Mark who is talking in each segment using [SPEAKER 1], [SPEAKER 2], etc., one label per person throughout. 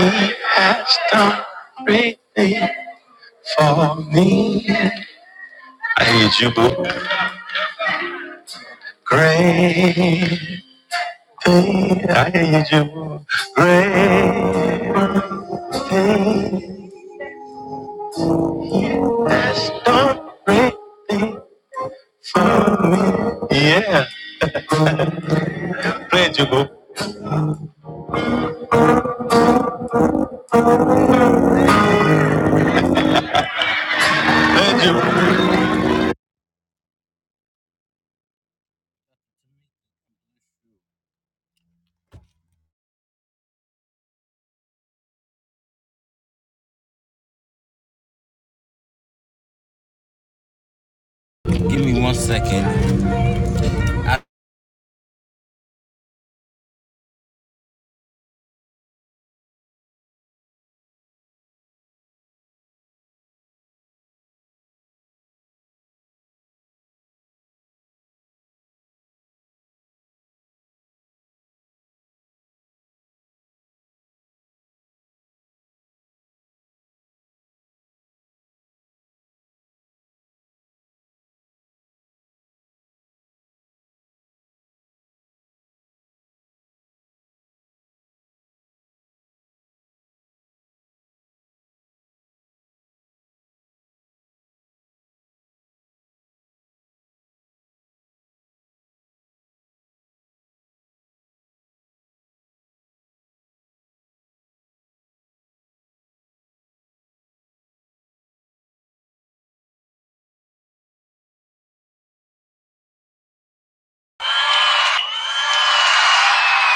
[SPEAKER 1] He has done great things for me. I need you, boo. Great thing. I need you, boo. Great thing. Has done great thing for me. Yeah. Play it, you, boo. Play it, you.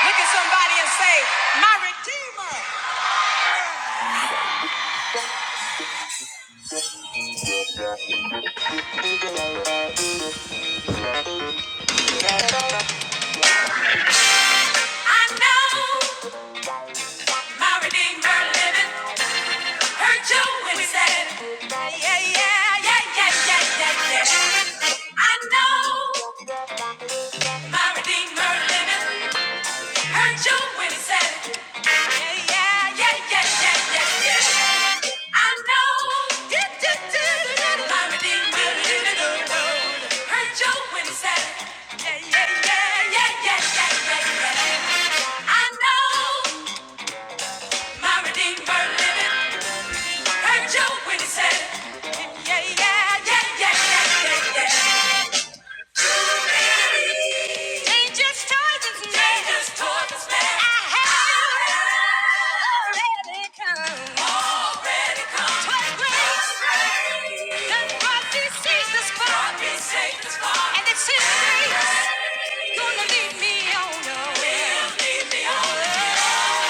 [SPEAKER 2] Look at somebody and say, My Redeemer. I know my Redeemer living, Heard you when he said, Yeah, yeah, yeah, yeah, yeah, yeah, yeah. I know My redeemer liveth. Heard you when he said it. Yeah, yeah, yeah, yeah, yeah, yeah. I know. My redeemer liveth. Heard you when he said it. Yeah, yeah, yeah, yeah, yeah, yeah, yeah. I know. My redeemer liveth. Heard you when he said it. Yeah, yeah, yeah, yeah, yeah, yeah, yeah. Dangerous times is near. Dangerous I have already come. Already come. 'Twas grace that brought me safe this And it's His gonna lead me on. Will lead me on.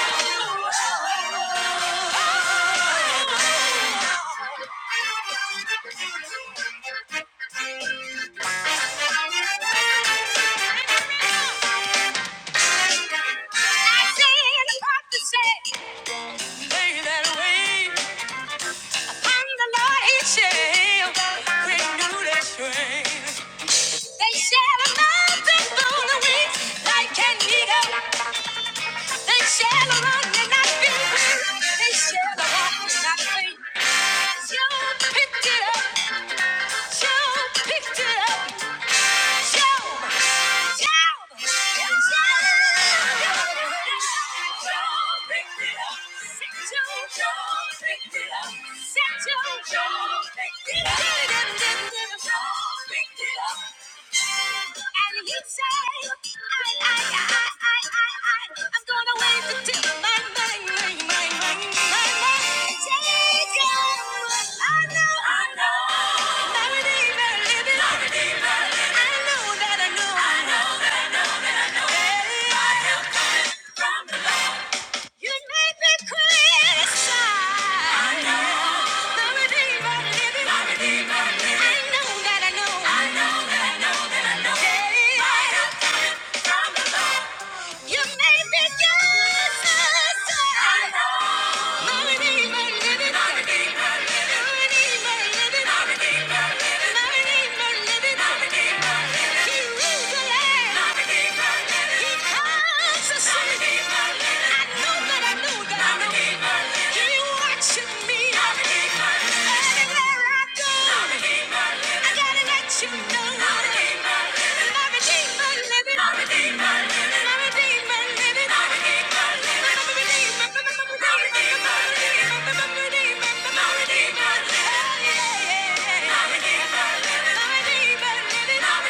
[SPEAKER 2] I stand up say, lay that away. I'm the Lord is shall renew their strength. They shall mount up on the wings like an eagle. They shall run and not be weary. They shall walk and not faint. Job picked it up. Job picked it up. Job. Job. Job. Job picked it up. You made me cry. I know that I know that I know. He watching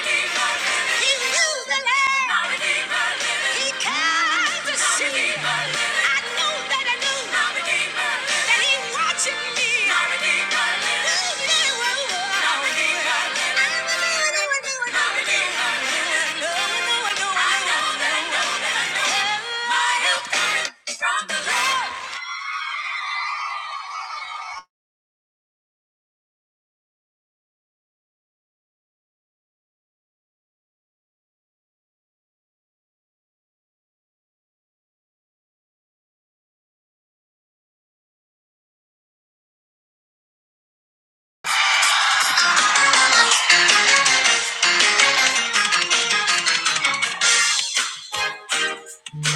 [SPEAKER 2] yeah. He knew the land. He came to My I know that I knew. That he watching me. yeah, I know, I know, I know, I know. My help cometh from the Lord.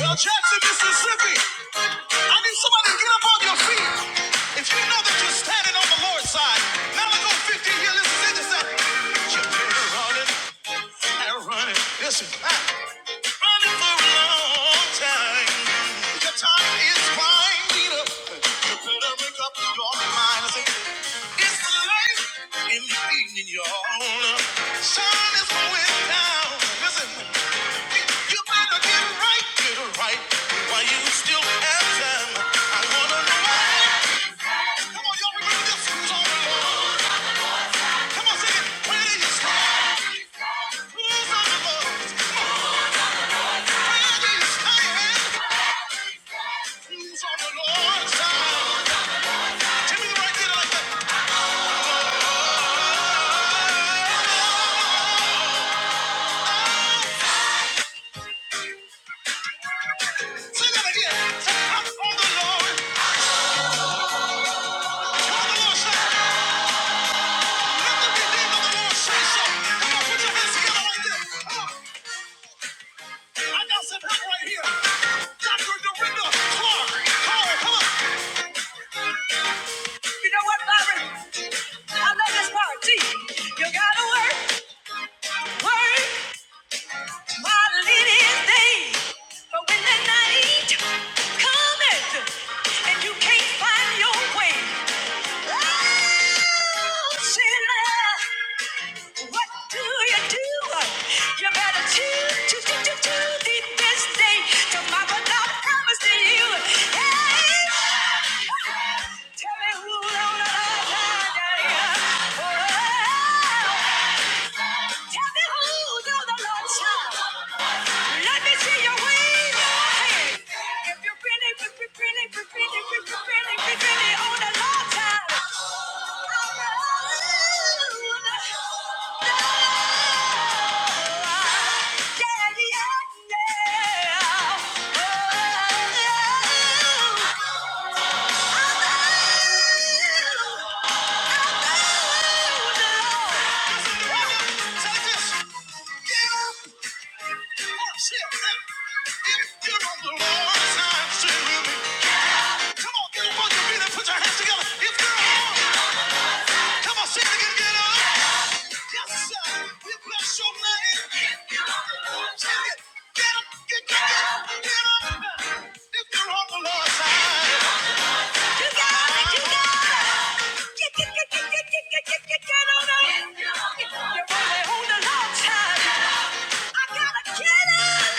[SPEAKER 2] Well, Jackson, Mississippi, I need somebody to get up on your feet. If you know that you're standing on the Lord's side, now let's go 15 years. Listen to this. Get your motor running and running. Listen, I've running for a long time. Your time is winding up. You better make up your mind. I say, it's the light in the evening, y'all. Sun is going down. Listen, you better get right, get right while you still have time. I wanna know why. Come on, y'all, remember this Who's on the song. Come on, sing it. Where do you stand? Who's on the Lord's side? Where do you stand? Who's on the Lord's side? Tell me the right thing like that. Sing that again. Say, on the Lord. On the Lord's side. Let the redeemed of the Lord say so. Come on, put your hands together like this. I got some help right here. Dr. Dorinda Clark. come on. You know what, Byron? I love this part. you gotta work, work. While it is day, but when the night cometh and you can't find your way, oh, sinner, what do you do? You better choose, choose, choose, choose, choose thee this day. Tomorrow God promised to you. Hey, tell me who on the Lord's side. Oh, tell me who's on the Lord's side. Let me see your wave. If you if you're really, if you're really, really, really on the long time. Shit. If wrong side, Come on, get a bunch of people and put your hands together. If they're on, come on, sing again, get up. Yes, sir. We bless your name. Sing it. Get up, get, get, get, up. If they're on the Lord's side. You got it, you got it. Get, get, get, get, get, get, get, get, get on up. If you're only on the Lord's side. I gotta get out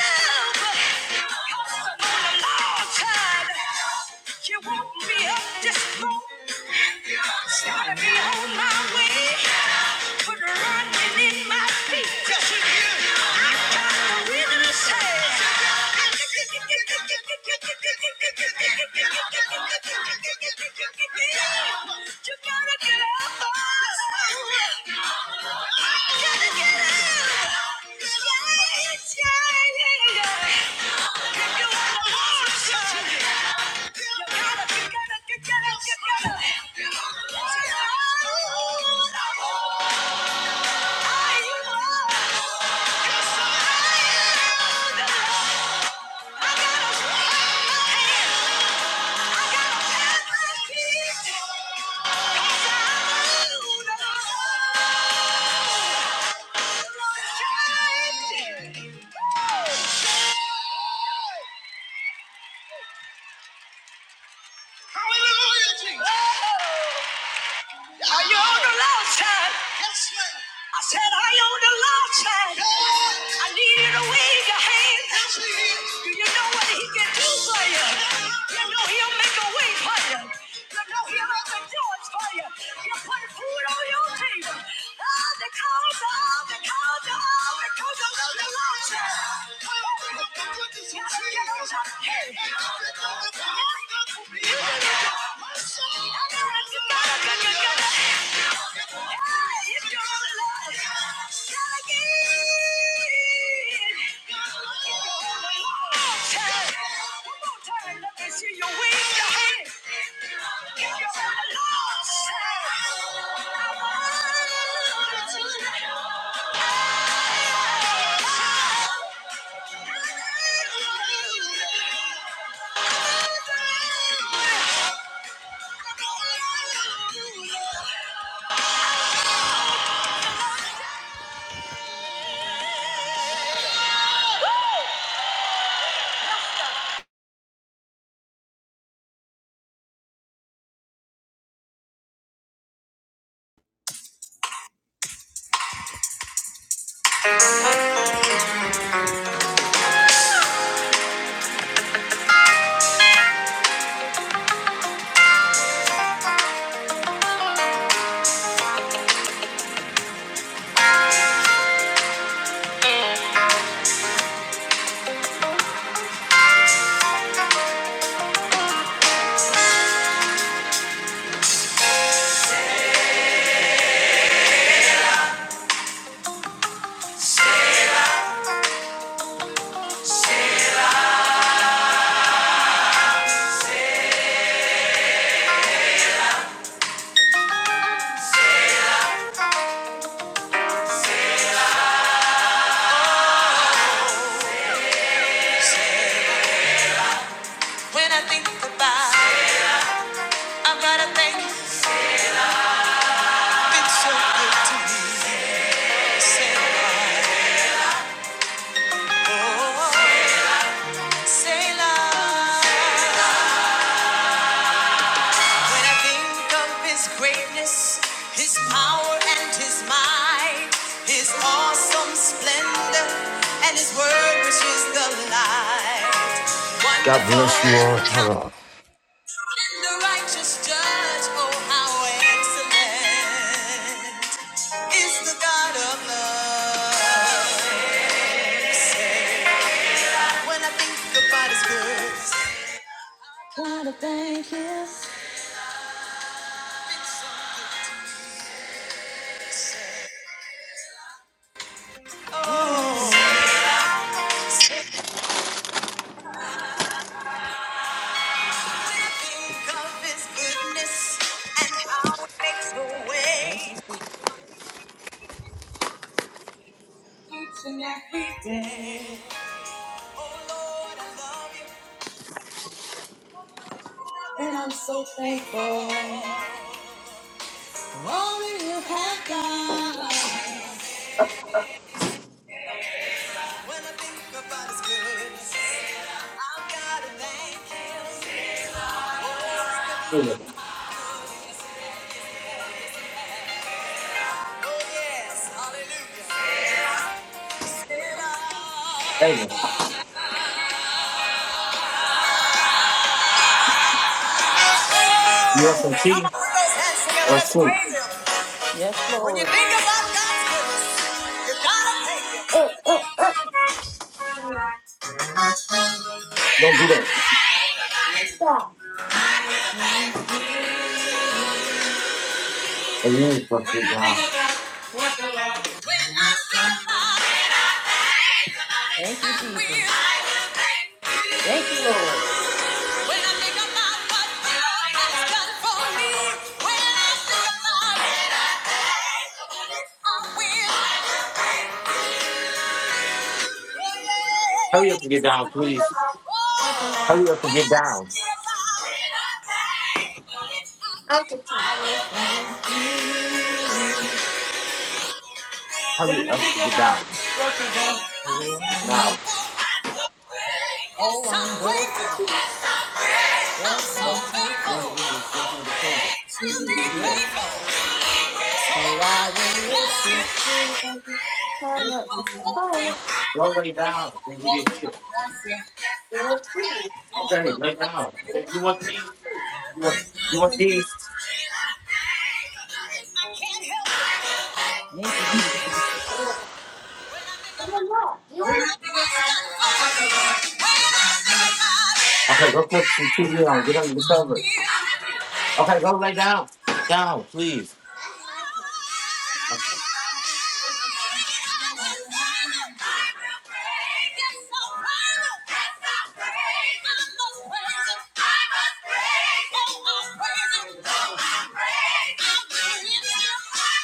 [SPEAKER 2] of been a long time. You woke me up this morning. Started me on my way. Put running in my feet. I got the rhythm to say. You gotta get up. Woo! Hallelujah, Jesus. Are you on the loud side? Yes, ma'am. I said, are you on the loud side? Yes. I need you to wave your hand. Yes, ma'am. Do you know what he can do for you? You know he'll make a way for you. You know he'll open doors for you. He'll put food on your table. Oh, because of, because of, because of the loud side. Come on, come on, come on, this is Hey. Hey. You gotta, you gotta, you gotta. When I think about it, I gotta thank you. You've been so good to me. Say, love, oh, say, love. When I think of his greatness, his power and his might, his awesome splendor, and his word which is the light. Wonderful, count and the righteous judge, oh how excellent is the God of love. When I think about his goods, God, I thank you. When I think of his goodness and how Oh Lord, I love you. Thankful for all that you have done. When I think about his goodness, I've got to thank him. Oh yes, hallelujah. Still I- Come on, put those hands together. Let's- When you think about God's goodness, you gotta thank him. Thank you, Jesus. I've got it for me. I've got it for me. I've got it for me. Praise!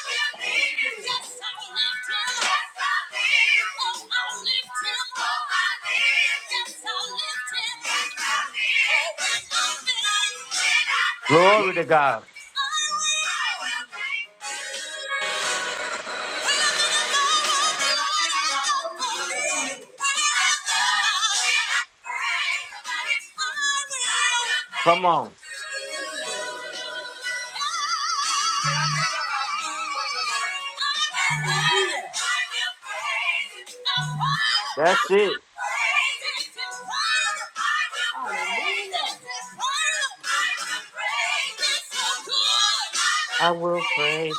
[SPEAKER 2] I will Thank you. Hallelujah. Thank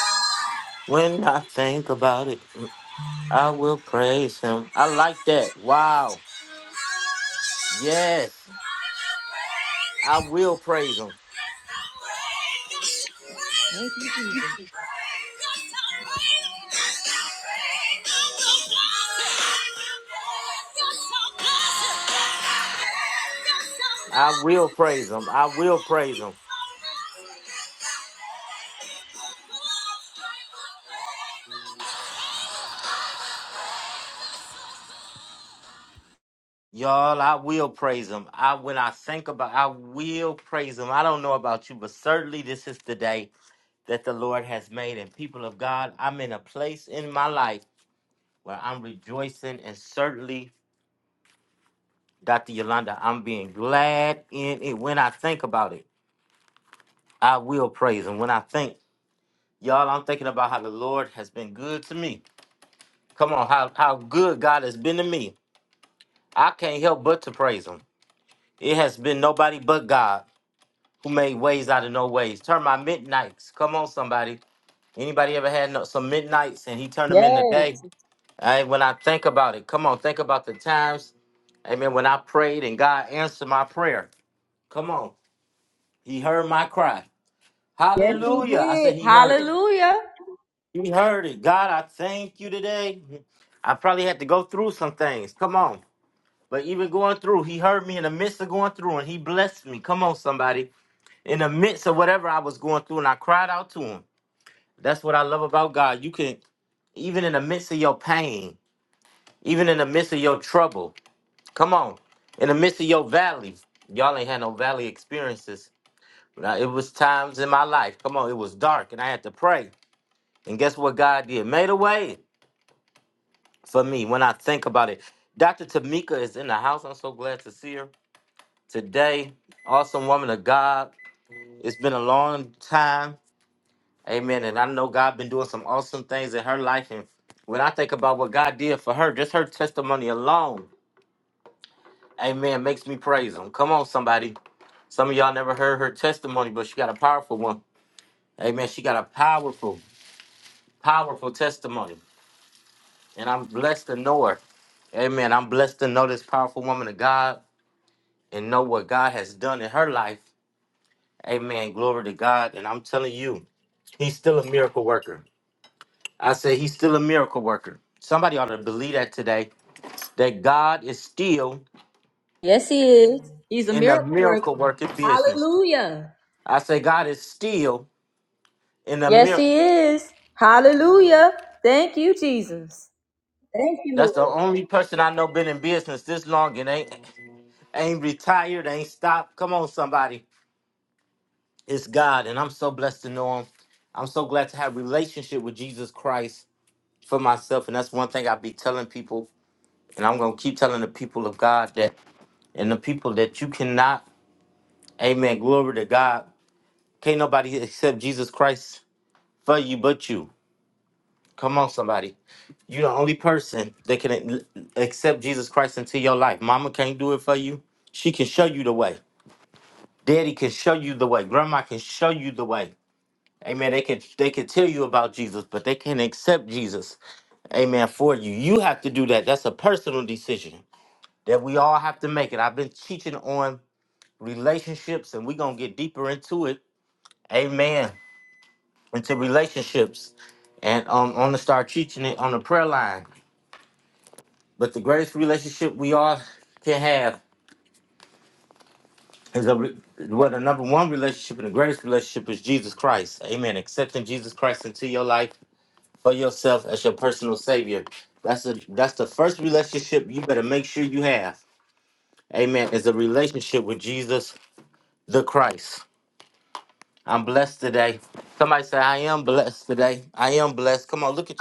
[SPEAKER 2] you. Thank you, Jesus. You did. Hallelujah. Yes, he is. He's a miracle worker. Hallelujah. Yes, he is. Hallelujah. Thank you, Jesus. Thank you, Lord.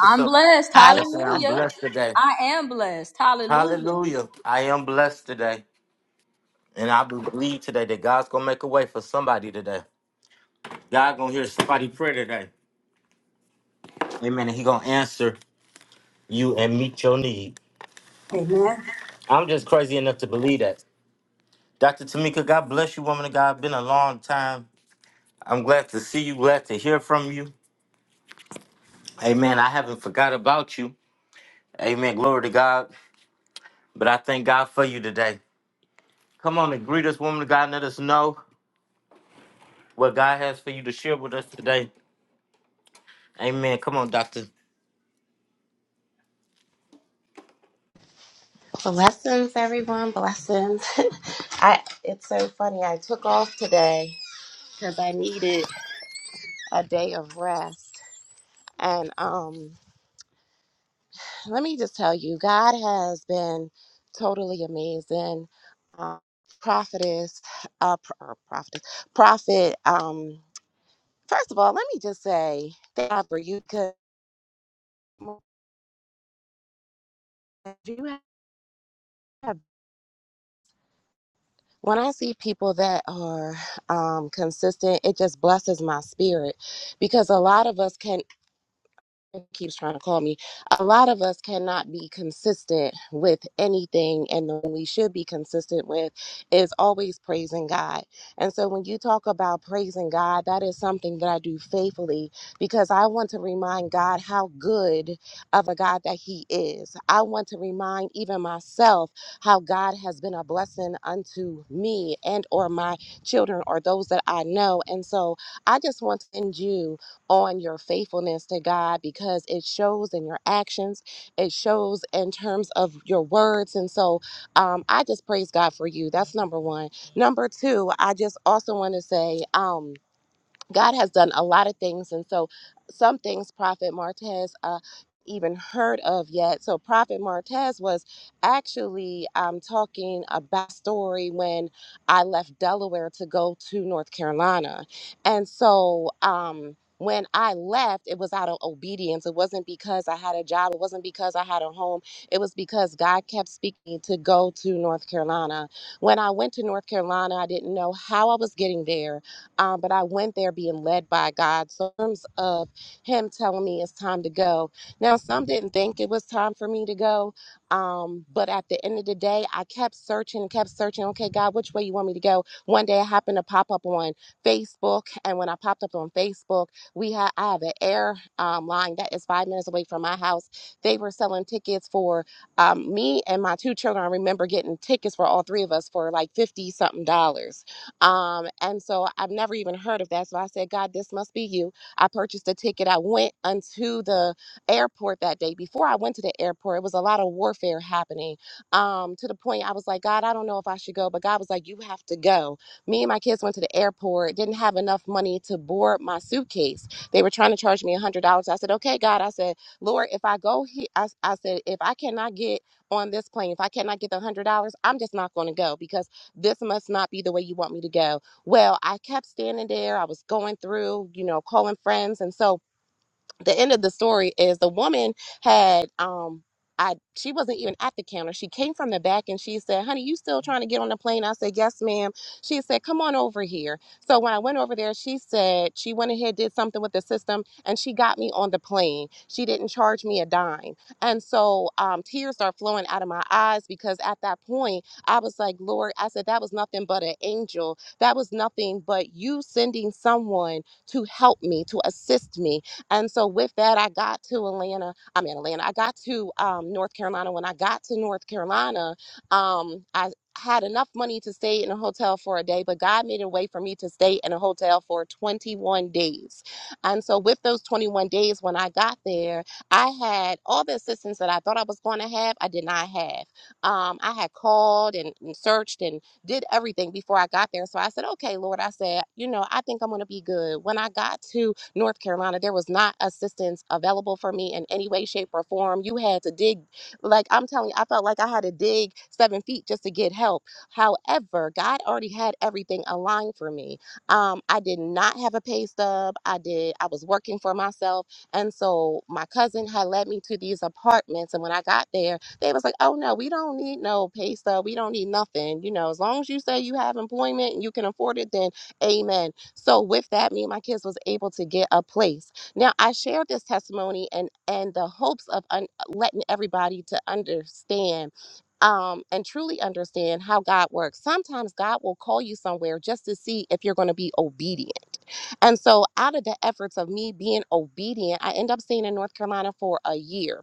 [SPEAKER 2] I'm blessed.
[SPEAKER 3] I am blessed.
[SPEAKER 2] Hallelujah. I am blessed. Hallelujah.
[SPEAKER 4] Amen.
[SPEAKER 3] Blessings, everyone. Blessings. I. It's so funny. I took off today because I needed a day of rest. And um, let me just tell you, God has been totally amazing. Um, prophetess, uh, pr- or prophetess, prophet. Um, first of all, let me just say thank God for you because you have. when I see people that are um, consistent, it just blesses my spirit because a lot of us can keeps trying to call me. A lot of us cannot be consistent with anything, and the one we should be consistent with is always praising God. And so, when you talk about praising God, that is something that I do faithfully because I want to remind God how good of a God that He is. I want to remind even myself how God has been a blessing unto me and or my children or those that I know. And so, I just want to send you on your faithfulness to God because it shows in your actions, it shows in terms of your words. And so um, I just praise God for you. That's number one. Number two, I just also want to say, um, God has done a lot of things, and so some things Prophet Martez uh, even heard of yet. So Prophet Martez was actually um, talking about story when I left Delaware to go to North Carolina, and so. Um, when I left, it was out of obedience. It wasn't because I had a job. It wasn't because I had a home. It was because God kept speaking to go to North Carolina. When I went to North Carolina, I didn't know how I was getting there. Um, but I went there being led by God. So in terms of Him telling me it's time to go. Now, some didn't think it was time for me to go. Um, but at the end of the day, I kept searching and kept searching. Okay, God, which way you want me to go? One day I happened to pop up on Facebook. And when I popped up on Facebook, we had I have an air um, line that is five minutes away from my house. They were selling tickets for um, me and my two children. I remember getting tickets for all three of us for like 50 something dollars. Um, and so I've never even heard of that. So I said, God, this must be you. I purchased a ticket. I went unto the airport that day. Before I went to the airport, it was a lot of warfare happening um, to the point I was like, God, I don't know if I should go. But God was like, You have to go. Me and my kids went to the airport, didn't have enough money to board my suitcase. They were trying to charge me $100. I said, Okay, God. I said, Lord, if I go here, I, I said, if I cannot get on this plane, if I cannot get the $100, I'm just not going to go because this must not be the way you want me to go. Well, I kept standing there. I was going through, you know, calling friends and so the end of the story is the woman had um I she wasn't even at the counter. She came from the back and she said, Honey, you still trying to get on the plane? I said, Yes, ma'am. She said, Come on over here. So when I went over there, she said she went ahead, did something with the system, and she got me on the plane. She didn't charge me a dime. And so um, tears are flowing out of my eyes because at that point I was like, Lord, I said that was nothing but an angel. That was nothing but you sending someone to help me, to assist me and so with that, I got to Atlanta. I'm in Atlanta. I got to um, North Carolina. When I got to North Carolina, um, I had enough money to stay in a hotel for a day, but God made a way for me to stay in a hotel for 21 days. And so with those 21 days, when I got there, I had all the assistance that I thought I was going to have. I did not have. Um, I had called and, and searched and did everything before I got there. So I said, okay, Lord, I said, you know, I think I'm going to be good. When I got to North Carolina, there was not assistance available for me in any way, shape, or form. You had to dig, like I'm telling you, I felt like I had to dig seven feet just to get help. However, God already had everything aligned for me. Um, I did not have a pay stub. I did. I was working for myself, and so my cousin had led me to these apartments. And when I got there, they was like, "Oh no, we don't need no pay stub. We don't need nothing. You know, as long as you say you have employment and you can afford it, then amen." So with that, me and my kids was able to get a place. Now I share this testimony and and the hopes of un- letting everybody to understand um, and truly understand how God works. Sometimes God will call you somewhere just to see if you're going to be obedient. And so, out of the efforts of me being obedient, I end up staying in North Carolina for a year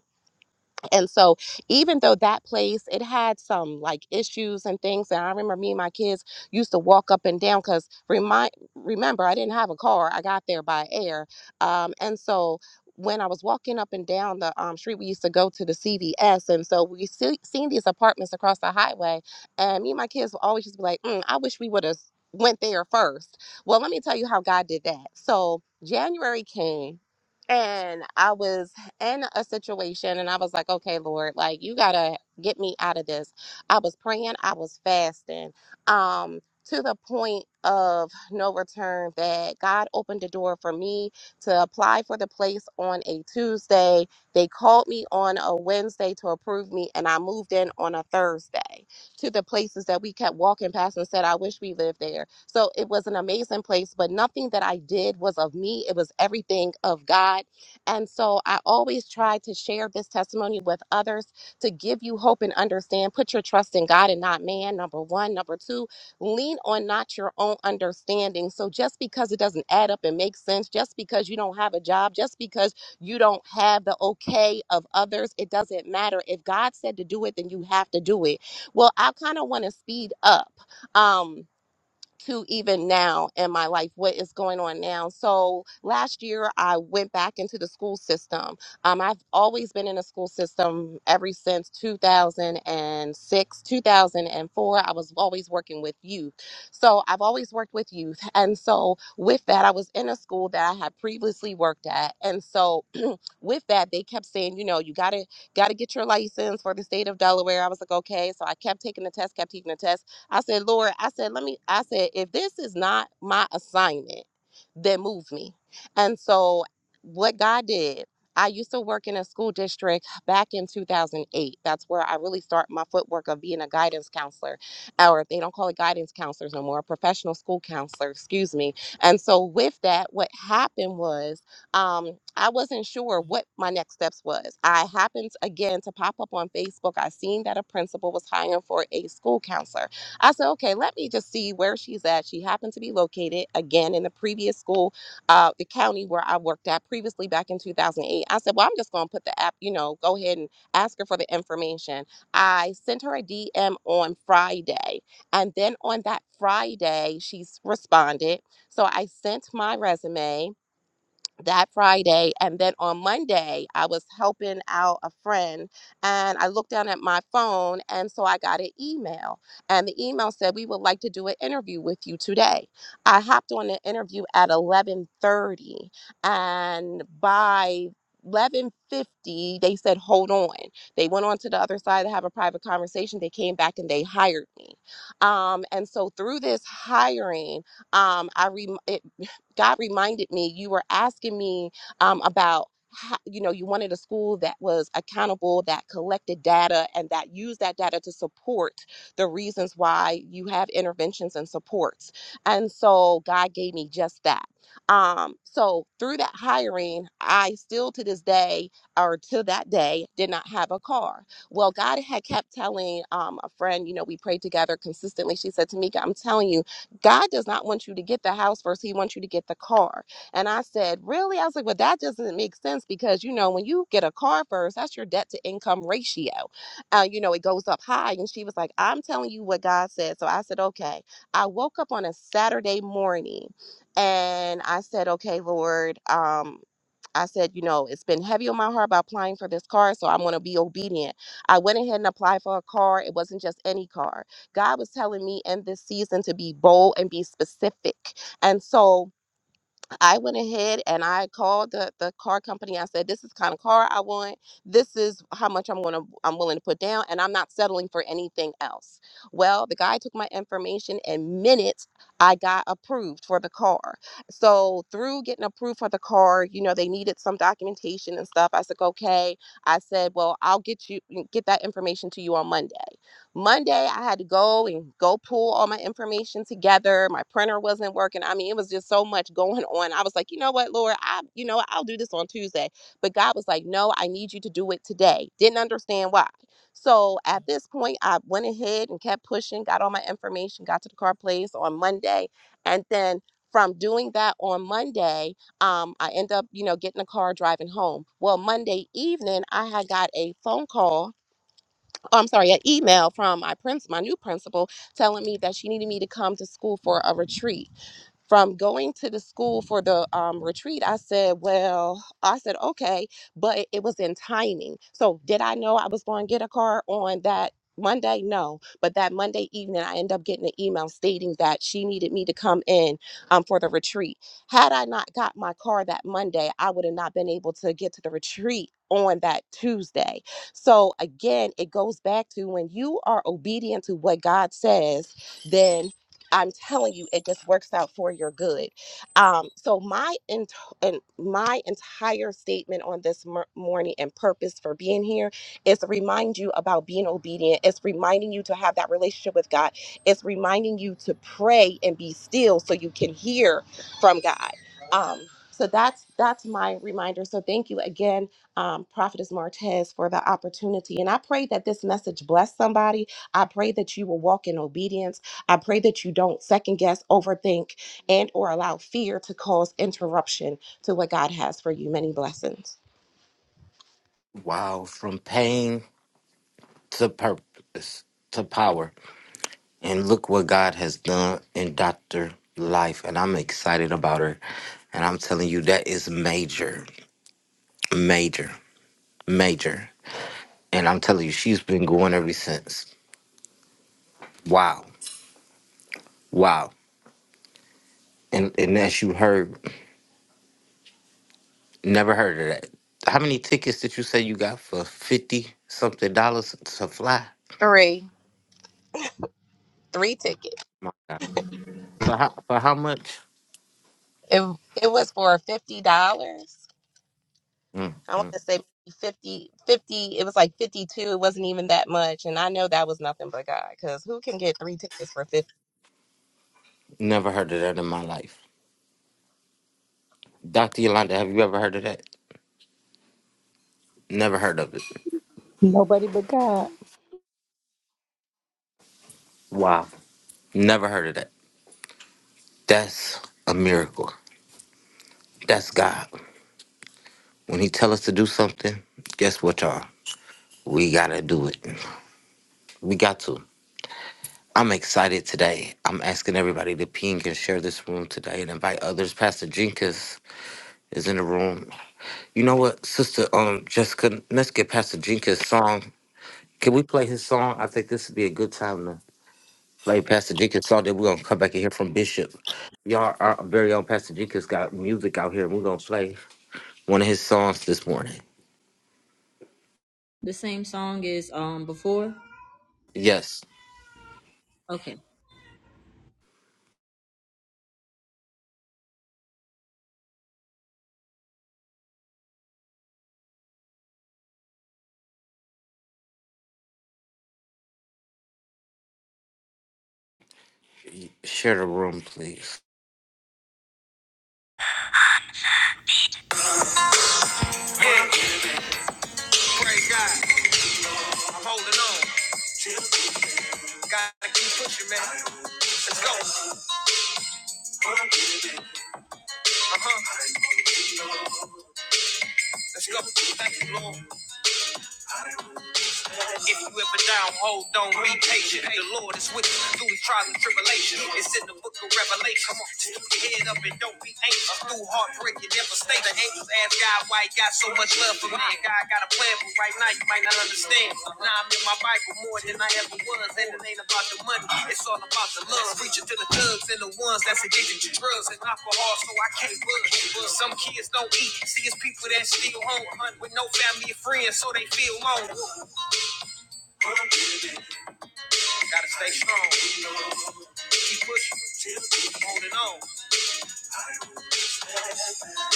[SPEAKER 3] and so even though that place it had some like issues and things and i remember me and my kids used to walk up and down because remind remember i didn't have a car i got there by air um, and so when I was walking up and down the um, street, we used to go to the CVS, and so we see, seen these apartments across the highway, and me and my kids would always just be like, mm, "I wish we would have went there first." Well, let me tell you how God did that. So January came, and I was and a situation. And I was like, okay, Lord, like you gotta get me out of this. I was praying, I was fasting, um, to the point of no return that God opened the door for me to apply for the place on a Tuesday. They called me on a Wednesday to approve me, and I moved in on a Thursday to the places that we kept walking past and said, I wish we lived there. So it was an amazing place, but nothing that I did was of me. It was everything of God and so I always try to share this testimony with others to give you hope and understand. Put your trust in God and not man, number one. Number two, lean on not your own understanding. So just because it doesn't add up and make sense, just because you don't have a job, just because you don't have the okay of others, it doesn't matter. If God said to do it, then you have to do it. Well, I kind of want to speed up. Um, to even now in my life, what is going on now. So last year, I went back into the school system. Um, I've always been in the school system ever since 2006, 2004. I was always working with youth. So I've always worked with youth. And so with that, I was in a school that I had previously worked at. And so with that they kept saying you know you gotta gotta get your license for the state of delaware i was like okay so i kept taking the test kept taking the test i said lord i said let me i said if this is not my assignment then move me and so what god did I used to work in a school district back in 2008. That's where I really start my footwork of being a guidance counselor, or if they don't call it guidance counselors no more, a professional school counselor, excuse me. And so, with that, what happened was um, I wasn't sure what my next steps was. I happened again to pop up on Facebook. I seen that a principal was hiring for a school counselor. I said, okay, let me just see where she's at. She happened to be located again in the previous school, uh, the county where I worked at previously back in 2008. I said, well, I'm just going to put the app, you know, go ahead and ask her for the information. I sent her a DM on Friday. And then on that Friday, she's responded. So I sent my resume that Friday. And then on Monday, I was helping out a friend and I looked down at my phone. And so I got an email. And the email said, We would like to do an interview with you today. I hopped on the interview at 1130. And by 1150 they said hold on they went on to the other side to have a private conversation they came back and they hired me um and so through this hiring um i re it God reminded me you were asking me um, about how, you know you wanted a school that was accountable that collected data and that used that data to support the reasons why you have interventions and supports and so god gave me just that um so through that hiring i still to this day or to that day did not have a car well god had kept telling um, a friend you know we prayed together consistently she said tamika i'm telling you God does not want you to get the house first. He wants you to get the car. And I said, Really? I was like, Well, that doesn't make sense because, you know, when you get a car first, that's your debt to income ratio. Uh, you know, it goes up high. And she was like, I'm telling you what God said. So I said, Okay. I woke up on a Saturday morning and I said, Okay, Lord, um, I said, you know, it's been heavy on my heart about applying for this car, so I'm going to be obedient. I went ahead and applied for a car. It wasn't just any car. God was telling me in this season to be bold and be specific. And so, I went ahead and I called the, the car company. I said, "This is the kind of car I want. This is how much I'm gonna I'm willing to put down, and I'm not settling for anything else." Well, the guy took my information, and minutes I got approved for the car. So through getting approved for the car, you know, they needed some documentation and stuff. I said, "Okay." I said, "Well, I'll get you get that information to you on Monday." Monday, I had to go and go pull all my information together. My printer wasn't working. I mean, it was just so much going on. I was like, you know what, Lord, I, you know, I'll do this on Tuesday. But God was like, no, I need you to do it today. Didn't understand why. So at this point, I went ahead and kept pushing, got all my information, got to the car place on Monday. And then from doing that on Monday, um, I end up, you know, getting a car driving home. Well, Monday evening, I had got a phone call oh, I'm sorry, an email from my prince, my new principal, telling me that she needed me to come to school for a retreat from going to the school for the um, retreat, I said, Well, I said, okay, but it was in timing. So, did I know I was going to get a car on that Monday? No. But that Monday evening, I ended up getting an email stating that she needed me to come in um, for the retreat. Had I not got my car that Monday, I would have not been able to get to the retreat on that Tuesday. So, again, it goes back to when you are obedient to what God says, then I'm telling you, it just works out for your good. Um, so my ent- and my entire statement on this mor- morning and purpose for being here is to remind you about being obedient. It's reminding you to have that relationship with God. It's reminding you to pray and be still so you can hear from God. Um, so that's that's my reminder. So thank you again, um, Prophetess Martez, for the opportunity. And I pray that this message bless somebody. I pray that you will walk in obedience. I pray that you don't second guess, overthink, and or allow fear to cause interruption to what God has for you. Many blessings. three three tickets it, it was for fifty dollars i want to say fifty, fifty. it was like 52 it wasn't even that much and i know that was nothing but god because who can get three tickets for 50
[SPEAKER 5] Nobody but God.
[SPEAKER 2] The same song is um before. Okay. Yeah, praise God. I'm holding on. Gotta keep pushing, man. Let's go. Uh huh. Let's go. Thank you, Lord. If you ever down, hold on, be patient. The Lord is with you through his trials and tribulation. It's in the book of Revelation. Come on, just keep your head up and don't be anxious. Through heartbreak, you never stay. The angels ask God why he got so much love for me. God got a plan, but right now you might not understand. Now I'm in my Bible more than I ever was. And it ain't about the money, it's all about the love. Preaching to the thugs and the ones that's addicted to drugs and alcohol, so I can't budge. Some kids don't eat. See, it's people that still home with no family or friends, so they feel alone. Gotta stay strong. Keep pushing. Holding on.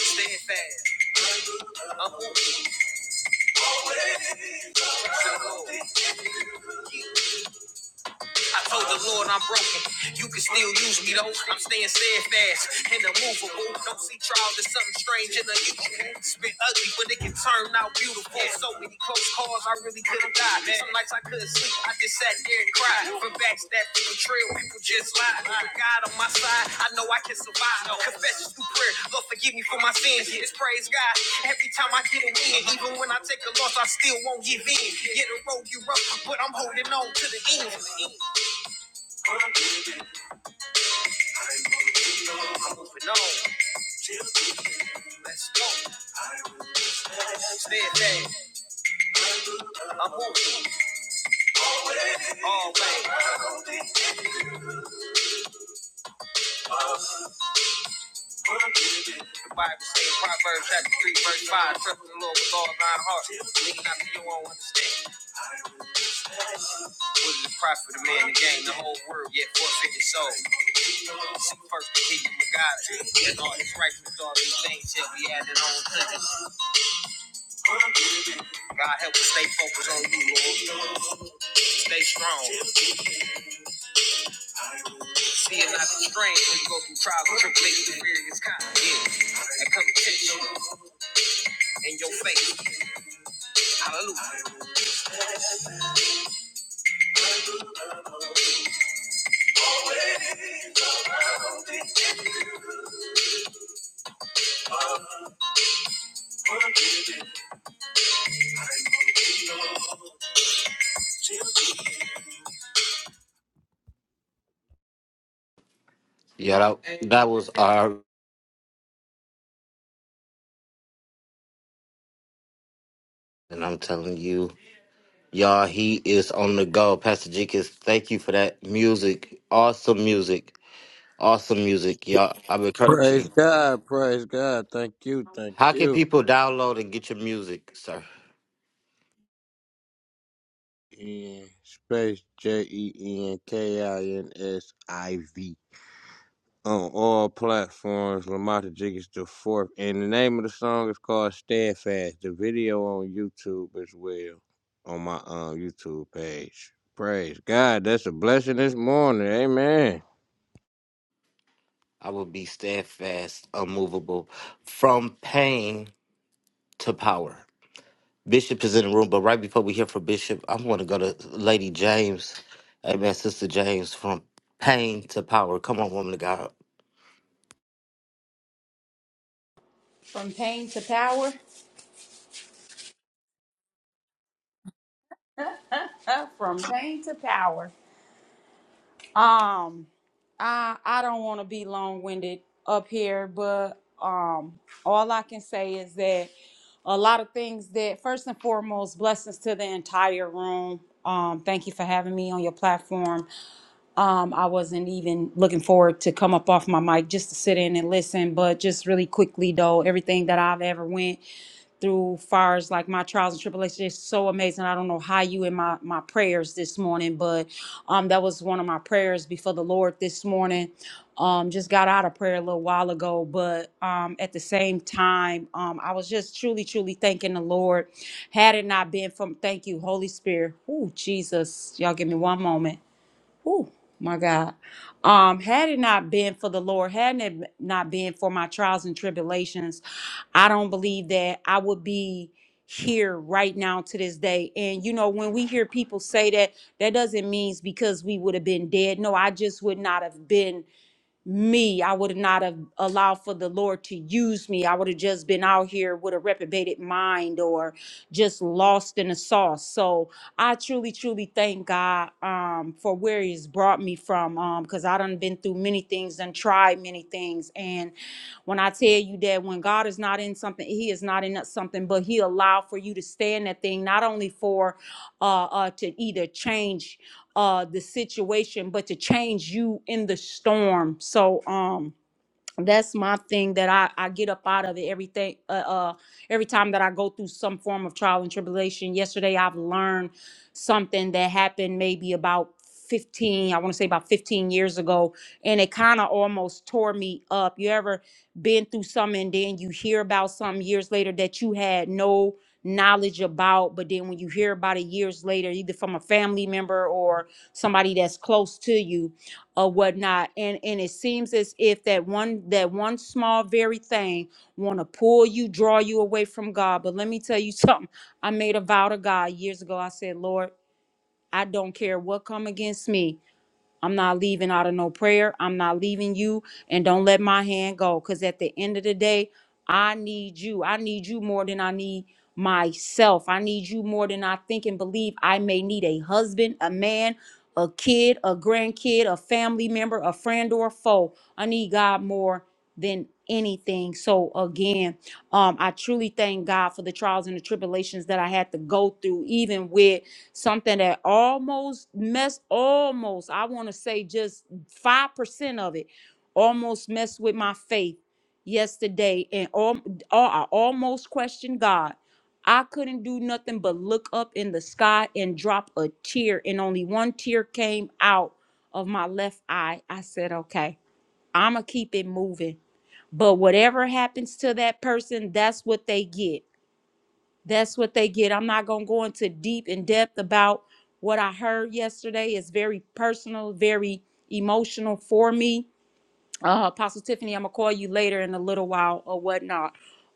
[SPEAKER 2] Staying fast. I'm moving. still cold. I told the Lord I'm broken. You can still use me though. I'm staying steadfast and immovable. Don't see trials as something strange and unusual. Spit ugly, but it can turn out beautiful. So many close calls, I really couldn't die. Some nights I couldn't sleep. I just sat there and cried. For backstabbing, for betrayal, people just lied. With God on my side, I know I can survive. Confessions through prayer. Lord, forgive me for my sins. It's praise God. Every time I get a win, even when I take a loss, I still won't give in. Yeah, the road you rough, but I'm holding on to the end. I'm moving on. Let's go. Steadfast. I'm moving. Always. The Bible says Proverbs chapter 3, verse 5. Trust in the Lord with all thine heart. Lean not to your own understanding. What is the profit of man to gain the whole world, yet forfeit his soul? Seek first the kingdom of God, and all his righteousness, all these things shall be added on to us. God help us stay focused on you, Lord. Stay strong. Fear not the strain when you go through trials and tribulations of various kinds. Yeah. And come in your faith. Hallelujah.
[SPEAKER 6] Praise God, praise God. Thank you, thank you. In space J E N K I N S I V on all platforms. Lamata Jig is the fourth, and the name of the song is called "Steadfast." The video on YouTube as well on my um YouTube page. Praise God, that's a blessing this morning. Amen.
[SPEAKER 4] from pain to power Uh, from pain to power um i i don't want to be long-winded up here but um all i can say is that a lot of things that first and foremost blessings to the entire room um thank you for having me on your platform um i wasn't even looking forward to come up off my mic just to sit in and listen but just really quickly though everything that i've ever went through far as like my trials and tribulations. It's so amazing. I don't know how you in my my prayers this morning, but um that was one of my prayers before the Lord this morning. Um just got out of prayer a little while ago, but um at the same time, um I was just truly, truly thanking the Lord. Had it not been from thank you, Holy Spirit. Oh Jesus, y'all give me one moment. Oh my God. Um, had it not been for the Lord, had it not been for my trials and tribulations, I don't believe that I would be here right now to this day. And you know, when we hear people say that, that doesn't mean it's because we would have been dead. No, I just would not have been me. I would not have allowed for the Lord to use me. I would have just been out here with a reprobated mind or just lost in the sauce. So I truly, truly thank God um, for where He's brought me from Um, because I done been through many things and tried many things. And when I tell you that when God is not in something, He is not in something, but He allowed for you to stay in that thing, not only for uh, uh, to either change uh the situation but to change you in the storm so um that's my thing that I, I get up out of it everything uh, uh every time that I go through some form of trial and tribulation. Yesterday I've learned something that happened maybe about 15, I want to say about 15 years ago, and it kind of almost tore me up. You ever been through something and then you hear about something years later that you had no knowledge about, but then when you hear about it years later, either from a family member or somebody that's close to you, or whatnot and and it seems as if that one that one small very thing want to pull you draw you away from god but let me tell you something i made a vow to god years ago i said lord i don't care what come against me I'm not leaving out of no prayer. I'm not leaving you. And don't let my hand go. Because at the end of the day, I need you. I need you more than I need myself. I need you more than I think and believe I may need a husband, a man, a kid, a grandkid, a family member, a friend, or a foe. I need God more than anything. So again, um, I truly thank God for the trials and the tribulations that I had to go through, even with something that almost messed almost i want to say just 5% of it almost messed with my faith yesterday and all, i almost questioned god i couldn't do nothing but look up in the sky and drop a tear and only one tear came out of my left eye i said okay i'ma keep it moving but whatever happens to that person that's what they get that's what they get. I'm not going to go into deep in depth about what I heard yesterday. It's very personal, very emotional for me uh, Apostle Tiffany, I'm gonna call you later in a little while or whatnot.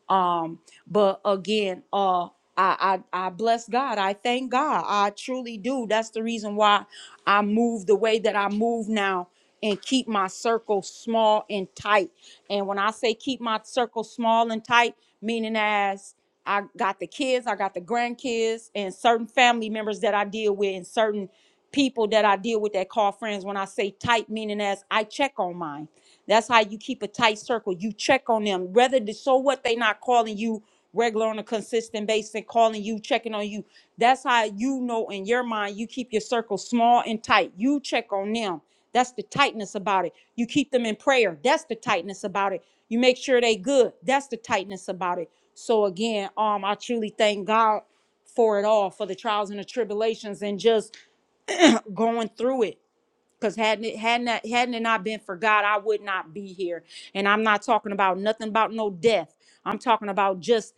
[SPEAKER 4] Um, but again, uh, I, I I bless God. I thank God. I truly do. That's the reason why I move the way that I move now and keep my circle small and tight. And when I say keep my circle small and tight, meaning as I got the kids, I got the grandkids, and certain family members that I deal with, and certain people that I deal with that call friends. When I say tight, meaning as I check on mine. That's how you keep a tight circle. You check on them. Whether the, so what they not calling you regular on a consistent basis, and calling you, checking on you. That's how you know in your mind you keep your circle small and tight. You check on them. That's the tightness about it. You keep them in prayer. That's the tightness about it. You make sure they good. That's the tightness about it. So again, um, I truly thank God for it all, for the trials and the tribulations, and just going through it Cause hadn't it hadn't that, hadn't it not been for God, I would not be here. And I'm not talking about nothing about no death. I'm talking about just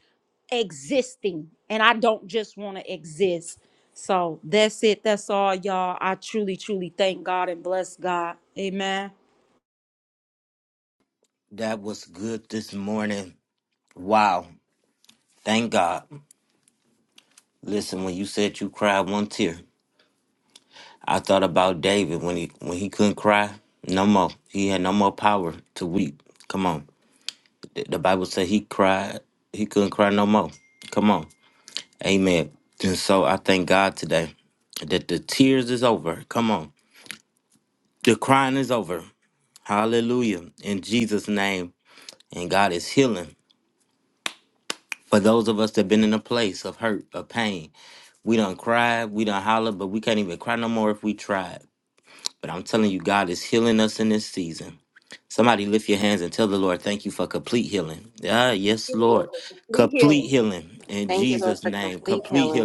[SPEAKER 4] existing. And I don't just want to exist. So that's it. That's all, y'all. I truly, truly thank God and bless God. Amen.
[SPEAKER 3] Thank you, Lord, for complete healing.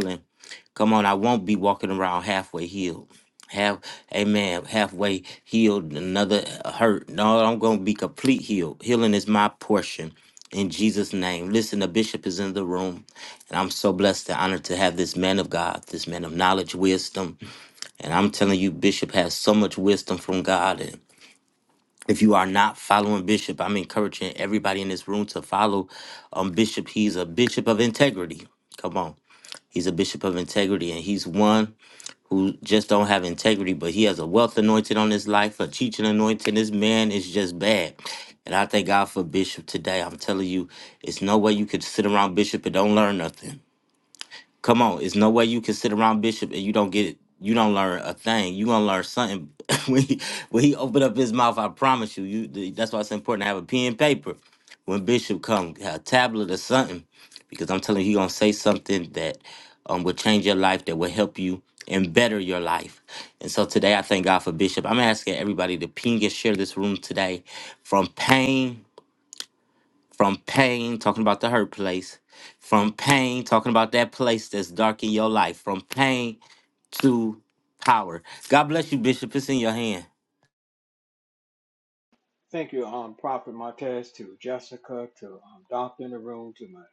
[SPEAKER 7] Thank you, um, Prophet Martez, to Jessica, to um, Doctor in the room, to my,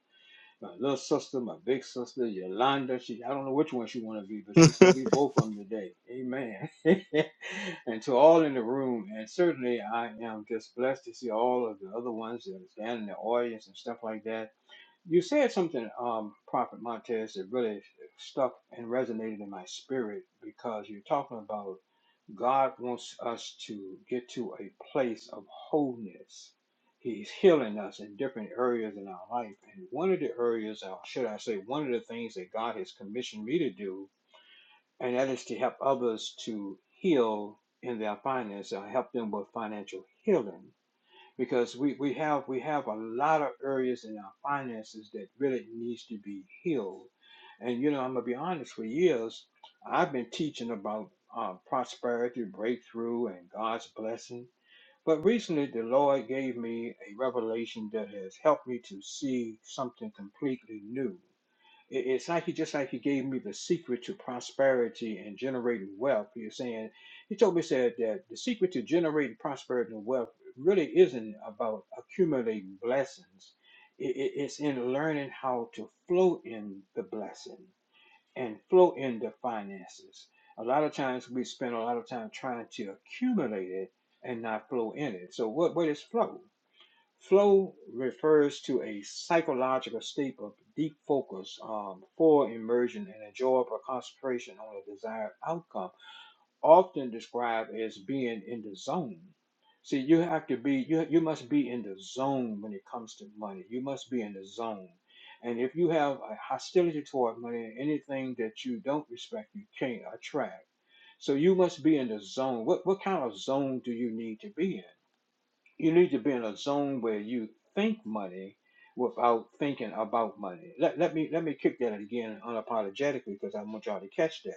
[SPEAKER 7] my little sister, my big sister, Yolanda. She, I don't know which one she want to be, but she's going to be both of them today. Amen. and to all in the room, and certainly I am just blessed to see all of the other ones that are down in the audience and stuff like that. You said something, um, Prophet Martez, that really stuck and resonated in my spirit because you're talking about God wants us to get to a place of wholeness. He's healing us in different areas in our life. And one of the areas, or should I say, one of the things that God has commissioned me to do, and that is to help others to heal in their finances, or help them with financial healing because we, we have we have a lot of areas in our finances that really needs to be healed. And you know, I'm gonna be honest. For years, I've been teaching about uh, prosperity, breakthrough, and God's blessing. But recently, the Lord gave me a revelation that has helped me to see something completely new. It's like he just like he gave me the secret to prosperity and generating wealth. He was saying he told me said that the secret to generating prosperity and wealth really isn't about accumulating blessings. It- it- It's in learning how to flow in the blessing and flow in the finances. A lot of times we spend a lot of time trying to accumulate it and not flow in it. So what what is flow? Flow refers to a psychological state of deep focus, um, full immersion, and enjoyable concentration on a desired outcome, often described as being in the zone. See, you have to be, you, you must be in the zone when it comes to money. You must be in the zone. And if you have a hostility toward money, anything that you don't respect, you can't attract. So you must be in the zone. What, what kind of zone do you need to be in? You need to be in a zone where you think money without thinking about money. Let, let me let me kick that again unapologetically because I want y'all to catch that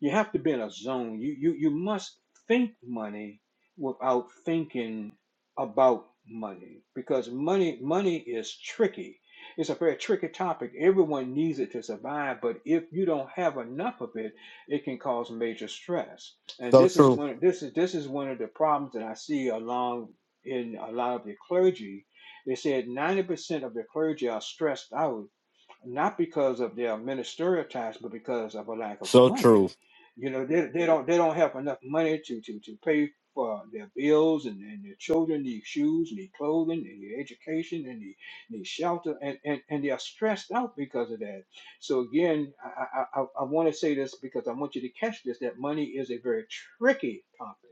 [SPEAKER 7] you have to be in a zone. You you you must think money without thinking about money because money money is tricky. It's a very tricky topic. Everyone needs it to survive, but if you don't have enough of it, it can cause major stress. And this is one this is this is one of the problems that I see along in a lot of the clergy. They said 90% of the clergy are stressed out not because of their ministerial tasks, but because of a lack of money. You know, they, they don't they don't have enough money to to, to pay for their bills and, and their children need shoes, need clothing, and need education, and need, need shelter, and, and, and they are stressed out because of that. So again, I, I, I want to say this because I want you to catch this: that money is a very tricky topic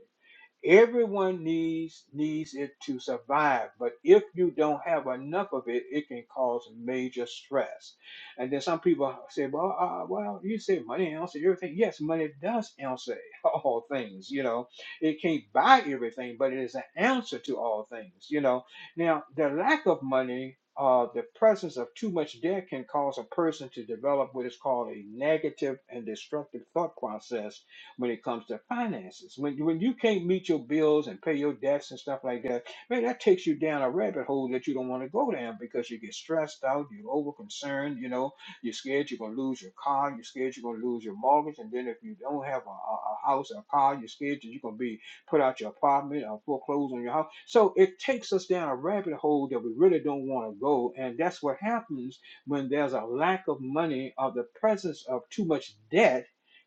[SPEAKER 7] Everyone needs needs it to survive, but if you don't have enough of it, it can cause major stress. And then some people say, "Well, uh, well, you say money answers everything." Yes, money does answer all things. You know, it can't buy everything, but it is an answer to all things. You know, now the lack of money. Uh, the presence of too much debt can cause a person to develop what is called a negative and destructive thought process when it comes to finances. When when you can't meet your bills and pay your debts and stuff like that, man, that takes you down a rabbit hole that you don't want to go down because you get stressed out, you're over concerned, you know, you're scared you're gonna lose your car, you're scared you're gonna lose your mortgage, and then if you don't have a, a, a house or a car, you're scared that you're gonna be put out your apartment or foreclose on your house. So it takes us down a rabbit hole that we really don't want to go, and that's what happens when there's a lack of money or the presence of too much debt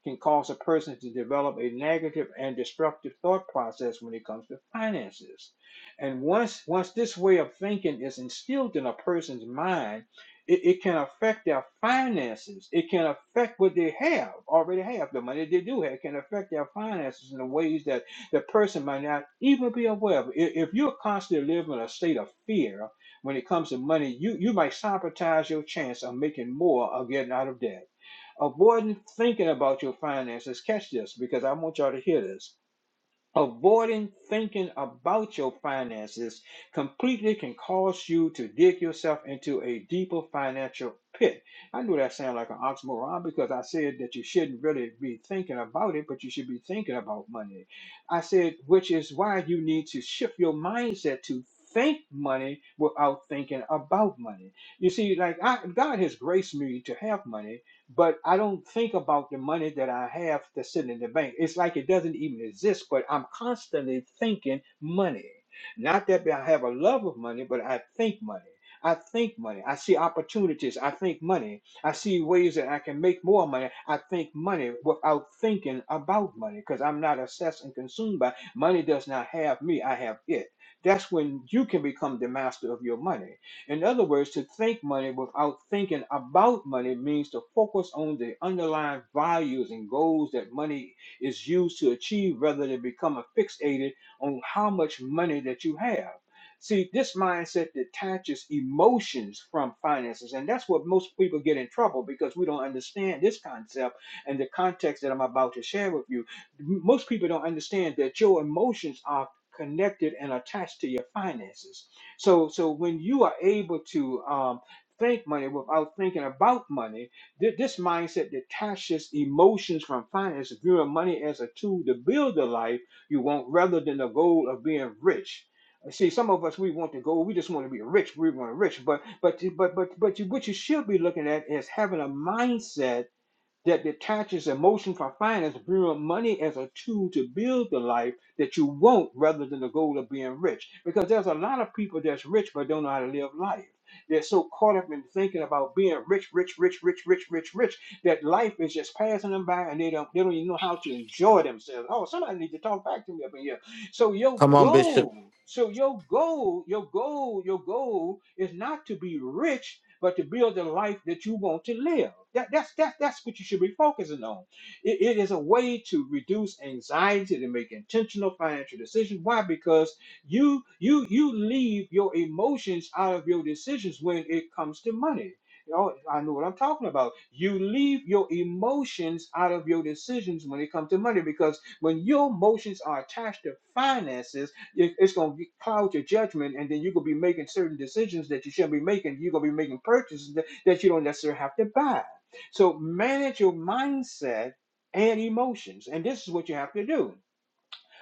[SPEAKER 7] can cause a person to develop a negative and destructive thought process when it comes to finances. And once once this way of thinking is instilled in a person's mind, it, it can affect their finances. It can affect what they have already have, the money they do have It can affect their finances in the ways that the person might not even be aware of. If, if you're constantly living in a state of fear when it comes to money, you, you might sabotage your chance of making more or getting out of debt. Avoiding thinking about your finances. Catch this because I want y'all to hear this. Avoiding thinking about your finances completely can cause you to dig yourself into a deeper financial pit. I know that sounds like an oxymoron because I said that you shouldn't really be thinking about it, but you should be thinking about money. I said, which is why you need to shift your mindset to think money without thinking about money. You see, like I, God has graced me to have money but I don't think about the money that I have that's sitting in the bank. It's like it doesn't even exist, but I'm constantly thinking money. Not that I have a love of money, but I think money. I think money. I see opportunities. I think money. I see ways that I can make more money. I think money without thinking about money because I'm not obsessed and consumed by money. Does not have me. I have it. That's when you can become the master of your money in other words, to think money without thinking about money means to focus on the underlying values and goals that money is used to achieve rather than become fixated on how much money that you have. See, this mindset detaches emotions from finances, and that's what most people get in trouble because we don't understand this concept and the context that I'm about to share with you. M- Most people don't understand that your emotions are connected and attached to your finances so, so when you are able to um, think money without thinking about money, th- this mindset detaches emotions from finance, viewing money as a tool to build the life you want rather than the goal of being rich. See, some of us we want to go. We just want to be rich. We want to rich, but but but but but you, what you should be looking at is having a mindset that detaches emotion from finance, viewing money as a tool to build the life that you want rather than the goal of being rich. Because there's a lot of people that's rich but don't know how to live life. They're so caught up in thinking about being rich, rich, rich, rich, rich, rich, rich, that life is just passing them by and they don't they don't even know how to enjoy themselves. Oh, somebody need to talk back to me up in here. So your goal, so your goal, your goal, your goal is not to be rich but to build the life that you want to live. That, that's, that, that's what you should be focusing on. It, it is a way to reduce anxiety to make intentional financial decisions. Why? Because you you you leave your emotions out of your decisions when it comes to money. You know, I know what I'm talking about. You leave your emotions out of your decisions when it comes to money because when your emotions are attached to finances it- It's going to cloud your judgment, and then you're going to be making certain decisions that you shouldn't be making. You're going to be making purchases that, that you don't necessarily have to buy. So manage your mindset and emotions, and this is what you have to do.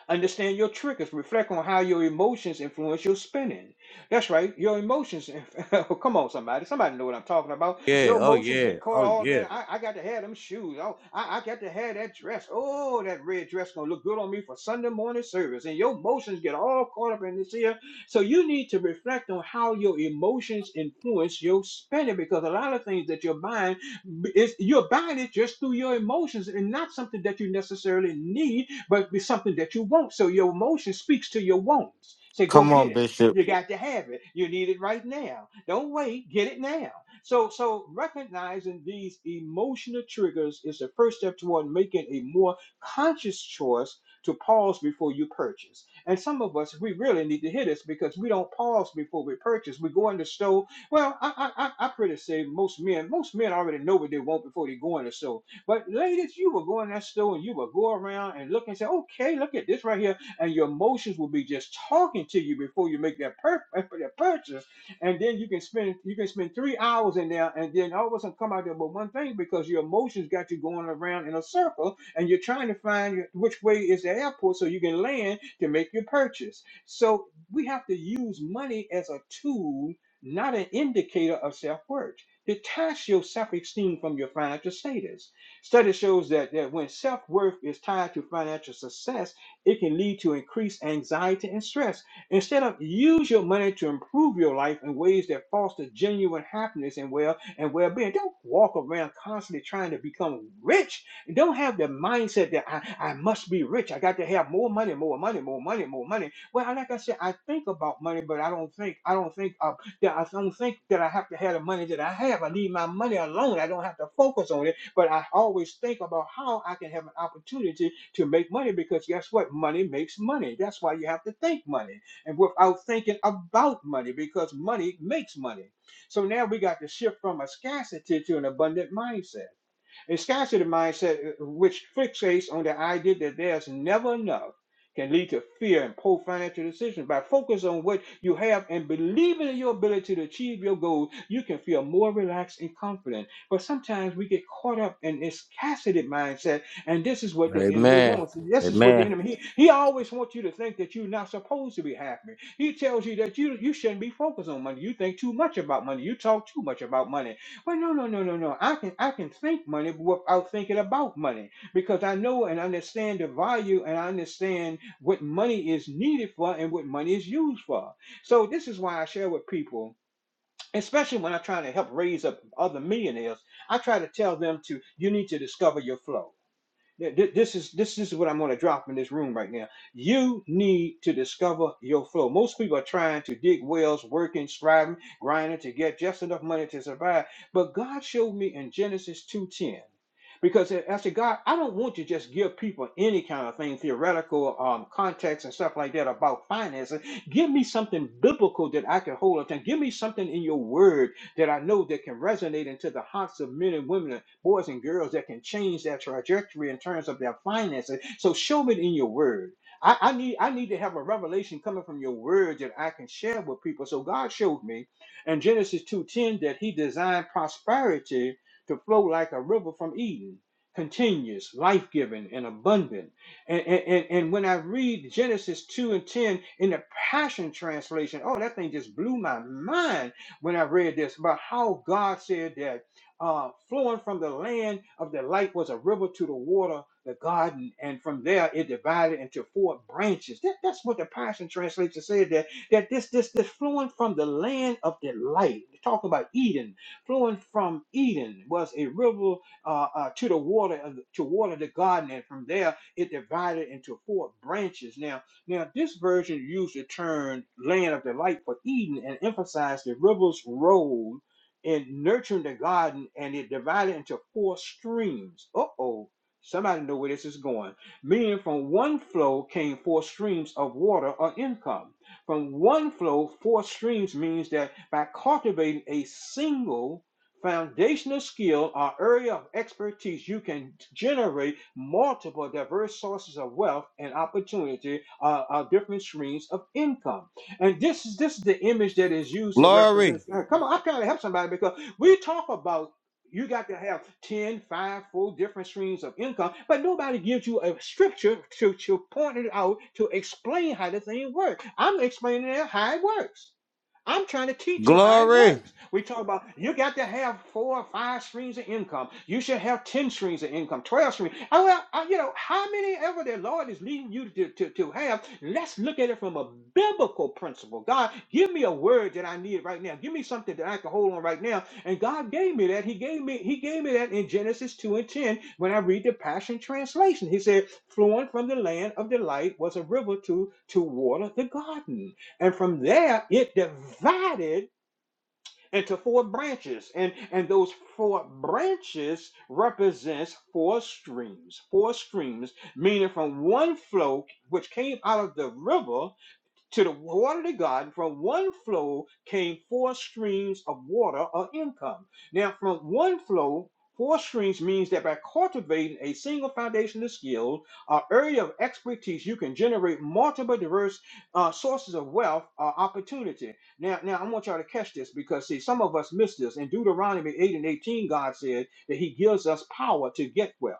[SPEAKER 7] Understand your triggers. Reflect on how your emotions influence your spending. That's right, your emotions. inf- Oh, Come on, somebody. Somebody know what I'm talking about.
[SPEAKER 6] Yeah.
[SPEAKER 7] Your
[SPEAKER 6] Oh
[SPEAKER 7] emotions
[SPEAKER 6] yeah.
[SPEAKER 7] get caught
[SPEAKER 6] Oh
[SPEAKER 7] all up
[SPEAKER 6] yeah.
[SPEAKER 7] in. I, I got to have them shoes. Oh, I, I got to have that dress. Oh, that red dress gonna look good on me for Sunday morning service. And your emotions get all caught up in this here. So you need to reflect on how your emotions influence your spending because a lot of things that you're buying, b- is you're buying it just through your emotions and not something that you necessarily need but it's something that you want. So your emotion speaks to your wants. Say, go get it. You got to have it. You need it right now. Don't wait. Get it now. So, so recognizing these emotional triggers is the first step toward making a more conscious choice to pause before you purchase. And some of us, we really need to hear this because we don't pause before we purchase. We go in the store. Well, I, I, I I pretty say most men, most men already know what they want before they go in the store but ladies, you will go in that store and you will go around and look and say, okay, look at this right here. And your emotions will be just talking to you before you make that, pur- that purchase. And then you can spend you can spend three hours in there and then all of a sudden come out there with one thing because your emotions got you going around in a circle and you're trying to find which way is the airport so you can land to make your purchase. So we have to use money as a tool, not an indicator of self-worth. Detach your self-esteem from your financial status Study shows that, that when self worth is tied to financial success, it can lead to increased anxiety and stress. Instead of use your money to improve your life in ways that foster genuine happiness and well and well being. Don't walk around constantly trying to become rich. Don't have the mindset that I, I must be rich. I got to have more money, more money, more money, more money. Well, like I said, I think about money, but I don't think I don't think of that I don't think that I have to have the money that I have. I leave my money alone. I don't have to focus on it but I always think about how I can have an opportunity to make money because guess what? Money makes money. That's why you have to think money and without thinking about money because money makes money. So now we got to shift from a scarcity to an abundant mindset. A scarcity mindset, uh, which fixates on the idea that there's never enough, can lead to fear and poor financial decisions. By focusing on what you have and believing in your ability to achieve your goals, you can feel more relaxed and confident. But sometimes we get caught up in this scarcity mindset, and this is what the enemy
[SPEAKER 6] Amen.
[SPEAKER 7] wants. This is what the
[SPEAKER 6] Amen.
[SPEAKER 7] enemy he, he always wants you to think that you're not supposed to be happy. He tells you that you you shouldn't be focused on money. You think too much about money. You talk too much about money well, no, no, no, no, no. I can I can think money without thinking about money because I know and understand the value and I understand what money is needed for and what money is used for. So this is why I share with people, especially when I try to help raise up other millionaires. I try to tell them to you need to discover your flow. This is this is what I'm going to drop in this room right now. You need to discover your flow. Most people are trying to dig wells, working, striving, grinding to get just enough money to survive. But God showed me in Genesis 2:10 because I said, God, I don't want you to just give people any kind of thing, theoretical um, context and stuff like that about finances. Give me something biblical that I can hold on to. Give me something in your word that I know that can resonate into the hearts of men and women boys and girls that can change their trajectory in terms of their finances. So show it in your word. I, I need I need to have a revelation coming from your word that I can share with people. So God showed me in Genesis 2:10 that He designed prosperity to flow like a river from Eden, continuous, life-giving, and abundant. And, and, and and when I read Genesis 2 and 10 in the Passion Translation, oh, that thing just blew my mind when I read this about how God said that uh, flowing from the land of the light was a river to the water, the garden, and from there it divided into four branches. That, that's what the Passion Translation said that, that this, this, this flowing from the land of the light, talking about Eden, flowing from Eden was a river uh, uh, to the water, of the- to water the garden, and from there it divided into four branches. Now, now, this version used the term land of delight for Eden and emphasized the river's role in nurturing the garden and it divided into four streams. Uh oh, somebody know where this is going. Meaning, from one flow came four streams of water or income. From one flow, four streams means that by cultivating a single foundational skill or area of expertise, you can generate multiple diverse sources of wealth and opportunity, uh, uh, different streams of income. And this is this is the image that is used to
[SPEAKER 6] Glory.
[SPEAKER 7] represent. uh, Come on, I'm trying to help somebody because we talk about you got to have ten, five, 4 different streams of income, but nobody gives you a scripture to, to point it out to explain how the thing works. I'm explaining how it works. I'm trying to teach you how it
[SPEAKER 6] Glory.
[SPEAKER 7] works. We talk about you got to have four or five streams of income. You should have 10 streams of income, 12 streams. Oh, well, I- you know, how many ever the Lord is leading you to, to, to have, let's look at it from a biblical principle. God, give me a word that I need right now. Give me something that I can hold on right now. And God gave me that. He gave me, He gave me that in Genesis 2 and 10 when I read the Passion Translation. He said, flowing from the land of delight was a river to, to water the garden. And from there, it divided into four branches. And, and those four branches represents four streams. Four streams, meaning from one flow which came out of the river to the water to God. From one flow came four streams of water or income. Now, from one flow, four streams means that by cultivating a single foundation of skill or area of expertise, you can generate multiple diverse uh, sources of wealth or opportunity. Now, now I want y'all to catch this because see, some of us miss this. In Deuteronomy 8 and 18, God said that He gives us power to get wealth.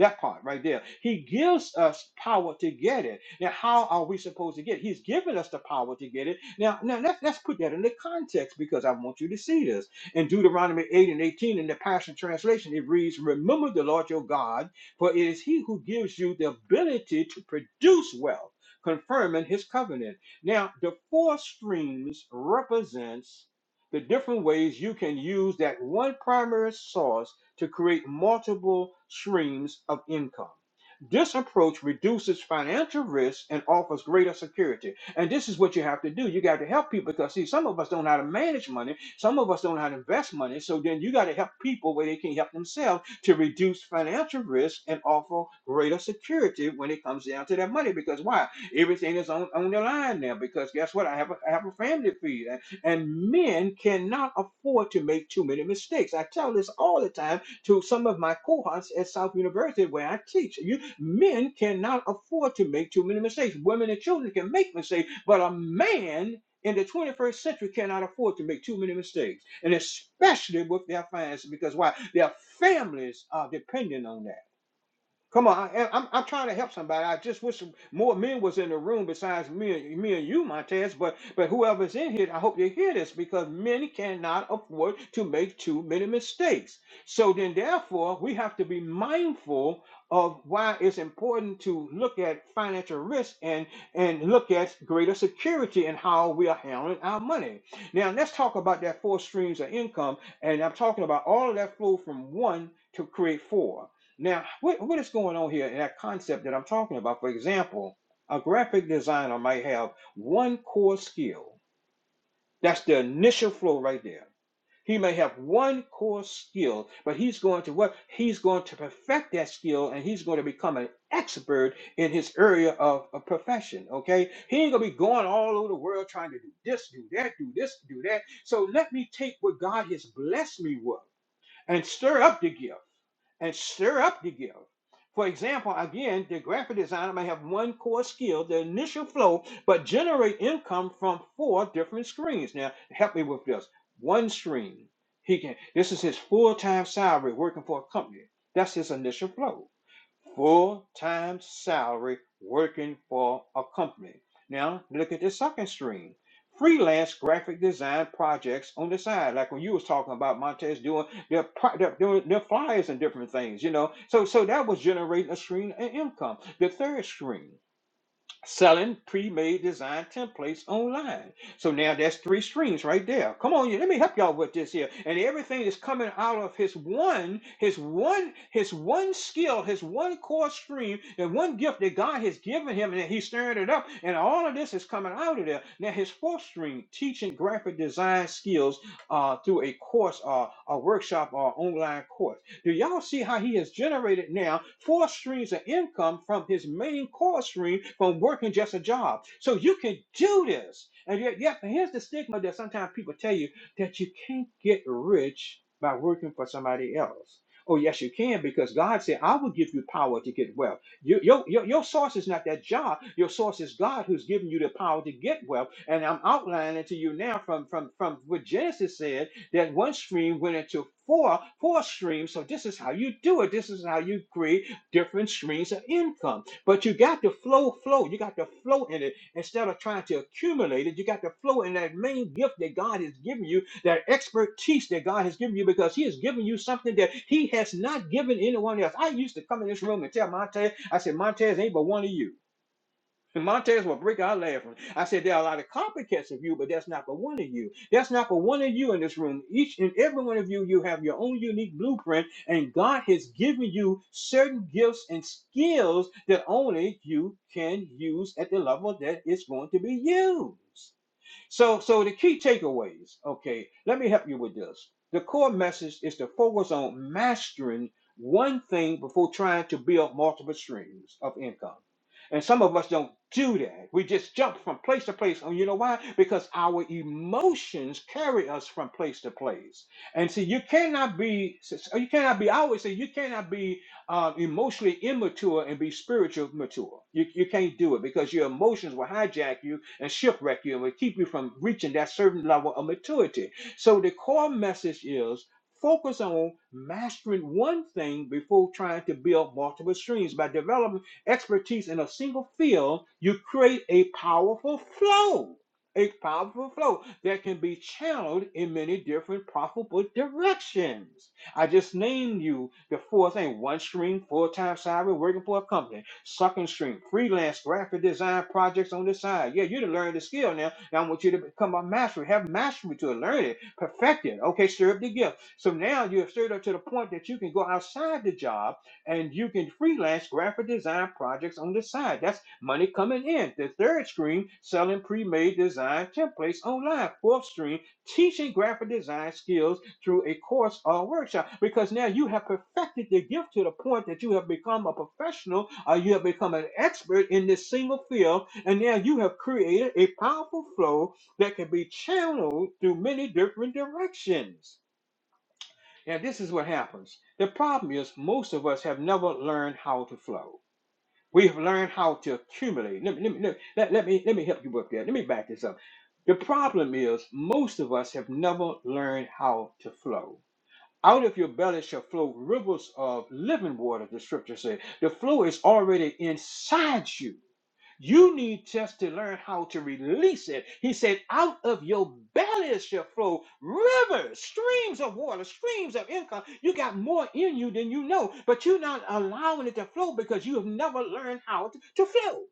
[SPEAKER 7] That part right there. He gives us power to get it. Now, how are we supposed to get it? He's given us the power to get it. Now, now let's, let's put that into context because I want you to see this. In Deuteronomy 8 and 18 in the Passion Translation, it reads, Remember the Lord your God, for it is he who gives you the ability to produce wealth, confirming his covenant. Now, the four streams represents the different ways you can use that one primary source to create multiple streams of income. This approach reduces financial risk and offers greater security. And this is what you have to do. You got to help people because, see, some of us don't know how to manage money. Some of us don't know how to invest money. So then you got to help people where they can help themselves to reduce financial risk and offer greater security when it comes down to their money. Because why? Everything is on, on the line now. Because guess what? I have a, I have a family to feed. And and men cannot afford to make too many mistakes. I tell this all the time to some of my cohorts at South University where I teach. You men cannot afford to make too many mistakes. Women and children can make mistakes, but a man in the 21st century cannot afford to make too many mistakes, and especially with their finances, because why? Their families are dependent on that. Come on, I, I'm I'm trying to help somebody. I just wish more men was in the room besides me and me and you, Montez. But but whoever's in here, I hope you hear this because men cannot afford to make too many mistakes. So then, therefore, we have to be mindful of why it's important to look at financial risk and and look at greater security and how we are handling our money. Now let's talk about that four streams of income, and I'm talking about all of that flow from one to create four. Now, what, what is going on here in that concept that I'm talking about? For example, a graphic designer might have one core skill. That's the initial flow right there. He may have one core skill, but he's going to what? He's going to perfect that skill and he's going to become an expert in his area of, of profession. Okay. He ain't gonna be going all over the world trying to do this, do that, do this, do that. So let me take what God has blessed me with and stir up the gift and stir up the gift. For example, again, the graphic designer may have one core skill, the initial flow, but generate income from four different screens. Now, help me with this. One stream, he can. This is his full-time salary working for a company. That's his initial flow full time salary working for a company. Now, look at the second stream freelance graphic design projects on the side like when you was talking about montez doing their, pro- their doing their flyers and different things you know so so that was generating a stream of income the third stream selling pre-made design templates online. So now that's three streams right there. Come on, you- let me help y'all with this here. And everything is coming out of his one, his one, his one skill, his one core stream, and one gift that God has given him, and he's stirring it up. And all of this is coming out of there. Now his fourth stream, teaching graphic design skills uh, through a course, uh, a workshop, or online course. Do y'all see how he has generated now four streams of income from his main core stream from working just a job? So you can do this. And yet, yet here's the stigma that sometimes people tell you that you can't get rich by working for somebody else. Oh, yes, you can, because God said, I will give you power to get wealth. Your, your, your, your source is not that job. Your source is God who's given you the power to get wealth. And I'm outlining to you now from, from, from what Genesis said that one stream went into four, four streams. So this is how you do it. This is how you create different streams of income. But you got to flow, flow. You got to flow in it instead of trying to accumulate it. You got to flow in that main gift that God has given you, that expertise that God has given you, because He has given you something that He has not given anyone else. I used to come in this room and tell Montez, I said, Montez ain't but one of you. Montez will break our laughing. I said, there are a lot of copycats of you, but that's not for one of you. That's not for one of you in this room. Each and every one of you, you have your own unique blueprint, and God has given you certain gifts and skills that only you can use at the level that it's going to be used. So, so the key takeaways, okay, let me help you with this. The core message is to focus on mastering one thing before trying to build multiple streams of income. And some of us don't do that. We just jump from place to place. And you know why? Because our emotions carry us from place to place. And see, you cannot be, you cannot be, I always say, you cannot be um, emotionally immature and be spiritual mature. You, you can't do it because your emotions will hijack you and shipwreck you and will keep you from reaching that certain level of maturity. So the core message is focus on mastering one thing before trying to build multiple streams. By developing expertise in a single field, you create a powerful flow. A powerful flow that can be channeled in many different profitable directions. I just named you the four thing one stream, full time salary, working for a company, second stream, freelance graphic design projects on the side. Yeah, you to learn the skill now. Now I want you to become a mastery, have mastery to it, learn it, perfect it. Okay, stir up the gift. So now you have stirred up to the point that you can go outside the job and you can freelance graphic design projects on the side. That's money coming in. The third stream, selling pre made design templates online. Fourth stream, teaching graphic design skills through a course or a workshop because now you have perfected the gift to the point that you have become a professional or you have become an expert in this single field and now you have created a powerful flow that can be channeled through many different directions now this is what happens the problem is most of us have never learned how to flow we have learned how to accumulate let me let me let, let let me let me help you with that let me back this up the problem is most of us have never learned how to flow out of your belly shall flow rivers of living water, the scripture says. The flow is already inside you. You need just to learn how to release it. He said, Out of your belly shall flow rivers, streams of water, streams of income. You got more in you than you know, but you're not allowing it to flow because you have never learned how to, to flow.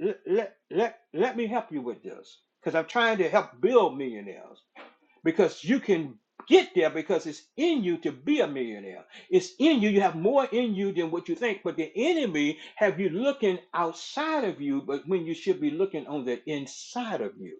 [SPEAKER 7] Let, let, let, let me help you with this because I'm trying to help build millionaires because you can get there because it's in you to be a millionaire. It's in you. You have more in you than what you think. But the enemy have you looking outside of you, but when you should be looking on the inside of you.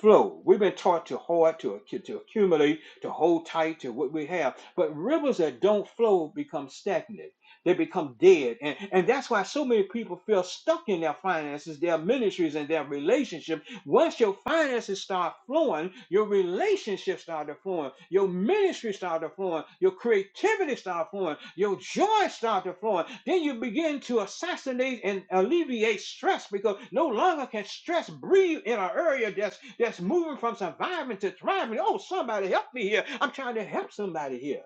[SPEAKER 7] Flow. We've been taught to hoard, to, to accumulate, to hold tight to what we have. But rivers that don't flow become stagnant. They become dead. And, and that's why so many people feel stuck in their finances, their ministries, and their relationships once your finances start flowing, your relationships start to flowing, your ministry start to flowing, your creativity start flowing, your joy start to flowing. Then you begin to assassinate and alleviate stress because no longer can stress breathe in an area that's that's moving from surviving to thriving. Oh, somebody help me here! I'm trying to help somebody here.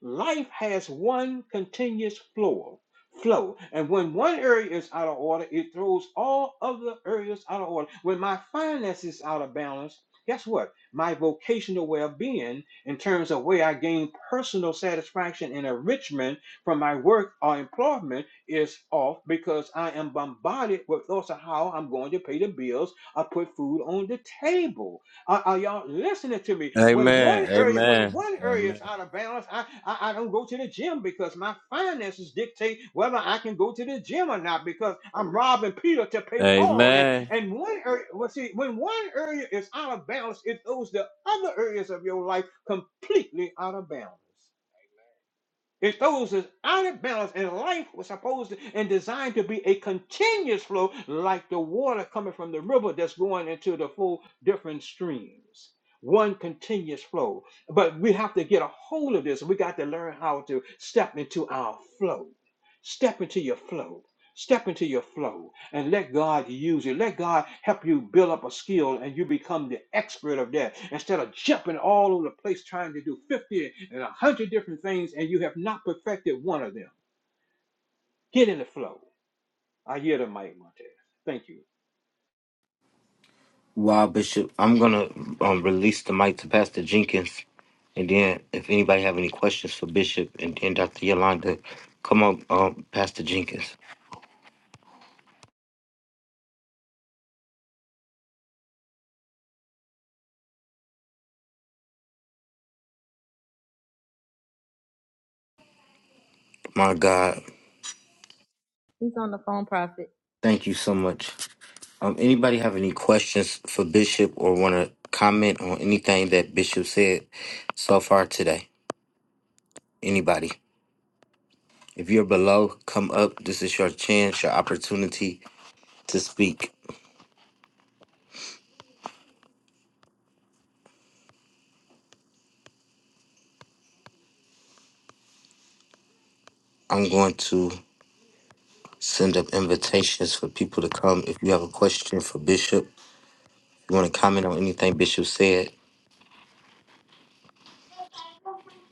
[SPEAKER 7] Life has one continuous flow, flow, and when one area is out of order, it throws all other areas out of order. When my finances is out of balance, guess what? My vocational well-being, in terms of where I gain personal satisfaction and enrichment from my work or employment, is off because I am bombarded with thoughts of how I'm going to pay the bills or put food on the table are, are y'all listening to me? When
[SPEAKER 6] Amen.
[SPEAKER 7] one area, when
[SPEAKER 6] Amen.
[SPEAKER 7] one area
[SPEAKER 6] Amen.
[SPEAKER 7] is out of balance, I, I I don't go to the gym because my finances dictate whether I can go to the gym or not because I'm robbing Peter to pay Paul. And
[SPEAKER 6] Amen.
[SPEAKER 7] and one area, well, see, when one area is out of balance, it throws the other areas of your life completely out of balance. It throws us out of balance, and life was supposed to, and designed to be a continuous flow, like the water coming from the river that's going into the four different streams. One continuous flow. But we have to get a hold of this. We got to learn how to step into our flow. Step into your flow. Step into your flow and let God use you. Let God help you build up a skill and you become the expert of that instead of jumping all over the place trying to do 50 and 100 different things and you have not perfected one of them. Get in the flow. I hear the mic, Montez. Thank you.
[SPEAKER 2] He's on the phone, Prophet.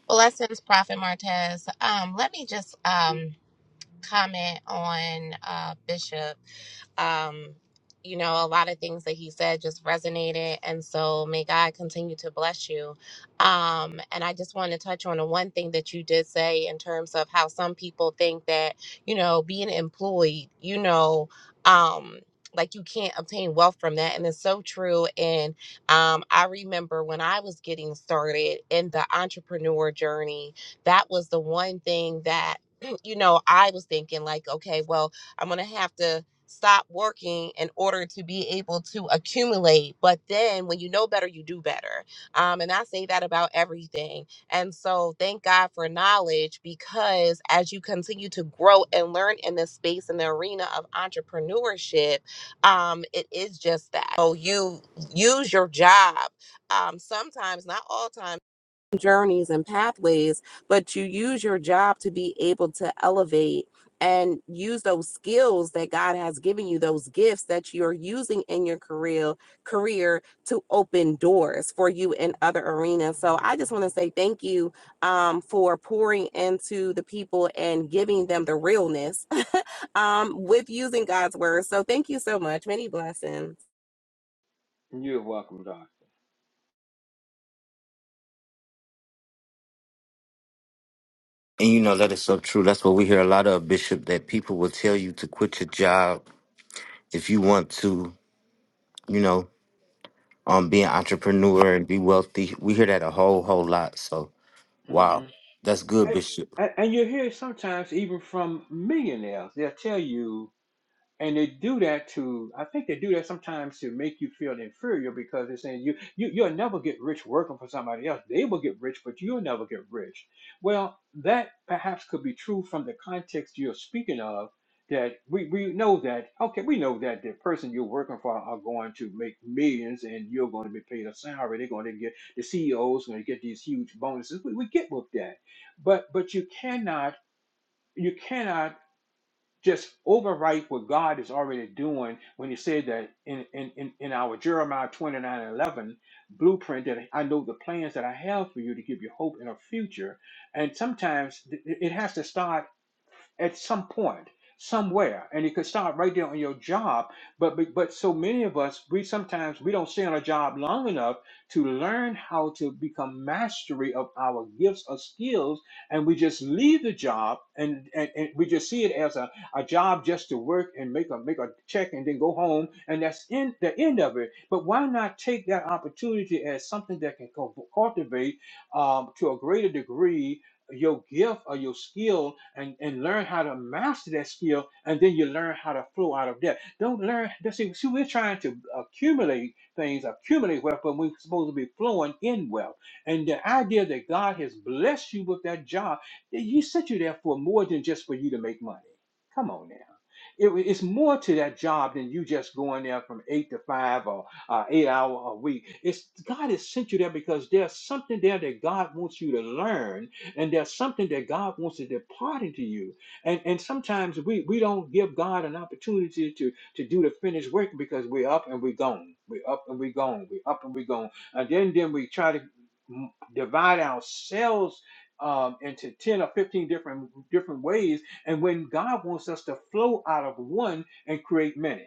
[SPEAKER 3] Blessings, Prophet Martez. Um, let me just um, comment on uh, Bishop um, you know, a lot of things that he said just resonated. And so may God continue to bless you. Um, and I just want to touch on the one thing that you did say in terms of how some people think that, you know, being employed, you know, um, like you can't obtain wealth from that. And it's so true. And um, I remember when I was getting started in the entrepreneur journey, that was the one thing that, you know, I was thinking like, okay, well, I'm going to have to stop working in order to be able to accumulate. But then when you know better, you do better. Um, and I say that about everything. And so thank God for knowledge because as you continue to grow and learn in this space in the arena of entrepreneurship, um, it is just that. So you use your job. Um, sometimes, not all times journeys and pathways, but you use your job to be able to elevate and use those skills that God has given you, those gifts that you're using in your career career to open doors for you in other arenas. So I just want to say thank you um, for pouring into the people and giving them the realness um, with using God's word. So thank you so much. Many blessings.
[SPEAKER 7] You're welcome, Doc. hmm And, and you hear sometimes even from millionaires, they'll tell you and they do that to i think they do that sometimes to make you feel inferior because they're saying you, you you'll never get rich working for somebody else they will get rich but you'll never get rich well that perhaps could be true from the context you're speaking of that we, we know that okay we know that the person you're working for are going to make millions and you're going to be paid a salary they're going to get the ceos going to get these huge bonuses we, we get with that but but you cannot you cannot just overwrite what God is already doing when he said that in, in, in, in our Jeremiah 29 11 blueprint that I know the plans that I have for you to give you hope and a future. And sometimes th- it has to start at some point, somewhere, and it could start right there on your job. But but but so many of us, we sometimes we don't stay on a job long enough to learn how to become mastery of our gifts or skills, and we just leave the job and and, and we just see it as a, a job just to work and make a make a check and then go home, and that's in the end of it. But why not take that opportunity as something that can co- cultivate um, to a greater degree your gift or your skill and, and learn how to master that skill and then you learn how to flow out of that don't learn see, see, we're trying to accumulate things accumulate wealth but we're supposed to be flowing in wealth and the idea that god has blessed you with that job that he set you there for more than just for you to make money come on now It- it's more to that job than you just going there from eight to five or uh, eight hour a week. It's God has sent you there because there's something there that God wants you to learn and there's something that God wants to depart into you. And and sometimes we we don't give God an opportunity to to do the finished work because we're up and we're gone. We're up and we're gone. We're up and we're gone. And then then we try to mm, divide ourselves um, into 10 or 15 different different ways and when god wants us to flow out of one and create many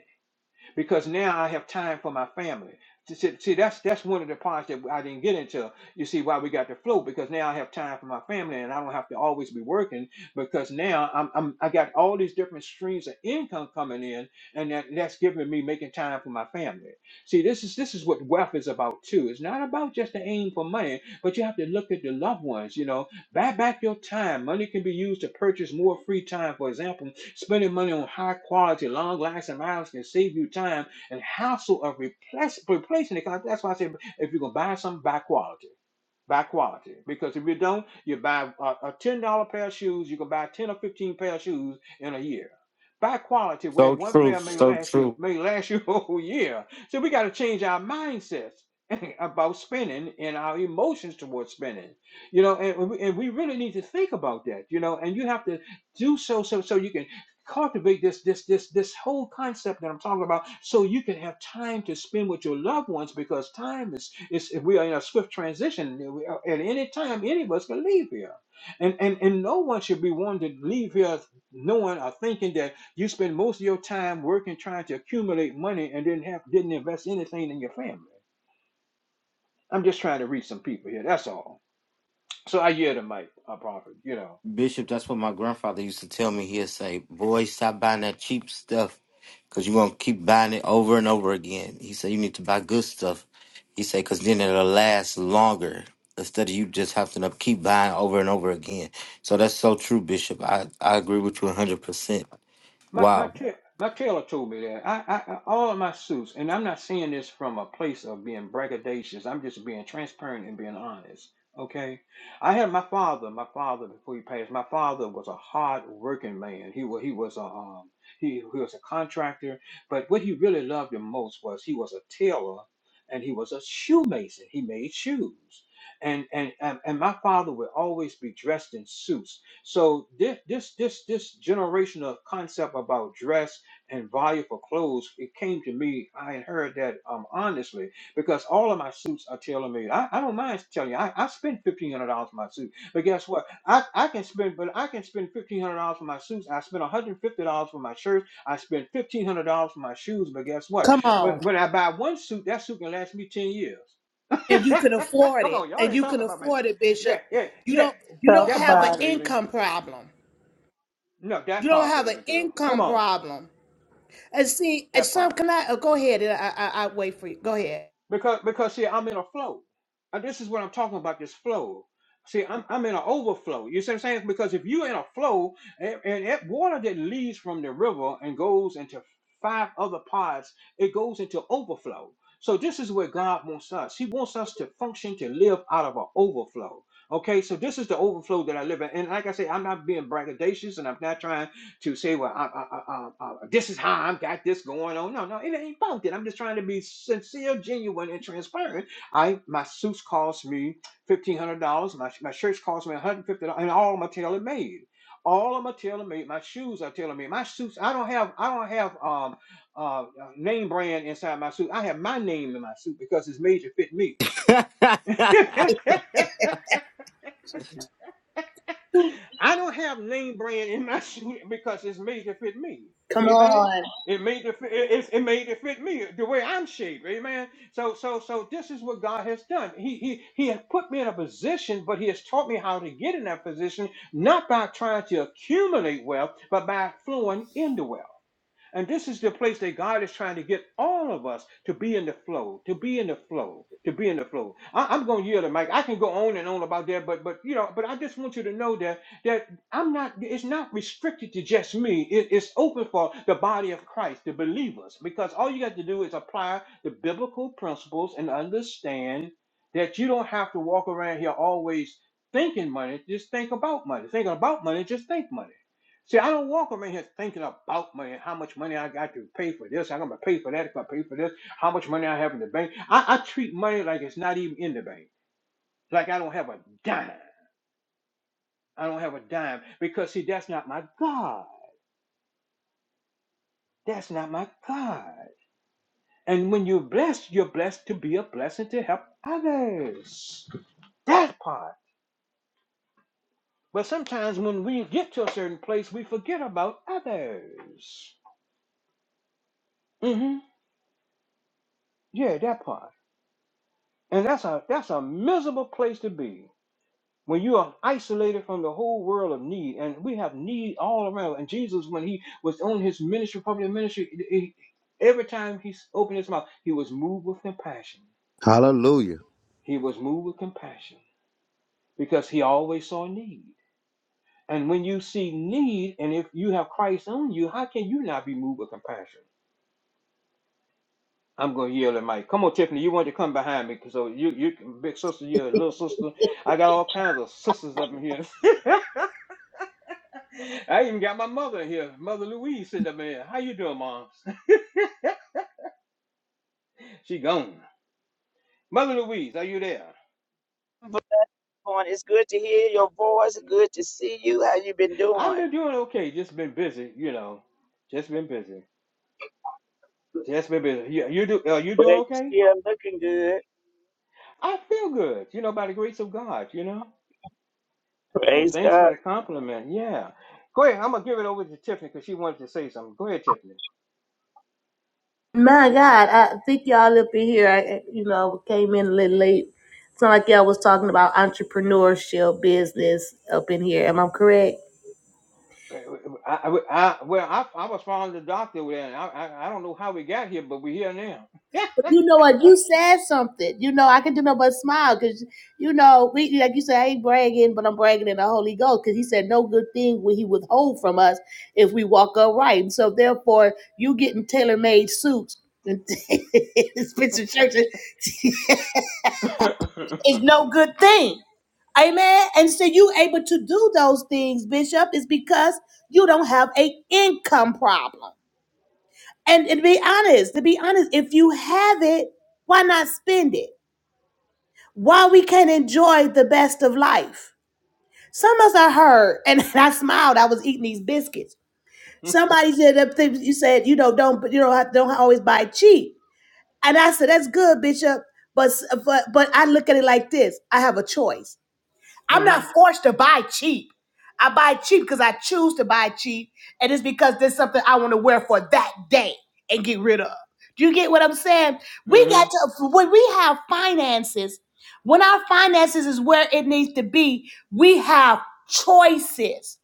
[SPEAKER 7] because now I have time for my family. See, see, that's that's one of the parts that I didn't get into. You see why we got the flow because now I have time for my family and I don't have to always be working because now I'm, I'm I got all these different streams of income coming in and that, that's giving me making time for my family. See, this is this is what wealth is about too. It's not about just the aim for money, but you have to look at the loved ones. You know, Buy back your time. Money can be used to purchase more free time. For example, spending money on high quality, long lasting miles can save you time and hassle of replace, replacing it. That's why I say if you're going to buy something, buy quality buy quality. Because if you don't, you buy a, a ten dollar pair of shoes, you can buy ten or fifteen pair of shoes in a year. Buy quality where one pair may last you may last you a whole year. So we got to change our mindsets about spending and our emotions towards spending. You know, and, and we really need to think about that. You know, and you have to do so so so you can cultivate this this this this whole concept that I'm talking about so you can have time to spend with your loved ones because time is it's, if we are in a swift transition, we are- at any time, any of us can leave here. And, and, and no one should be wanting to leave here knowing or thinking that you spend most of your time working, trying to accumulate money and didn't have, didn't invest anything in your family. I'm just trying to reach some people here. That's all. So I hear the mic, a prophet, you know. My my ta- my tailor told me that. I, I I- all of my suits, and I'm not saying this from a place of being braggadocious. I'm just being transparent and being honest. Okay, I had my father. My father, before he passed, my father was a hard working man. He was he was a um he, he was a contractor, but what he really loved the most was he was a tailor, and he was a shoemason. He made shoes, and and and, and my father would always be dressed in suits so this this this this generational concept about dress and value for clothes, it came to me. I had heard that um honestly because all of my suits are telling me I, I don't mind telling you I, I spend fifteen hundred dollars for my suit, but guess what? I, I can spend but I can spend fifteen hundred dollars for my suits. I spend one hundred and fifty dollars for my shirts. I spend fifteen hundred dollars for my shoes. But guess what?
[SPEAKER 8] Come
[SPEAKER 7] When
[SPEAKER 8] on.
[SPEAKER 7] when I buy one suit, that suit can last me ten years.
[SPEAKER 8] And you can afford
[SPEAKER 7] Come
[SPEAKER 8] it.
[SPEAKER 7] on, y'all
[SPEAKER 8] And
[SPEAKER 7] ain't
[SPEAKER 8] you
[SPEAKER 7] talking
[SPEAKER 8] can
[SPEAKER 7] about me.
[SPEAKER 8] afford it, Bishop.
[SPEAKER 7] Yeah, yeah,
[SPEAKER 8] You
[SPEAKER 7] yeah.
[SPEAKER 8] don't you
[SPEAKER 7] th-
[SPEAKER 8] don't
[SPEAKER 5] Talk
[SPEAKER 7] That
[SPEAKER 8] have an
[SPEAKER 5] about
[SPEAKER 7] part,
[SPEAKER 5] it.
[SPEAKER 7] baby.
[SPEAKER 8] income problem.
[SPEAKER 7] No, that
[SPEAKER 8] You don't
[SPEAKER 7] part,
[SPEAKER 8] have an
[SPEAKER 7] baby girl. Come
[SPEAKER 8] income
[SPEAKER 7] on,
[SPEAKER 8] problem. And see, and
[SPEAKER 7] that
[SPEAKER 8] some
[SPEAKER 7] part.
[SPEAKER 8] can I oh, go ahead and I, I I wait for you. Go ahead.
[SPEAKER 7] Because because see, I'm in a flow. And this is what I'm talking about. This flow. See, I'm I'm in an overflow. You see what I'm saying? Because if you're in a flow, and, and that water that leaves from the river and goes into five other parts, it goes into overflow. So this is where God wants us. He wants us to function to live out of an overflow. Okay, so this is the overflow that I live in. And like I say, I'm not being braggadocious, and I'm not trying. to say, well, I, I, I, I, I- this is how I've got this going on. No, no, it ain't about that. I'm just trying to be sincere, genuine, and transparent. I my suits cost me fifteen hundred dollars. My my shirts cost me one hundred fifty dollars, and all of my tailor made. All of my tailor made. My shoes are tailor made. My suits. I don't have. I don't have um uh uh, name brand inside my suit. I have my name in my suit because it's made to fit me. I don't have name brand in my shoe because it's made to fit me.
[SPEAKER 8] Come
[SPEAKER 7] Amen.
[SPEAKER 8] on.
[SPEAKER 7] It made to fit, it, it it made to fit me the way I'm shaped. Amen. So so so this is what God has done. He he he has put me in a position, but he has taught me how to get in that position, not by trying to accumulate wealth, but by flowing into wealth. And this is the place that God is trying to get all of us to be in the flow, to be in the flow, to be in the flow. I, am going to yield it, Mike. I can go on and on about that, but but you know, but I just want you to know that that I'm not. It's not restricted to just me. It- it's open for the body of Christ, the believers, because all you got to do is apply the biblical principles and understand that you don't have to walk around here always thinking money. Just think about money. Thinking about money. Just think money See, I don't walk around here thinking about money, how much money I got to pay for this, I'm gonna pay for that, I'm gonna pay for this, how much money I have in the bank. I, I treat money like it's not even in the bank, like I don't have a dime. I don't have a dime because see, that's not my God. That's not my God. And when you're blessed, you're blessed to be a blessing to help others. That part. But sometimes when we get to a certain place, we forget about others. hmm Yeah, that part. And that's a that's a miserable place to be when you are isolated from the whole world of need. And we have need all around. And Jesus, when he was on his ministry, public ministry, he- every time he s- opened his mouth, he was moved with compassion.
[SPEAKER 6] Hallelujah.
[SPEAKER 7] He was moved with compassion because he always saw need. And when you see need, and if you have Christ on you, how can you not be moved with compassion? I'm going to yell at Mike. Come on, Tiffany, you want to come behind me. 'cause So you, you, big sister, you're a little sister. I got all kinds of sisters up in here. I even got my mother here, Mother Louise, in the man. How you doing, Mom? she gone. Mother Louise, are you there?
[SPEAKER 9] on. It's good to hear your voice. Good to see you. How you been
[SPEAKER 7] I've
[SPEAKER 9] doing?
[SPEAKER 7] been doing okay. Just been busy, you know. Just been busy. Just been busy. You, you do? Are you
[SPEAKER 9] Well,
[SPEAKER 7] doing
[SPEAKER 9] you
[SPEAKER 7] okay?
[SPEAKER 9] still looking good.
[SPEAKER 7] I feel good, you know, by the grace of God, you know. And
[SPEAKER 9] Praise
[SPEAKER 7] thanks for
[SPEAKER 9] God.
[SPEAKER 7] the compliment. Yeah. Go ahead. I'm gonna give it over to Tiffany because she wanted to say something. Go ahead, Tiffany.
[SPEAKER 8] My God, I think y'all up in here, I, I- you know, came in a little late. It's not like y'all was talking about entrepreneurship business up in here. Am I correct?
[SPEAKER 7] I, I, I- well, I, I was following the doctor with that. I, I, I don't know how we got here, but we're here now.
[SPEAKER 8] But you know what? You said something. You know, I can do no but smile because, you know, we, like you said, I ain't bragging, but I'm bragging in the Holy Ghost because he said no good thing will he withhold from us if we walk upright. And So therefore, you getting tailor made suits and expensive churches is no good thing. Amen. And so you able to do those things, Bishop, is because you don't have a income problem. And, and to be honest, to be honest, if you have it, why not spend it? why we can't enjoy the best of life. Some of us I heard, and I smiled. I was eating these biscuits.
[SPEAKER 7] mm
[SPEAKER 8] Somebody said that thing- you said you know don't you know don't always buy cheap, and I said that's good, Bishop. But but but I look at it like this: I have a choice. I'm not
[SPEAKER 7] hmm
[SPEAKER 8] forced to buy cheap. I buy cheap because I choose to buy cheap, and it's because there's something I want to wear for that day and get rid of. Do you get what I'm saying? We
[SPEAKER 7] mm hmm
[SPEAKER 8] got to when we have finances, when our finances is where it needs to be, we have choices.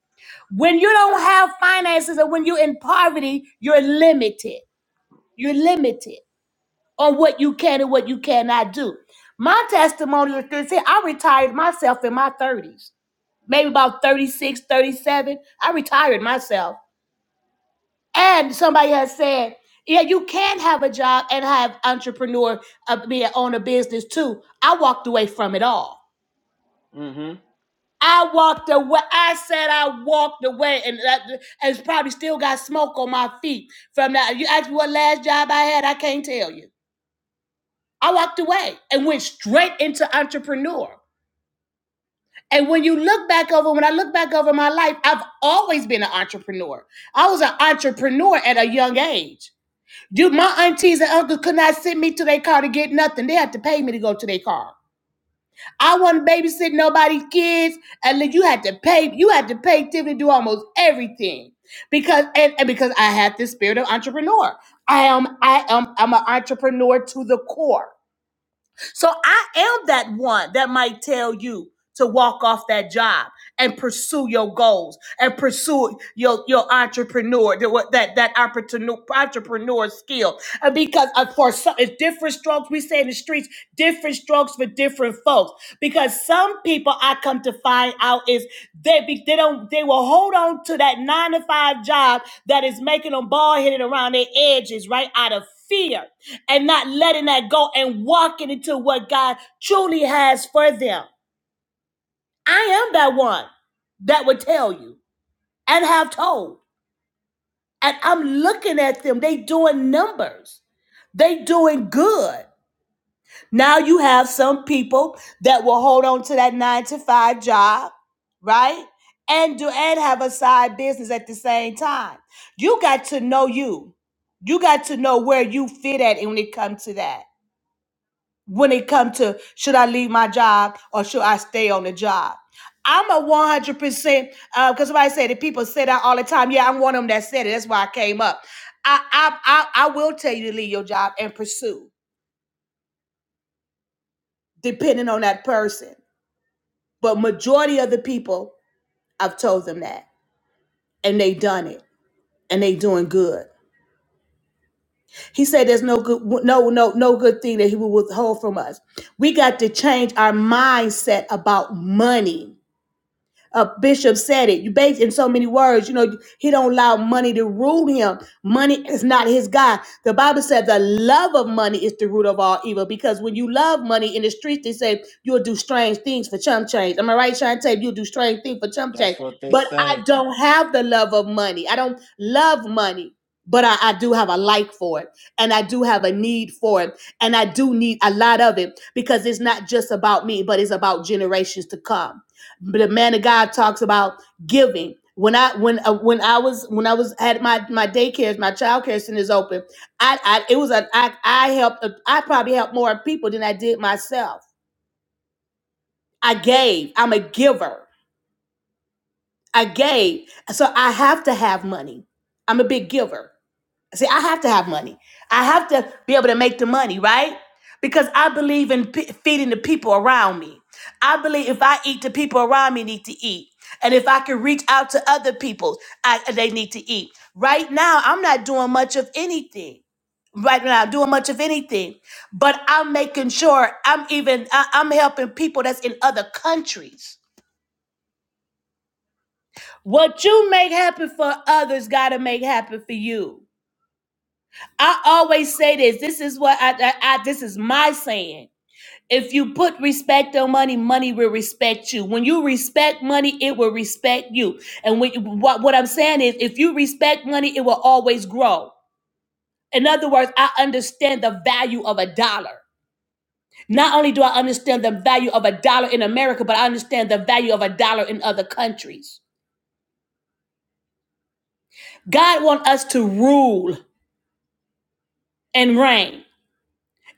[SPEAKER 8] When you don't have finances and when you're in poverty, you're limited. You're limited on what you can and what you cannot do. My testimony is this here. I retired myself in my 30s maybe about 36, 37. I retired myself. And somebody has said, yeah, you can have a job and have entrepreneur, uh, be an own business too. I walked away from it all.
[SPEAKER 7] hmm
[SPEAKER 8] I walked away. I said I walked away, and that, and it's probably still got smoke on my feet from that. You asked me what last job I had, I can't tell you. I walked away and went straight into entrepreneur. And when you look back over, when I look back over my life, I've always been an entrepreneur. I was an entrepreneur at a young age. Dude, my aunties and uncles could not send me to their car to get nothing. They had to pay me to go to their car. I wasn't babysitting nobody's kids, and then you had to pay. You had to pay Tiffany to do almost everything because and, and because I had this spirit of entrepreneur. I am I am I'm an entrepreneur to the core. So I am that one that might tell you to walk off that job and pursue your goals and pursue your your entrepreneur that that that entrepreneur entrepreneur skill and because uh, for some it's different strokes we say in the streets different strokes for different folks because some people I come to find out is they be, they don't they will hold on to that nine to five job that is making them bald headed around their edges right out of fear and not letting that go and walking into what God truly has for them. I am that one that would tell you and have told. And I'm looking at them. They doing numbers. They doing good. Now you have some people that will hold on to that nine to five job, right? And do and have a side business at the same time. You got to know you. You got to know where you fit at when it comes to that. when it comes to should I leave my job or should I stay on the job. I'm a 100% uh, because somebody said that people say that all the time. Yeah, I'm one of them that said it. That's why I came up. I, I, I, I will tell you to leave your job and pursue, depending on that person. But majority of the people, I've told them that, and they done it, and they doing good. He said, "There's no good, no, no, no good thing that he will withhold from us. We got to change our mindset about money." uh, bishop said it. You based in so many words. You know, he don't allow money to rule him. Money is not his God. The Bible said the love of money is the root of all evil. Because when you love money in the streets, they say you'll do strange things for chump change. Am I right, Shantae? You'll do strange things for chump change. But I don't have the love of money. I don't love money. But I, I do have a like for it, and I do have a need for it, and I do need a lot of it because it's not just about me, but it's about generations to come but the man of God talks about giving. When I when uh, when I was when I was had my my daycares, my child care centers open, I, I it was a I I helped uh, I probably helped more people than I did myself. I gave. I'm a giver. I gave. So I have to have money. I'm a big giver. See, I have to have money. I have to be able to make the money, right? Because I believe in p- feeding the people around me. I believe if I eat, the people around me need to eat. And if I can reach out to other people, I, they need to eat. Right now, I'm not doing much of anything. Right now, doing much of anything, but I'm making sure I'm even I, I'm helping people that's in other countries. What you make happen for others, gotta make happen for you. I always say this. This is what I, I, I this is my saying. If you put respect on money, money will respect you. When you respect money, it will respect you. And when, what what I'm saying is, if you respect money, it will always grow. In other words, I understand the value of a dollar. Not only do I understand the value of a dollar in America, but I understand the value of a dollar in other countries. God wants us to rule and reign.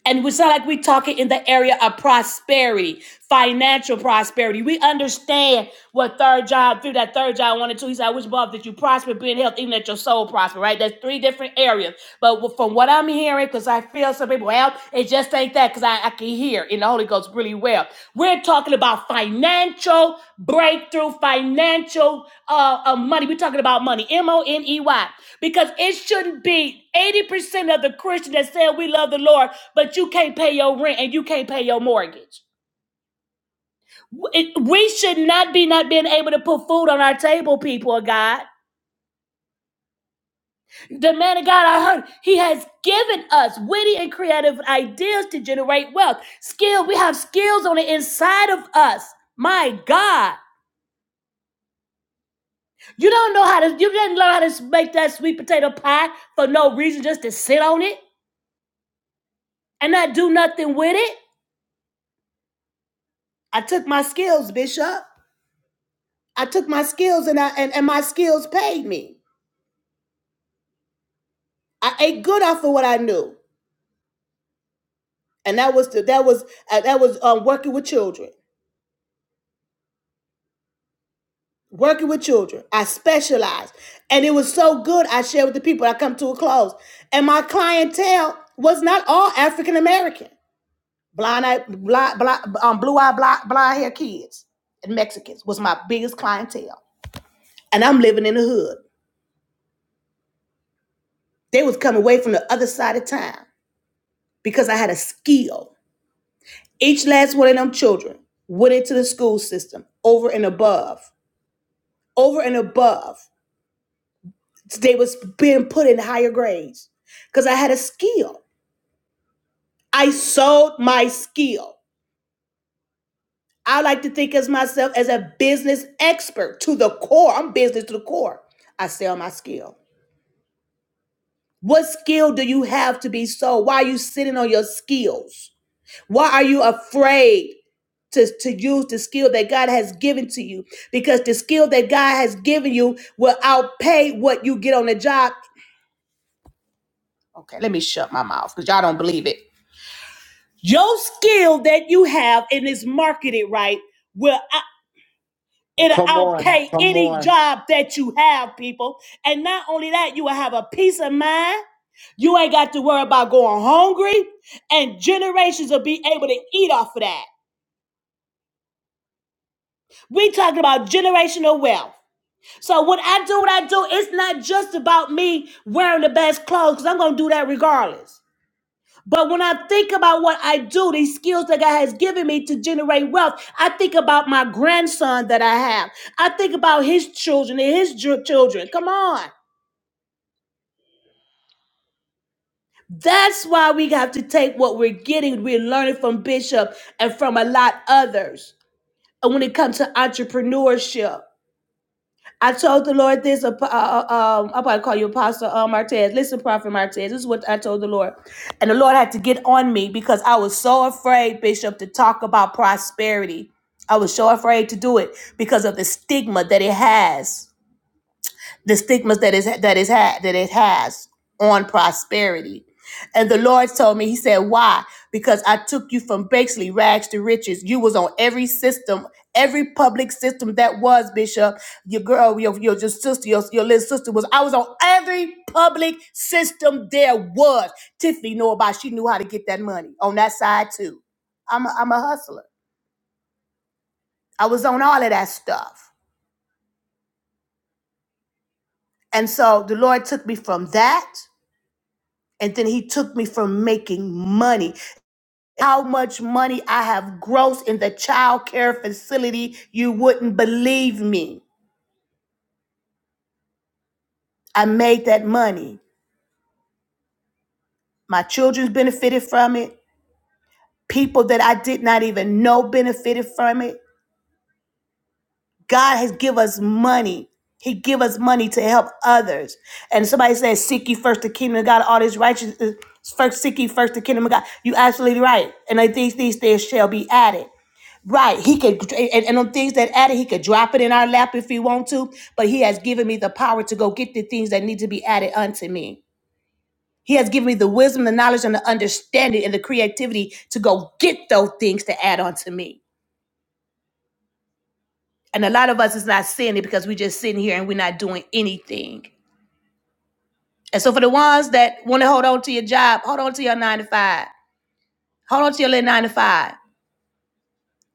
[SPEAKER 8] And we not like we're talking in the area of prosperity, financial prosperity. We understand what third John, through that third John 1 and 2, he said, I wish above that you prosper, be in health, even that your soul prosper, right? That's three different areas. But from what I'm hearing, because I feel some people, well, it just ain't that, because I, I can hear in the Holy Ghost really well. We're talking about financial breakthrough, financial uh, uh, money. We're talking about money, M O N E Y, because it shouldn't be 80% of the Christian that said we love the Lord but you can't pay your rent and you can't pay your mortgage. It- we should not be not being able to put food on our table, people of God. The man of God, I heard, he has given us witty and creative ideas to generate wealth. Skill, we have skills on the inside of us. My God, you don't know how to, you didn't learn how to make that sweet potato pie for no reason, just to sit on it and not do nothing with it. I took my skills, Bishop. I took my skills and I and, and my skills paid me. I ate good off of what I knew, and that was the, that was uh, that was um, working with children, working with children. I specialized, and it was so good. I shared with the people. I come to a close, and my clientele was not all African American. Blind eye, blind, blind, um, blue eye, blind, blind hair kids and Mexicans was my biggest clientele, and I'm living in the hood. They was coming away from the other side of town because I had a skill. Each last one of them children went into the school system over and above over and above. They was being put in higher grades because I had a skill. I sold my skill. I like to think as myself as a business expert to the core. I'm business to the core. I sell my skill. What skill do you have to be sold? Why are you sitting on your skills? Why are you afraid to, to use the skill that God has given to you? Because the skill that God has given you will outpay what you get on the job Okay, let me shut my mouth because y'all don't believe it. Your skill that you have and is marketed right will out- it'll outpay any job that you have, people. And not only that, you will have a peace of mind. You ain't got to worry about going hungry, and generations will be able to eat off of that. We talking about generational wealth. So when I do what I do, it's not just about me wearing the best clothes, because I'm gonna do that regardless. But when I think about what I do, these skills that God has given me to generate wealth, I think about my grandson that I have. I think about his children and his ju- children. Come on. That's why we have to take what we're getting, we're learning from Bishop and from a lot others. And when it comes to entrepreneurship, I told the Lord this. Uh, uh, uh, um, I'm about to call you Apostle uh, Martez. Listen, Prophet Martez. This is what I told the Lord, and the Lord had to get on me because I was so afraid, Bishop, to talk about prosperity. I was so afraid to do it because of the stigma that it has the stigmas that is that is had that it has on prosperity. And the Lord told me, He said, Why? Because I took you from basically rags to riches. You was on every system, every public system that was, Bishop. Your girl, your, your, your sister, your, your little sister was. I was on every public system there was. Tiffany know about she knew how to get that money on that side too. I'm a, I'm a hustler. I was on all of that stuff. And so the Lord took me from that And then he took me from making money. How much money I have grossed in the child care facility, you wouldn't believe me. I made that money. My children benefited from it. People that I did not even know benefited from it. God has give us money. He give us money to help others. And somebody says, seek ye first the kingdom of God, all this righteousness, first seek ye first the kingdom of God. You absolutely right. And like these, these things shall be added. Right. He could, and, and on things that added, he could drop it in our lap if he want to, but he has given me the power to go get the things that need to be added unto me. He has given me the wisdom, the knowledge, and the understanding and the creativity to go get those things to add onto me. And a lot of us is not seeing it because we just sitting here and we're not doing anything. And so for the ones that want to hold on to your job, hold on to your nine to five. Hold on to your little nine to five.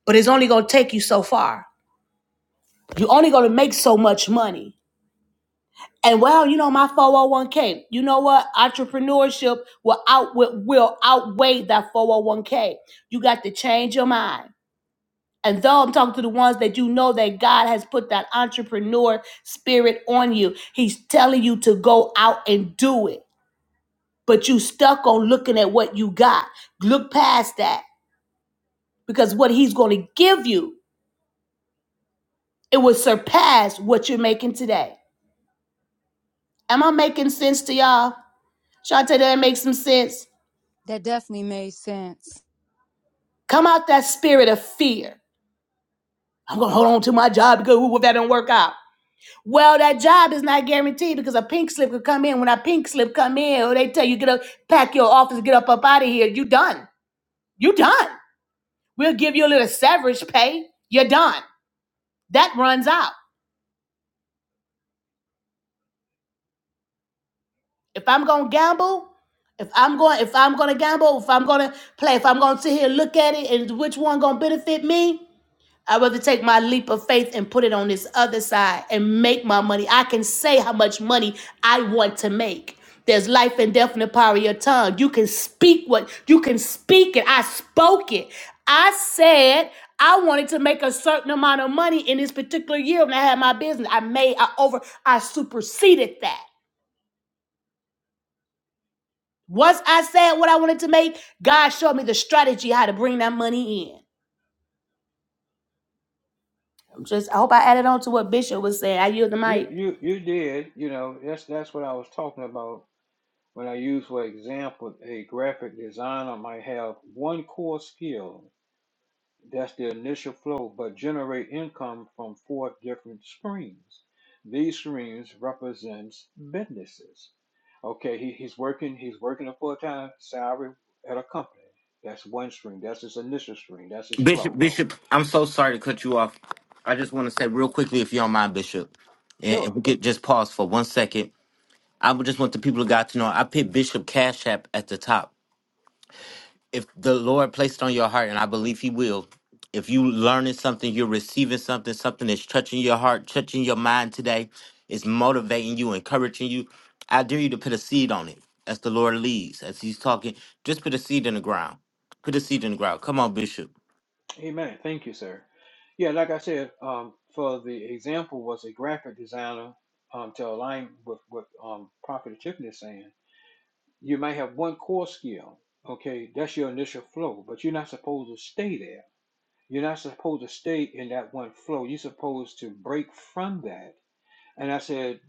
[SPEAKER 8] But it's only gonna take you so far. You're only gonna make so much money And well, you know my 401k. You know what? Entrepreneurship will out will will outweigh that 401k. You got to change your mind. And though I'm talking to the ones that you know that God has put that entrepreneur spirit on you, He's telling you to go out and do it. But you stuck on looking at what you got. Look past that because what He's going to give you, it will surpass what you're making today. Am I making sense to y'all? Shante, that make some sense?
[SPEAKER 4] That definitely made sense.
[SPEAKER 8] Come out that spirit of fear. I'm gonna hold on to my job because ooh, if that don't work out. Well, that job is not guaranteed because a pink slip could come in. When a pink slip come in, or they tell you get up, pack your office, get up up out of here. You done. You done. We'll give you a little severance pay. You're done. That runs out. If I'm gonna gamble, if I'm going, if I'm gonna gamble, if I'm gonna play, if I'm gonna sit here and look at it, and which one gonna benefit me? I'd rather take my leap of faith and put it on this other side and make my money. I can say how much money I want to make. There's life and death in the power of your tongue. You can speak what you can speak it. I spoke it. I said I wanted to make a certain amount of money in this particular year when I had my business. I made, I over, I superseded that. Once I said what I wanted to make, God showed me the strategy how to bring that money in. I'm just, I hope I added on to what Bishop was saying. I yield the
[SPEAKER 7] You
[SPEAKER 8] mic.
[SPEAKER 7] you you did. You know that's that's what I was talking about when I use for example a graphic designer might have one core skill that's the initial flow, but generate income from four different streams. These streams represents businesses. Okay, he, he's working he's working a full time salary at a company. That's one stream. That's his initial stream. That's his flow. Sure. Amen. Thank you, sir. Yeah, like I said, um, for the example was a graphic designer um, to align with what um, Prophet Tiffany is saying. You might have one core skill. Okay, that's your initial flow, but you're not supposed to stay there. You're not supposed to stay in that one flow. You're supposed to break from that. And I said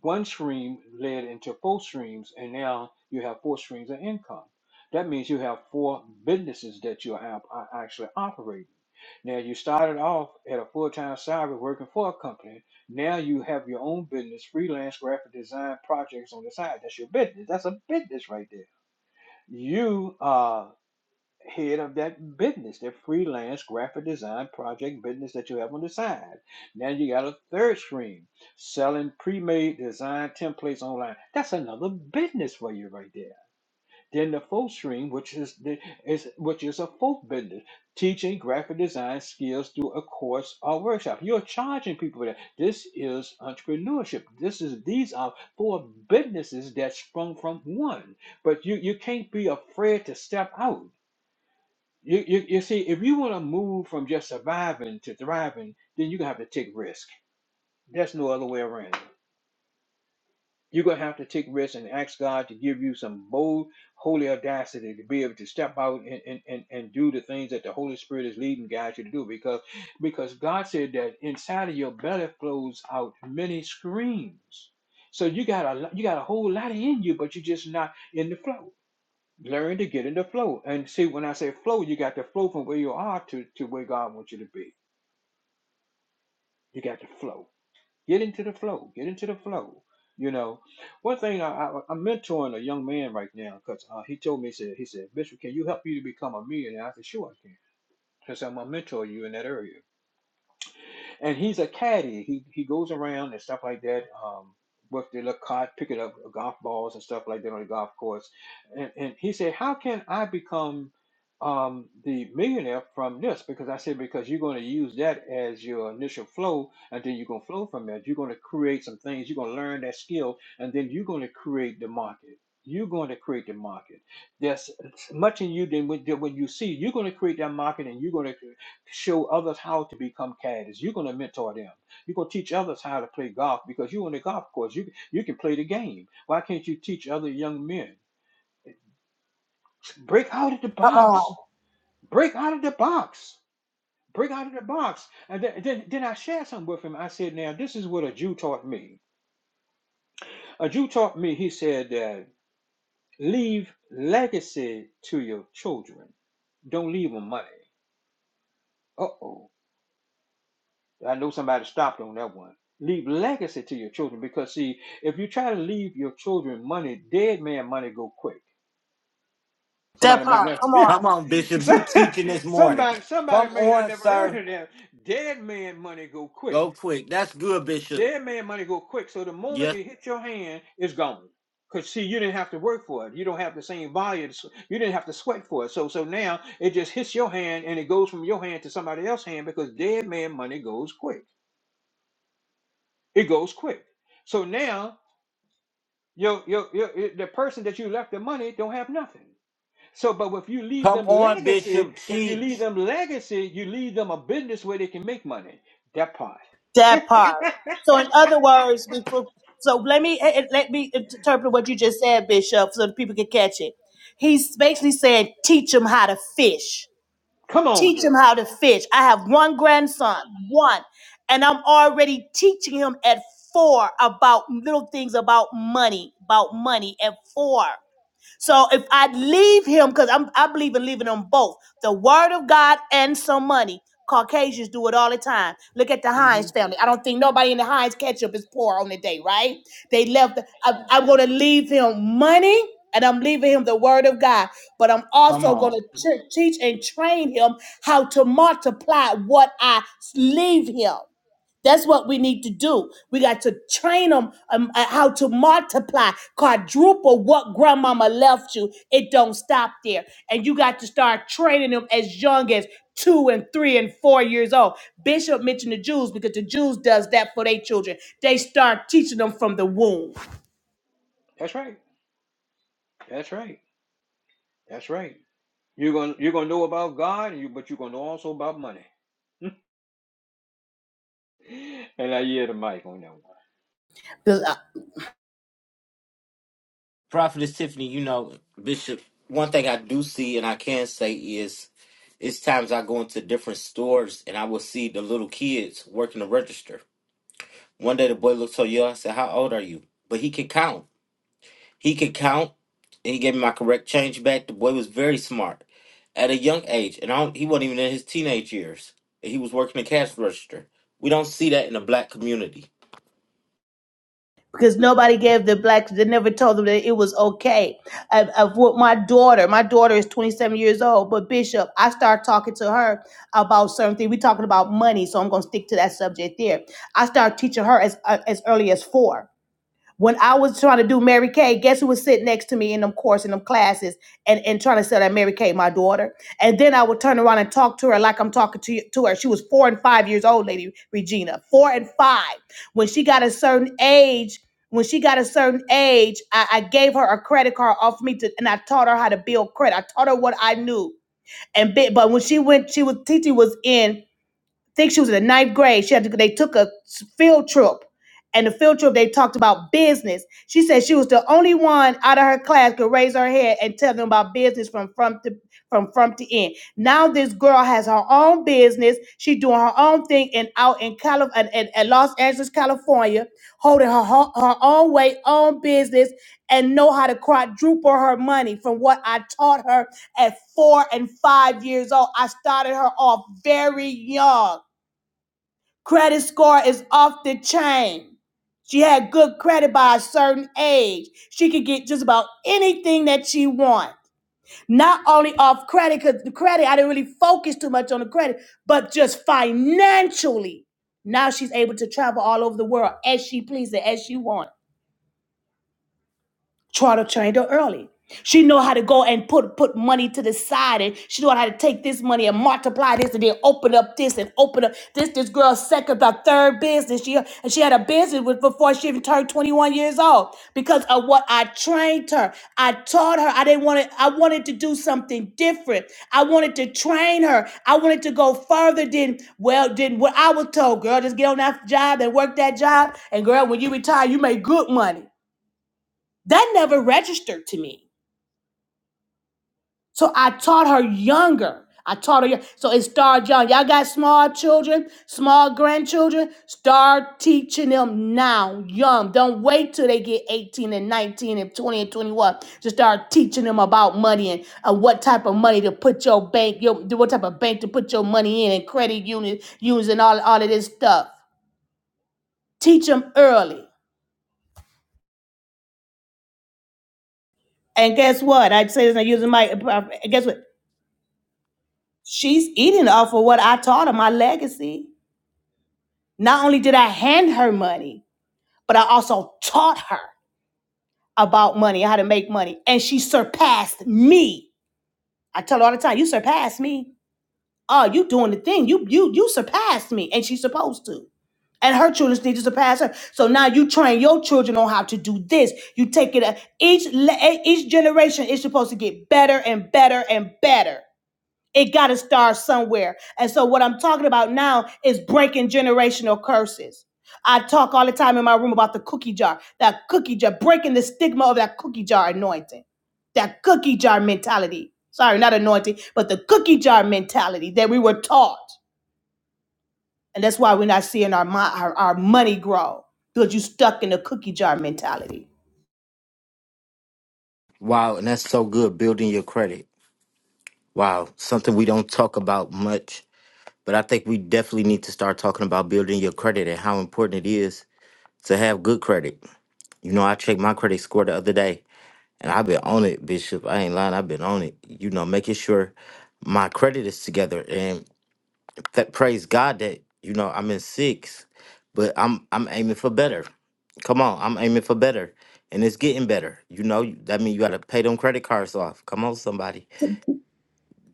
[SPEAKER 7] one stream led into four streams, and now you have four streams of income. That means you have four businesses that you are, are actually operating. Now you started off at a full-time salary working for a company. Now you have your own business, freelance graphic design projects on the side. That's your business. That's a business right there. You uh, head of that business, that freelance graphic design project business that you have on the side. Now you got a third stream selling pre-made design templates online. That's another business for you right there. Then the fourth stream, which is the, is which is a fourth business, teaching graphic design skills through a course or workshop. You're charging people for that. This is entrepreneurship. This is these are four businesses that sprung from one. But you you can't be afraid to step out you, you, you see, if you want to move from just surviving to thriving, then you're going to have to take risk. There's no other way around it. You're going to have to take risk and ask God to give you some bold, holy audacity to be able to step out and, and, and, and do the things that the Holy Spirit is leading and guides you to do. Because, because God said that inside of your belly flows out many streams. So you got a lo- you got a whole lot in you, but you're just not in the flow. Learn to get in the flow. And see, when I say flow, you got the flow from where you are to, to where God wants you to be. You got the flow. Get into the flow. Get into the flow. You know, one thing I, I, I'm mentoring a young man right now because uh, he told me, he said, he said, Bishop, can you help you to become a millionaire? I said, sure I can because I'm going to mentor you in that area. and he's a caddy. He he goes around and stuff like that. Um, with the little cart, picking up uh, golf balls and stuff like that on the golf course. And and he said, "How can I become um, the millionaire from this?" Because I said, "Because you're going to use that as your initial flow, and then you're going to flow from that. You're going to create some things. You're going to learn that skill, and then you're going to create the market." You're going to create the market. There's much in you than when, than when you see. You're going to create that market, and you're going to show others how to become caddies. You're going to mentor them. You're going to teach others how to play golf because you're on the golf course. You you can play the game. Why can't you teach other young men? Break out of the
[SPEAKER 8] Uh oh.
[SPEAKER 7] box. Break out of the box. Break out of the box. And then, then, then I shared something with him. I said, now this is what a Jew taught me. A Jew taught me, he said, that leave legacy to your children. Don't leave them money. Uh-oh. I know somebody stopped on that one. Leave legacy to your children because see, if you try to leave your children money, dead man money go quick.
[SPEAKER 8] That
[SPEAKER 7] Somebody may
[SPEAKER 8] part.
[SPEAKER 7] never
[SPEAKER 8] Come on.
[SPEAKER 7] somebody somebody may not never heard of that. Dead man money go quick. Dead man money go quick. So the moment it hits your hand, it's gone. Cause see, you didn't have to work for it. You don't have the same volume. So, You didn't have to sweat for it. So so now it just hits your hand and it goes from your hand to somebody else's hand because dead man money goes quick. It goes quick. So now your, your, your, the person that you left the money don't have nothing. So, but if you leave them legacy, if you leave them legacy, you leave them a business where they can make money. That part.
[SPEAKER 8] That part. So, in other words, before, so let me eh, eh, let me interpret what you just said, Bishop, so that people can catch it. He's basically saying, teach them how to fish.
[SPEAKER 7] Come on,
[SPEAKER 8] Teach him
[SPEAKER 7] girl.
[SPEAKER 8] how to fish. I have one grandson, one, and I'm already teaching him at four about little things about money, about money at four. So if I leave him, because I'm I believe in leaving them both, the word of God and some money. Caucasians do it all the time. Look at the
[SPEAKER 7] hmm
[SPEAKER 8] Heinz family. I don't think nobody in the Heinz ketchup is poor on the day, right? They left. I, I'm going to leave him money and I'm leaving him the word of God, but I'm also going to teach and train him how to multiply what I leave him. That's what we need to do. We got to train them um, uh, how to multiply, quadruple what grandmama left you. It don't stop there. And you got to start training them as young as two and three and four years old. Bishop mentioned the Jews because the Jews does that for their children. They start teaching them from the womb.
[SPEAKER 7] That's right. That's right. That's right. You're gonna you're gonna know about God, and you but you're gonna know also about money. and I hear the mic on that one.
[SPEAKER 8] because nobody gave the blacks they never told them that it was okay of, of what my daughter my daughter is 27 years old but bishop i start talking to her about certain things we are talking about money so i'm going to stick to that subject there i start teaching her as uh, as early as four when I was trying to do Mary Kay, guess who was sitting next to me in them course in them classes and, and trying to sell that Mary Kay, my daughter. And then I would turn around and talk to her like I'm talking to, you- to her. She was four and five years old, lady Regina. Four and five. When she got a certain age, when she got a certain age, I, I gave her a credit card off me to, and I taught her how to build credit. I taught her what I knew. And bit, but when she went, she was Titi was in think she was in the ninth grade. She had to, they took a field trip, and the field trip they talked about business. She said she was the only one out of her class could raise her head and tell them about business from front to from front to end. Now this girl has her own business. She doing her own thing and out in Cali- and, and, and Los Angeles, California, holding her ho- her own way, own business, and know how to quadruple her money from what I taught her at four and five years old. I started her off very young Credit score is off the chain. She had good credit by a certain age. She could get just about anything that she wanted. Not only off credit, because the credit, I didn't really focus too much on the credit, but just financially. Now she's able to travel all over the world as she pleases, as she wants. Try to train her early. She know how to go and put put money to the side, and she know how to take this money and multiply this, and then open up this and open up this. This girl's second or third business. She and she had a business with before she even turned twenty one years old because of what I trained her. I taught her. I didn't want to. I wanted to do something different. I wanted to train her. I wanted to go further than well than what I was told. Girl, just get on that job and work that job, and girl, when you retire, you make good money. That never registered to me. So I taught her younger. I taught her. young- So it started young. Y'all got small children, small grandchildren. Start teaching them now, young. Don't wait till they get 18 and 19 and 20 and 21 to start teaching them about money and uh, what type of money to put your bank, your what type of bank to put your money in and credit union using all, all of this stuff. Teach them early. And guess what? I say this, I use my. Guess what? she's eating off of what I taught her, my legacy. Not only did I hand her money, but I also taught her about money, how to make money. And she surpassed me. I tell her all the time, you surpassed me. Oh, you doing the thing. You you you surpassed me. And she's supposed to. And her children need to surpass her. So now you train your children on how to do this. You take it a- each le- e, each generation is supposed to get better and better and better. It got to start somewhere. And so, what I'm talking about now is breaking generational curses. I talk all the time in my room about the cookie jar, that cookie jar, breaking the stigma of that cookie jar anointing, that cookie jar mentality. Sorry, not anointing, but the cookie jar mentality that we were taught. And that's why we're not seeing our, mo- our, our money grow because you are stuck in the cookie jar mentality.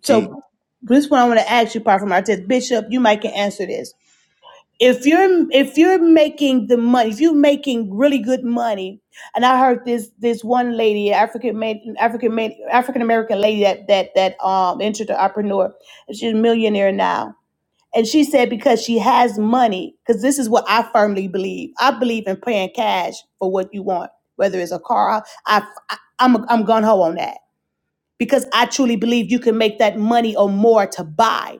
[SPEAKER 8] So this is what I want to ask you, apart from our test, Bishop, you might can answer this. If you're if you're making the money, if you're making really good money, and I heard this this one lady, African African African American lady that that that um entered the entrepreneur, she's a millionaire now And she said, because she has money, because this is what I firmly believe. I believe in paying cash for what you want, whether it's a car. I, I, I'm, I'm gun ho on that because I truly believe you can make that money or more to buy.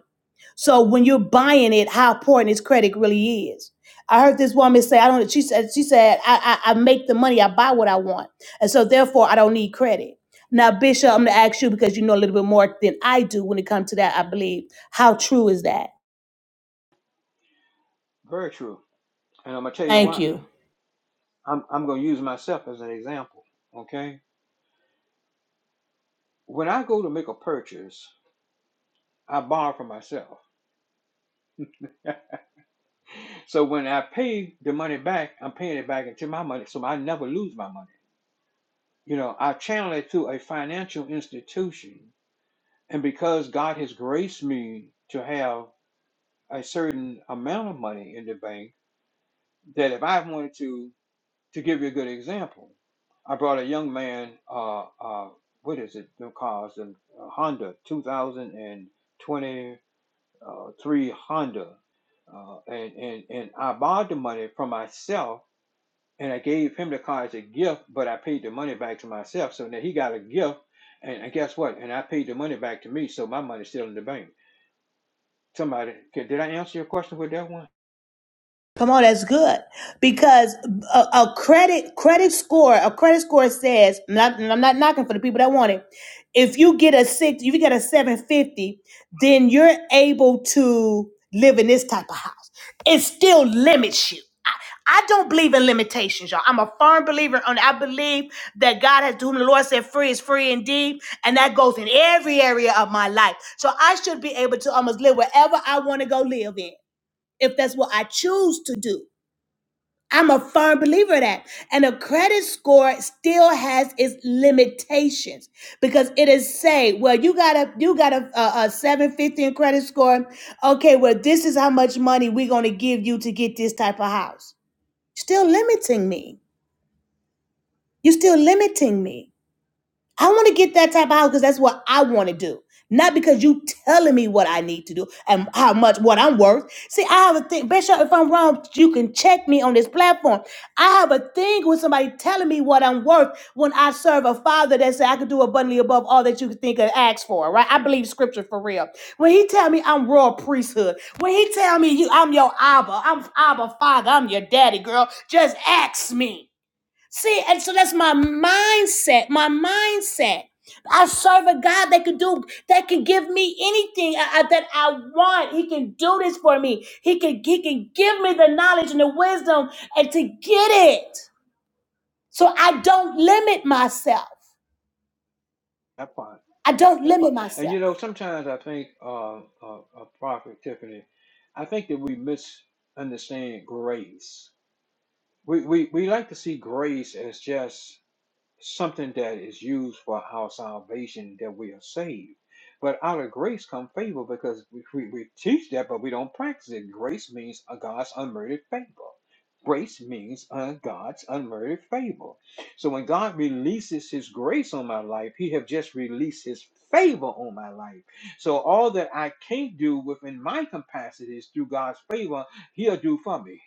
[SPEAKER 8] So when you're buying it, how important is credit really is. I heard this woman say, I don't, she said, she said, I, I, I make the money, I buy what I want. And so therefore I don't need credit. Now, Bishop, I'm gonna ask you because you know a little bit more than I do when it comes to that, I believe. How true is that?
[SPEAKER 7] Very true. And I'm gonna tell you
[SPEAKER 8] Thank
[SPEAKER 7] why.
[SPEAKER 8] you.
[SPEAKER 7] I'm I'm gonna use myself as an example. Okay. When I go to make a purchase, I borrowed from myself. so when I pay the money back, I'm paying it back into my money, so I never lose my money. You know, I channel it to a financial institution, and because God has graced me to have a certain amount of money in the bank, that if I wanted to, to give you a good example, I brought a young man, uh, uh, what is it, the cars, a Honda 2020. uh, three Honda, uh, and and and I borrowed the money from myself, and I gave him the car as a gift, but I paid the money back to myself. So now he got a gift, and, and guess what? And I paid the money back to me, so my money's still in the bank. Somebody, okay, did I answer your question with that one?
[SPEAKER 8] Come on, that's good because a, a credit credit score a credit score says and I- and I'm not knocking for the people that want it. If you get a six, if you get a seven fifty, then you're able to live in this type of house. It still limits you. I, I don't believe in limitations, y'all. I'm a firm believer, and I believe that God has, to whom the Lord said, "Free is free indeed," and that goes in every area of my life. So I should be able to almost live wherever I want to go live in if that's what I choose to do. I'm a firm believer in that. And a credit score still has its limitations because it is say, well, you got a you got a, a, a 750 in credit score. Okay, well, this is how much money we're going to give you to get this type of house. Still limiting me. You're still limiting me. I want to get that type of house because that's what I want to do. Not because you telling me what I need to do and how much what I'm worth. See, I have a thing, Bishop. If I'm wrong, you can check me on this platform. I have a thing with somebody telling me what I'm worth when I serve a father that said I could do abundantly above all that you could think of ask for. Right? I believe scripture for real. When he tell me I'm royal priesthood, when he tell me you I'm your Abba, I'm Abba father, I'm your daddy, girl. Just ask me. See, and so that's my mindset. My mindset. I serve a God that can do, that can give me anything I- I- that I want. He can do this for me. He can, he can give me the knowledge and the wisdom and to get it. So I don't limit myself.
[SPEAKER 7] That part,
[SPEAKER 8] I don't
[SPEAKER 7] that
[SPEAKER 8] limit
[SPEAKER 7] part. And
[SPEAKER 8] myself.
[SPEAKER 7] you know, sometimes I think, uh, uh, uh Prophet Tiffany, I think that we misunderstand grace. We, we we like to see grace as just something that is used for our salvation that we are saved. But out of grace come favor because we, we, we teach that, but we don't practice it. Grace means a God's unmerited favor. Grace means uh, God's unmerited favor. So when God releases His grace on my life, He have just released His favor on my life. So all that I can't do within my capacities through God's favor, He'll do for me.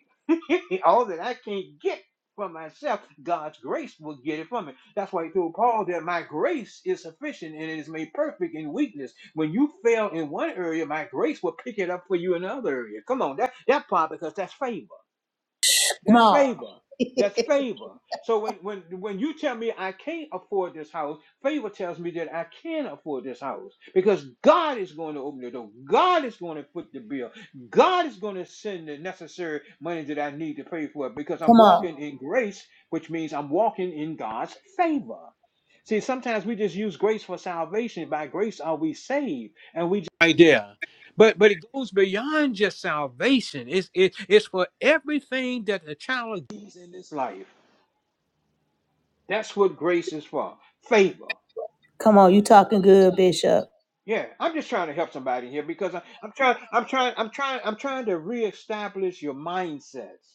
[SPEAKER 7] all that I can't get from myself. God's grace will get it from me. That's why he told Paul that my grace is sufficient and it is made perfect in weakness. When you fail in one area, my grace will pick it up for you in another area. Come on, that that part because that's favor.
[SPEAKER 8] Come
[SPEAKER 7] That's
[SPEAKER 8] on,
[SPEAKER 7] favor. That's favor. So when when when you tell me I can't afford this house, favor tells me that I can afford this house because God is going to open the door. God is going to put the bill. God is going to send the necessary money that I need to pay for it because I'm
[SPEAKER 8] come on,
[SPEAKER 7] walking in grace, which means I'm walking in God's favor. See, sometimes we just use grace for salvation. By grace are we saved, and we just right there. But but it goes beyond just salvation. It's it, it's for everything that the child needs in this life. That's what grace is for. Favor.
[SPEAKER 8] come on. You talking good, Bishop?
[SPEAKER 7] Yeah, I'm just trying to help somebody here because I, I'm trying I'm trying I'm trying I'm trying to reestablish your mindsets.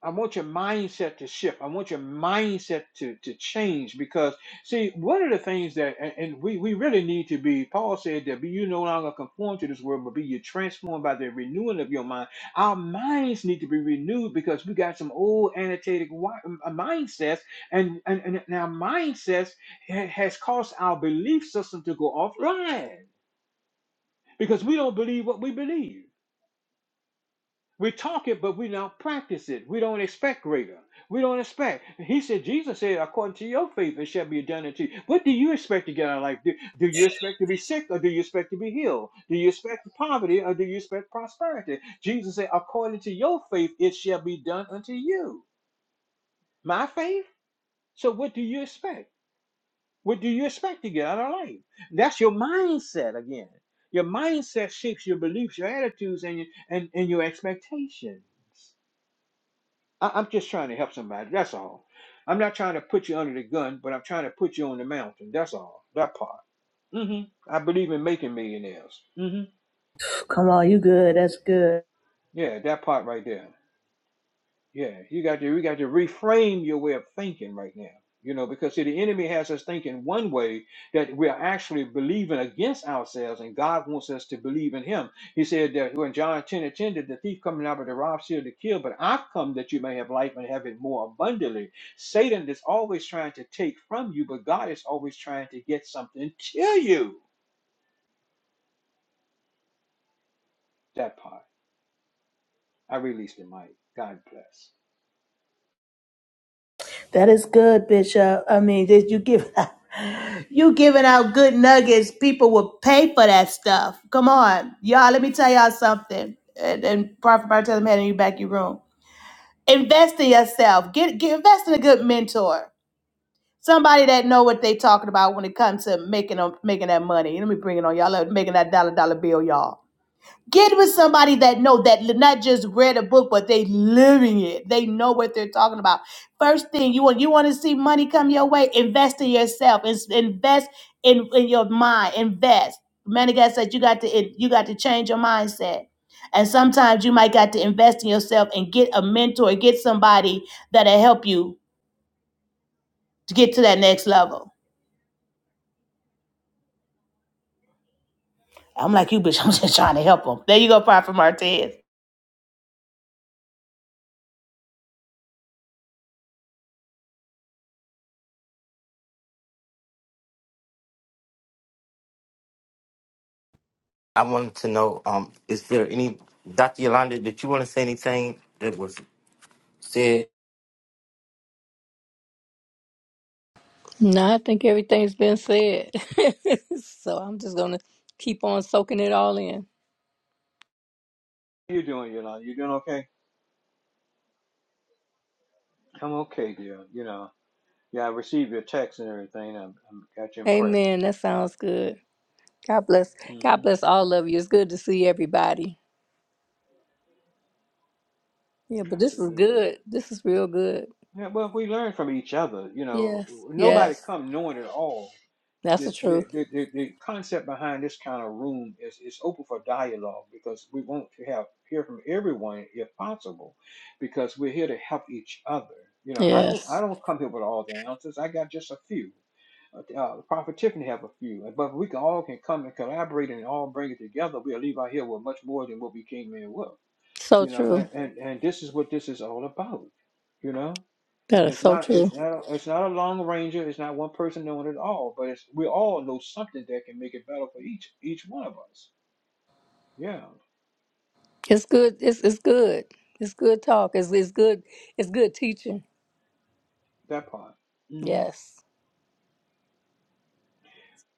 [SPEAKER 7] I want your mindset to shift. I want your mindset to, to change because, see, one of the things that, and, and we, we really need to be, Paul said that be you no longer conform to this world, but be you transformed by the renewing of your mind. Our minds need to be renewed because we got some old annotated wi- uh, mindsets, and, and, and our mindsets ha- has caused our belief system to go offline because we don't believe what we believe. We talk it, but we not practice it. We don't expect greater. We don't expect. He said, Jesus said, according to your faith, it shall be done unto you. What do you expect to get out of life? Do, do you expect to be sick or do you expect to be healed? Do you expect poverty or do you expect prosperity? Jesus said, according to your faith, it shall be done unto you. My faith? So what do you expect? What do you expect to get out of life? That's your mindset again. Your mindset shapes your beliefs, your attitudes, and your, and, and your expectations. I, I'm just trying to help somebody. That's all. I'm not trying to put you under the gun, but I'm trying to put you on the mountain. That's all. That part. hmm I believe in making millionaires. hmm
[SPEAKER 8] Come on, you good. That's good.
[SPEAKER 7] Yeah, that part right there. Yeah, you got to you got to reframe your way of thinking right now. You know, because see, the enemy has us thinking one way that we are actually believing against ourselves, and God wants us to believe in Him. He said that when John 10 and 10, that the thief coming out of the rob, steal, to kill, but I've come that you may have life and have it more abundantly. Satan is always trying to take from you, but God is always trying to get something to you. That part. I released it, Mike. God bless.
[SPEAKER 8] That is good, Bishop. I mean, did you give you giving out good nuggets? People will pay for that stuff. Come on, y'all. Let me tell y'all something. And, and Prophet Bartell man, you back your room. Invest in yourself. Get get invest in a good mentor. Somebody that know what they talking about when it comes to making making that money. Let me bring it on y'all. Making that dollar dollar bill, y'all. Get with somebody that know that li- not just read a book, but they living it. They know what they're talking about. First thing you want, you want to see money come your way. Invest in yourself. Ins- Invest in, in your mind. Invest. Many guys said you got to it- you got to change your mindset. And sometimes you might got to invest in yourself and get a mentor, get somebody that'll help you to get to that next level. I'm like you, bitch. I'm just trying to help them. There you go, Prophet Martez.
[SPEAKER 5] No, I think everything's been said. so I'm just gonna keep on soaking it all in.
[SPEAKER 7] How you doing, Yolanda? You doing okay? I'm okay, dear. You know. Yeah, I received your text and everything. I, I got you in prayer.
[SPEAKER 5] Amen. That sounds good. God bless. God
[SPEAKER 7] hmm
[SPEAKER 5] bless all of you. It's good to see everybody. Yeah, but this is
[SPEAKER 7] Absolutely.
[SPEAKER 5] good. This is real good.
[SPEAKER 7] Yeah, well, we learn from each other. You know,
[SPEAKER 5] Yes.
[SPEAKER 7] nobody
[SPEAKER 5] Yes.
[SPEAKER 7] come knowing it all.
[SPEAKER 5] That's the
[SPEAKER 7] The,
[SPEAKER 5] truth.
[SPEAKER 7] the, the, the, the concept behind this kind of room is it's open for dialogue because we want to have hear from everyone if possible, because we're here to help each other. You know, I don't I
[SPEAKER 5] Yes.
[SPEAKER 7] don't come here with all the answers. I got just a few. uh, the uh, prophet Tiffany have a few. But if we can all can come and collaborate and all bring it together, we'll leave out here with much more than what we came in with.
[SPEAKER 5] So
[SPEAKER 7] You know,
[SPEAKER 5] true.
[SPEAKER 7] and, and, and this is what this is all about. You know,
[SPEAKER 5] That is
[SPEAKER 7] it's
[SPEAKER 5] so
[SPEAKER 7] not
[SPEAKER 5] true.
[SPEAKER 7] it's not it's not a long ranger. It's not one person knowing it all, but it's we all know something that can make it better for each each one of us. Yeah,
[SPEAKER 5] It's good. It's it's good. It's good talk. It's it's good. It's good teaching.
[SPEAKER 7] that part. hmm
[SPEAKER 5] Yes.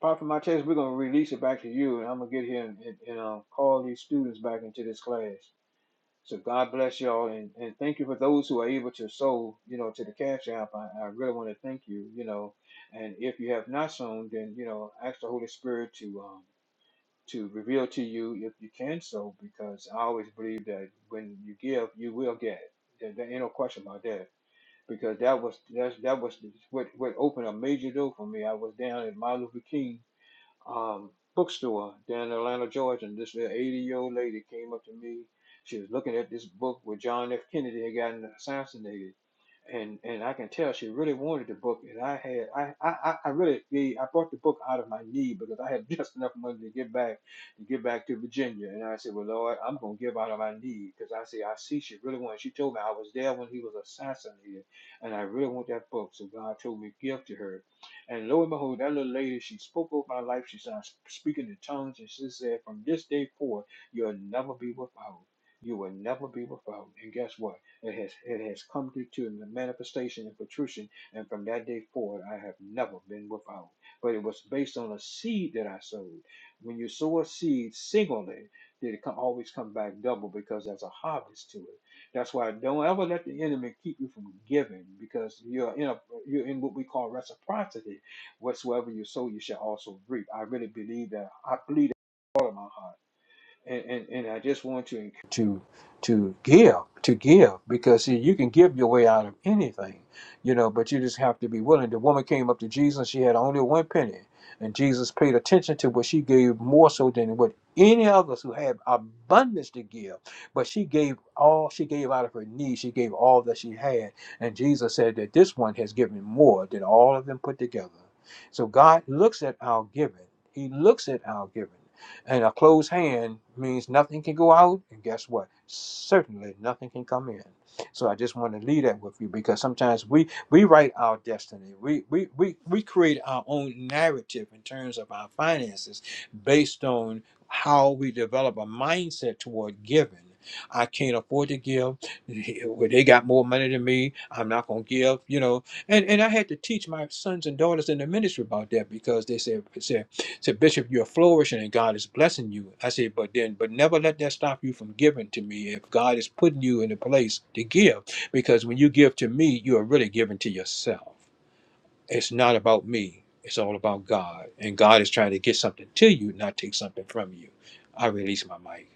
[SPEAKER 7] Apart from my test, we're gonna release it back to you, and I'm gonna get here and, and, and uh, call these students back into this class. So God bless y'all and, and thank you for those who are able to sow, you know, to the Cash App. I, I really want to thank you, you know. And if you have not sown, then you know, ask the Holy Spirit to um to reveal to you if you can sow, because I always believe that when you give, you will get. There, there ain't no question about that. Because that was that's that was what what opened a major door for me. I was down at Martin Luther King um, bookstore down in Atlanta, Georgia, and this little 80 year old lady came up to me. She was looking at this book where John F. Kennedy had gotten assassinated. And, and I can tell she really wanted the book, and I had I I, I really gave, I bought the book out of my need because I had just enough money to get back to get back to Virginia, and I said, well Lord, I'm gonna give out of my need because I said I see she really wanted. She told me I was there when he was assassinated, and I really want that book, so God told me give to her, and lo and behold, that little lady, she spoke over my life. She started speaking in tongues, and she said, From this day forward, you'll never be without. You will never be without. And guess what? It has it has come to, to the manifestation and fruition. And from that day forward, I have never been without. But it was based on a seed that I sowed. When you sow a seed singly, then it can always come back double because there's a harvest to it. That's why don't ever let the enemy keep you from giving because you're in a you're in what we call reciprocity. Whatsoever you sow, you shall also reap. I really believe that. I believe that with all of my heart and, and, and I just want to to to give to give because see you can give your way out of anything, you know, but you just have to be willing. The woman came up to Jesus; she had only one penny, and Jesus paid attention to what she gave more so than what any of us who had abundance to give. But she gave all she gave out of her need; she gave all that she had, and Jesus said that this one has given more than all of them put together. So God looks at our giving; He looks at our giving. And a closed hand means nothing can go out, and guess what? Certainly nothing can come in. So I just want to leave that with you because sometimes we we write our destiny. We we we, we create our own narrative in terms of our finances based on how we develop a mindset toward giving. I can't afford to give. Well, They got more money than me. I'm not gonna give, you know. And and I had to teach my sons and daughters in the ministry about that because they said, said, Bishop, you're flourishing and God is blessing you. I said, but then, but never let that stop you from giving to me if God is putting you in a place to give. Because when you give to me, you are really giving to yourself. It's not about me, it's all about God. And God is trying to get something to you, not take something from you. I release my mic.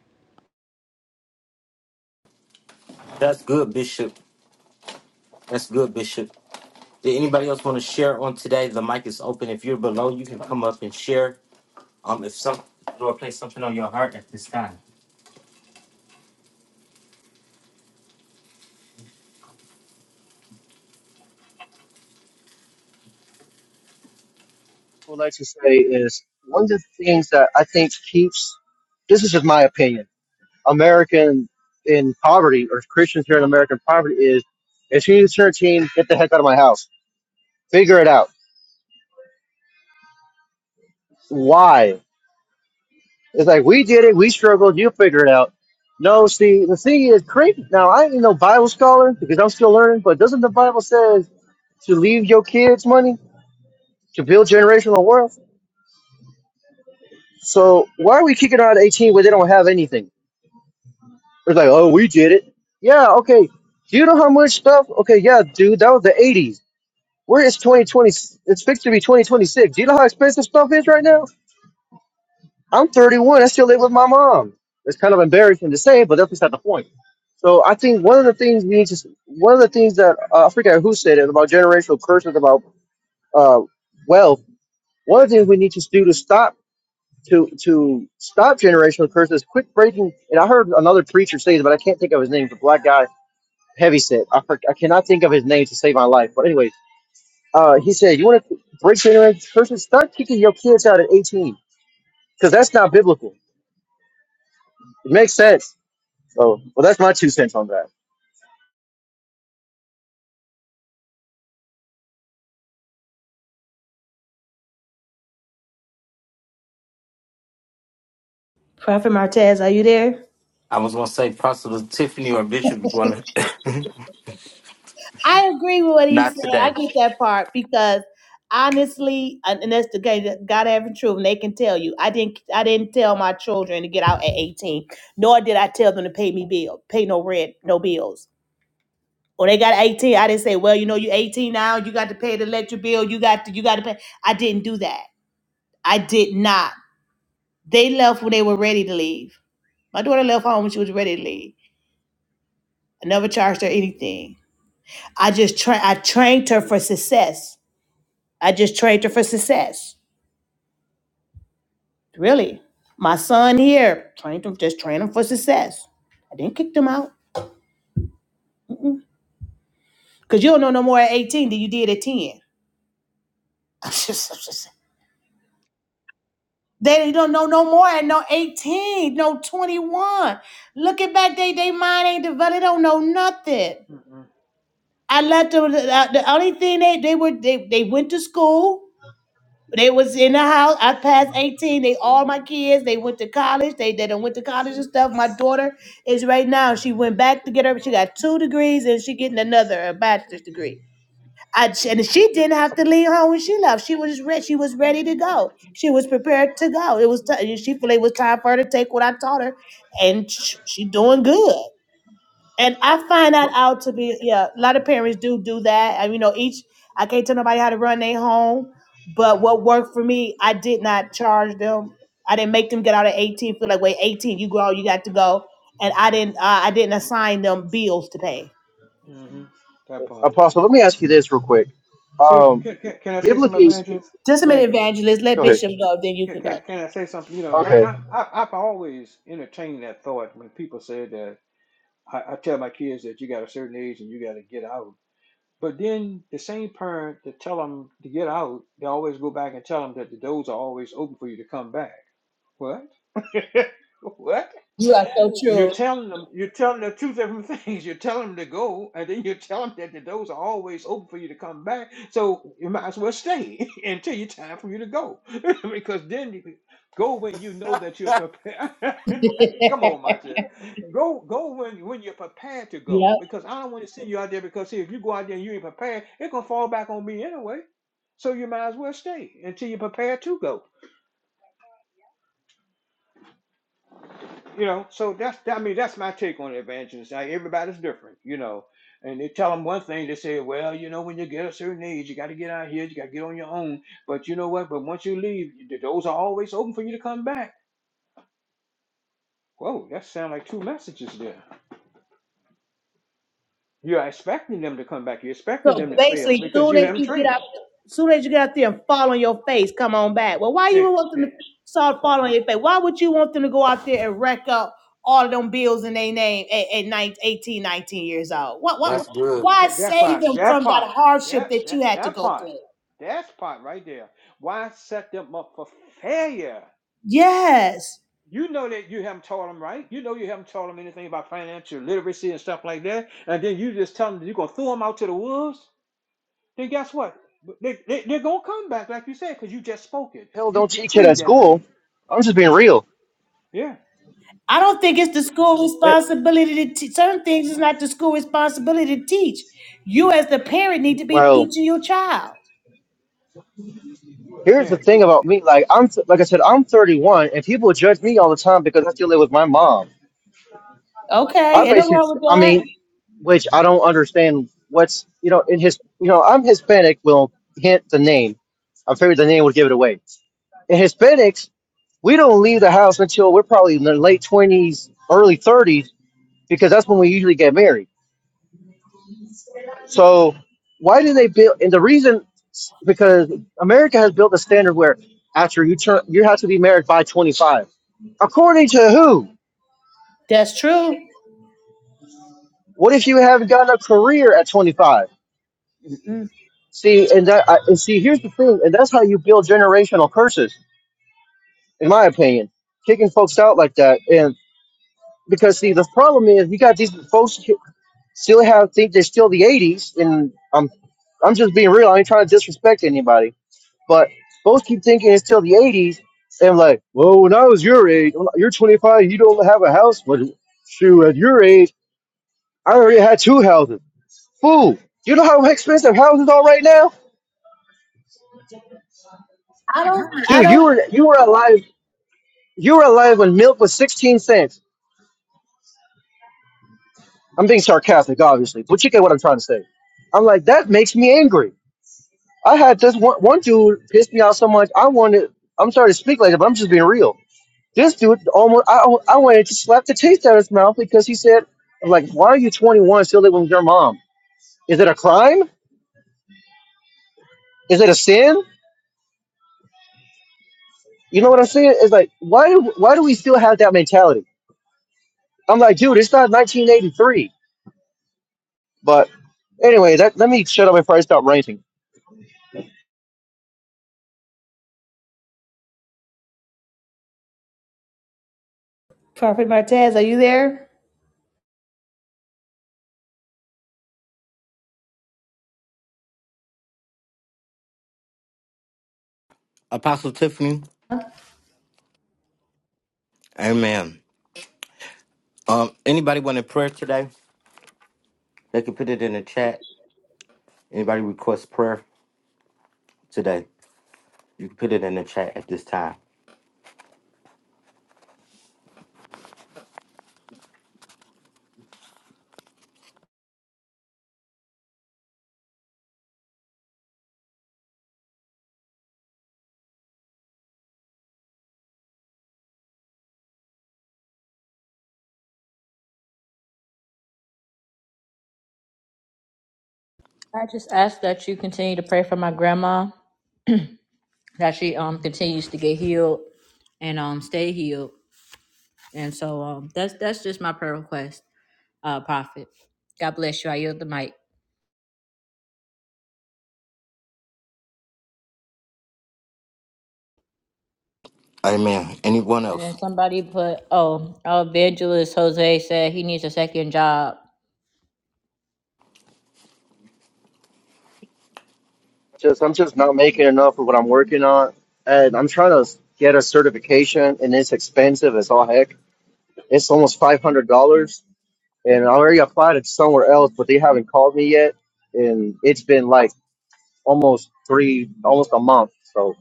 [SPEAKER 10] would like to say is one of the things that I think keeps this is just my opinion. American in poverty or Christians here in American poverty is as soon as you turn 13, get the heck out of my house. Figure it out. Why? It's like we did it, we struggled, you figure it out. No, see, the thing is crazy. Now I ain't no Bible scholar because I'm still learning, but doesn't the Bible says to leave your kids money to build generational wealth? So why are we kicking out 18 where they don't have anything? It's like, oh, we did it. Yeah, okay. Do you know how much stuff? Okay, yeah, dude, that was the 80s. Where is 2020? It's fixed to be 2026. Do you know how expensive stuff is right now? I'm 31. I still live with my mom. It's kind of embarrassing to say, but that's beside the point. So I think one of the things we need to, one of the things that uh, I forget who said it about generational curses about uh, wealth. One of the things we need to do to stop to to stop generational curses, quit breaking. And I heard another preacher say this, but I can't think of his name. The black guy Heavyset. I, for- I cannot think of his name to save my life. But anyway, uh, he said, "You want to break the internet person? Start kicking your kids out at 18, because that's not biblical. It makes sense." So, well, that's my two cents on that.
[SPEAKER 8] Prophet Martez, are you there? I agree with what he said. I get that part because honestly, and and that's the guy God having truth, and they can tell you. I didn't. I didn't tell my children to get out at eighteen, nor did I tell them to pay me bill, pay no rent, no bills. When they got eighteen, I didn't say, "Well, you know, you eighteen now. You got to pay the electric bill. You got to. You got to pay." I didn't do that. I did not. They left when they were ready to leave. My daughter left home. She was ready to leave. I never charged her anything. I just tra- I trained her for success. I just trained her for success. Really. My son here, trained him, just trained him for success. I didn't kick them out. Mm-mm. Cause you don't know no more at 18 than you did at 10. I'm just- I'm just- they don't know no more at no 18, no 21. Looking back, they they mind ain't developed. They don't know nothing. I let them. The, the only thing they they were they they went to school. They was in the house. I passed 18. They all my kids. They went to college. They they done went to college and stuff. My daughter is right now. She went back to get her. She got two degrees and she getting another a bachelor's degree. I, and she didn't have to leave home when she left. She was ready. She was ready to go. She was prepared to go. It was t- she felt it was time for her to take what I taught her, and sh- she doing good. And I find that out to be yeah, a lot of parents do do that. And you know, each I can't tell nobody how to run their home, but what worked for me, I did not charge them. I didn't make them get out at eighteen. Feel like wait, eighteen, you grow, you got to go. And I didn't, uh, I didn't assign them bills to pay.
[SPEAKER 7] hmm That part.
[SPEAKER 10] Apostle, let me ask you this real quick.
[SPEAKER 7] See,
[SPEAKER 10] Um,
[SPEAKER 7] can, can, can I say some
[SPEAKER 10] biblically, spe-
[SPEAKER 7] advantages?
[SPEAKER 8] Just a minute,
[SPEAKER 7] Advantages.
[SPEAKER 8] evangelist. Let
[SPEAKER 10] go ahead.
[SPEAKER 8] Bishop go, then you
[SPEAKER 7] Can,
[SPEAKER 8] can
[SPEAKER 7] can,
[SPEAKER 8] go.
[SPEAKER 7] can I say something? You know,
[SPEAKER 10] Okay.
[SPEAKER 7] I, I, I- I've always entertained that thought when people say that I, I tell my kids that you got a certain age and you got to get out. But then the same parent that tell them to get out, they always go back and tell them that the doors are always open for you to come back. What? what?
[SPEAKER 8] You are so
[SPEAKER 7] You're
[SPEAKER 8] true.
[SPEAKER 7] telling them, you're telling them two different things. you tell them to go, and then you tell them that the doors are always open for you to come back. So you might as well stay until your time for you to go, because then you can- go when you know that you're prepared. come on, my Go, go when when you're prepared to go,
[SPEAKER 8] Yep.
[SPEAKER 7] because I don't want to send you out there because see, if you go out there and you ain't prepared, it's gonna fall back on me anyway. So you might as well stay until you're prepared to go. You know, so that's that, I mean that's my take on evangelists. Like everybody's different, you know. And they tell them one thing, they say, well, you know, when you get a certain age, you got to get out here, you got to get on your own. But you know what? But once you leave, the doors are always open for you to come back. Whoa, that sounds like two messages there. You're expecting them to come back. You're expecting
[SPEAKER 8] So
[SPEAKER 7] them to fail
[SPEAKER 8] basically,
[SPEAKER 7] because
[SPEAKER 8] soon
[SPEAKER 7] you
[SPEAKER 8] as
[SPEAKER 7] haven't
[SPEAKER 8] you get
[SPEAKER 7] trained
[SPEAKER 8] out,
[SPEAKER 7] them.
[SPEAKER 8] soon as you get out there and fall on your face, come on back. Well, why you
[SPEAKER 7] They,
[SPEAKER 8] would want them to
[SPEAKER 7] they,
[SPEAKER 8] start
[SPEAKER 7] what,
[SPEAKER 8] fall on your face? Why would you want them to go out there and rack up all of them bills in their name at, at nine- eighteen, 19, years old? What, what,
[SPEAKER 7] and
[SPEAKER 8] why
[SPEAKER 7] that, that
[SPEAKER 8] save
[SPEAKER 7] part,
[SPEAKER 8] them
[SPEAKER 7] that
[SPEAKER 8] from that
[SPEAKER 7] part,
[SPEAKER 8] hardship
[SPEAKER 7] that,
[SPEAKER 8] that
[SPEAKER 7] that,
[SPEAKER 8] you had to
[SPEAKER 7] that
[SPEAKER 8] go
[SPEAKER 7] part,
[SPEAKER 8] through?
[SPEAKER 7] that's part right there. Why set them up for failure?
[SPEAKER 8] Yes.
[SPEAKER 7] You know that you haven't taught them right. You know you haven't taught them anything about financial literacy and stuff like that. And then you just tell them that you're going to throw them out to the wolves. Then guess what? They, they, they're going to come back, like you said, because you just spoke it.
[SPEAKER 10] Hell,
[SPEAKER 7] You
[SPEAKER 10] don't teach it at
[SPEAKER 7] decreed that
[SPEAKER 10] school.
[SPEAKER 7] thing.
[SPEAKER 10] I'm just being real.
[SPEAKER 7] Yeah.
[SPEAKER 8] I don't think it's the school
[SPEAKER 10] It,
[SPEAKER 8] responsibility to teach. Certain things is not the school responsibility to teach. You, as the parent, need to be
[SPEAKER 10] well,
[SPEAKER 8] teaching your child.
[SPEAKER 10] here's the
[SPEAKER 7] Yeah.
[SPEAKER 10] thing about me. Like I'm, like I said, I'm 31, and people judge me all the time because I still live with my mom. I
[SPEAKER 8] Okay, ain't no
[SPEAKER 10] basically,
[SPEAKER 8] wrong with
[SPEAKER 10] I
[SPEAKER 8] that.
[SPEAKER 10] mean, which I don't understand what's, you know, in his, you know, I'm Hispanic, will hint the name. I figured the name would give it away. In Hispanics, we don't leave the house until we're probably in the late 20s, early 30s, because that's when we usually get married. So why do they build, and the reason, because America has built a standard where after you turn, you have to be married by 25. According to who?
[SPEAKER 8] That's true.
[SPEAKER 10] What if you haven't gotten a career at 25?
[SPEAKER 8] Mm-mm.
[SPEAKER 10] See, and that I, and see, here's the thing, and that's how you build generational curses, in my opinion, kicking folks out like that. And because see, the problem is you got these folks who still have think they're still the '80s, and I'm I'm just being real. I ain't trying to disrespect anybody, but folks keep thinking it's still the '80s, and like, well, when I was your age, when you're 25, you don't have a house, but shoot, at your age, I already had two houses. Fool, you know how expensive houses are right now,
[SPEAKER 8] I don't. I
[SPEAKER 10] dude. You
[SPEAKER 8] don't.
[SPEAKER 10] were you were alive You were alive when milk was 16 cents. I'm being sarcastic, obviously, but you get what I'm trying to say. I'm like, that makes me angry. I had this one, one dude pissed me off so much. I wanted, I'm sorry to speak like that, but I'm just being real. This dude almost, I, I wanted to slap the taste out of his mouth because he said, I'm like, why are you 21 and still living with your mom? Is it a crime? Is it a sin? You know what I'm saying? It's like, why, why do we still have that mentality? I'm like, dude, it's not 1983. But anyway, that, let me shut up before I start ranting.
[SPEAKER 8] Prophet Martez, are you there?
[SPEAKER 2] I just ask that you continue to pray for my grandma, that she um continues to get healed and um stay healed. And so um that's that's just my prayer request, uh Prophet. God bless you. I yield the mic. And then somebody put, oh, our evangelist Jose said he needs a second job.
[SPEAKER 10] Just I'm just not making enough of what I'm working on, and I'm trying to get a certification, and it's expensive as all heck. It's almost five hundred dollars, and I already applied it somewhere else, but they haven't called me yet, and it's been like almost three, almost a month. So,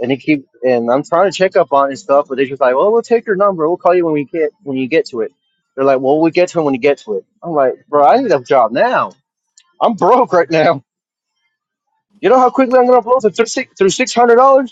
[SPEAKER 10] and they keep, and I'm trying to check up on it and stuff, but they're just like, "Well, we'll take your number. We'll call you when we get when you get to it." They're like, "Well, we get to it when you get to it." I'm like, "Bro, I need a job now. I'm broke right now. You know how quickly I'm gonna blow through six through six hundred dollars."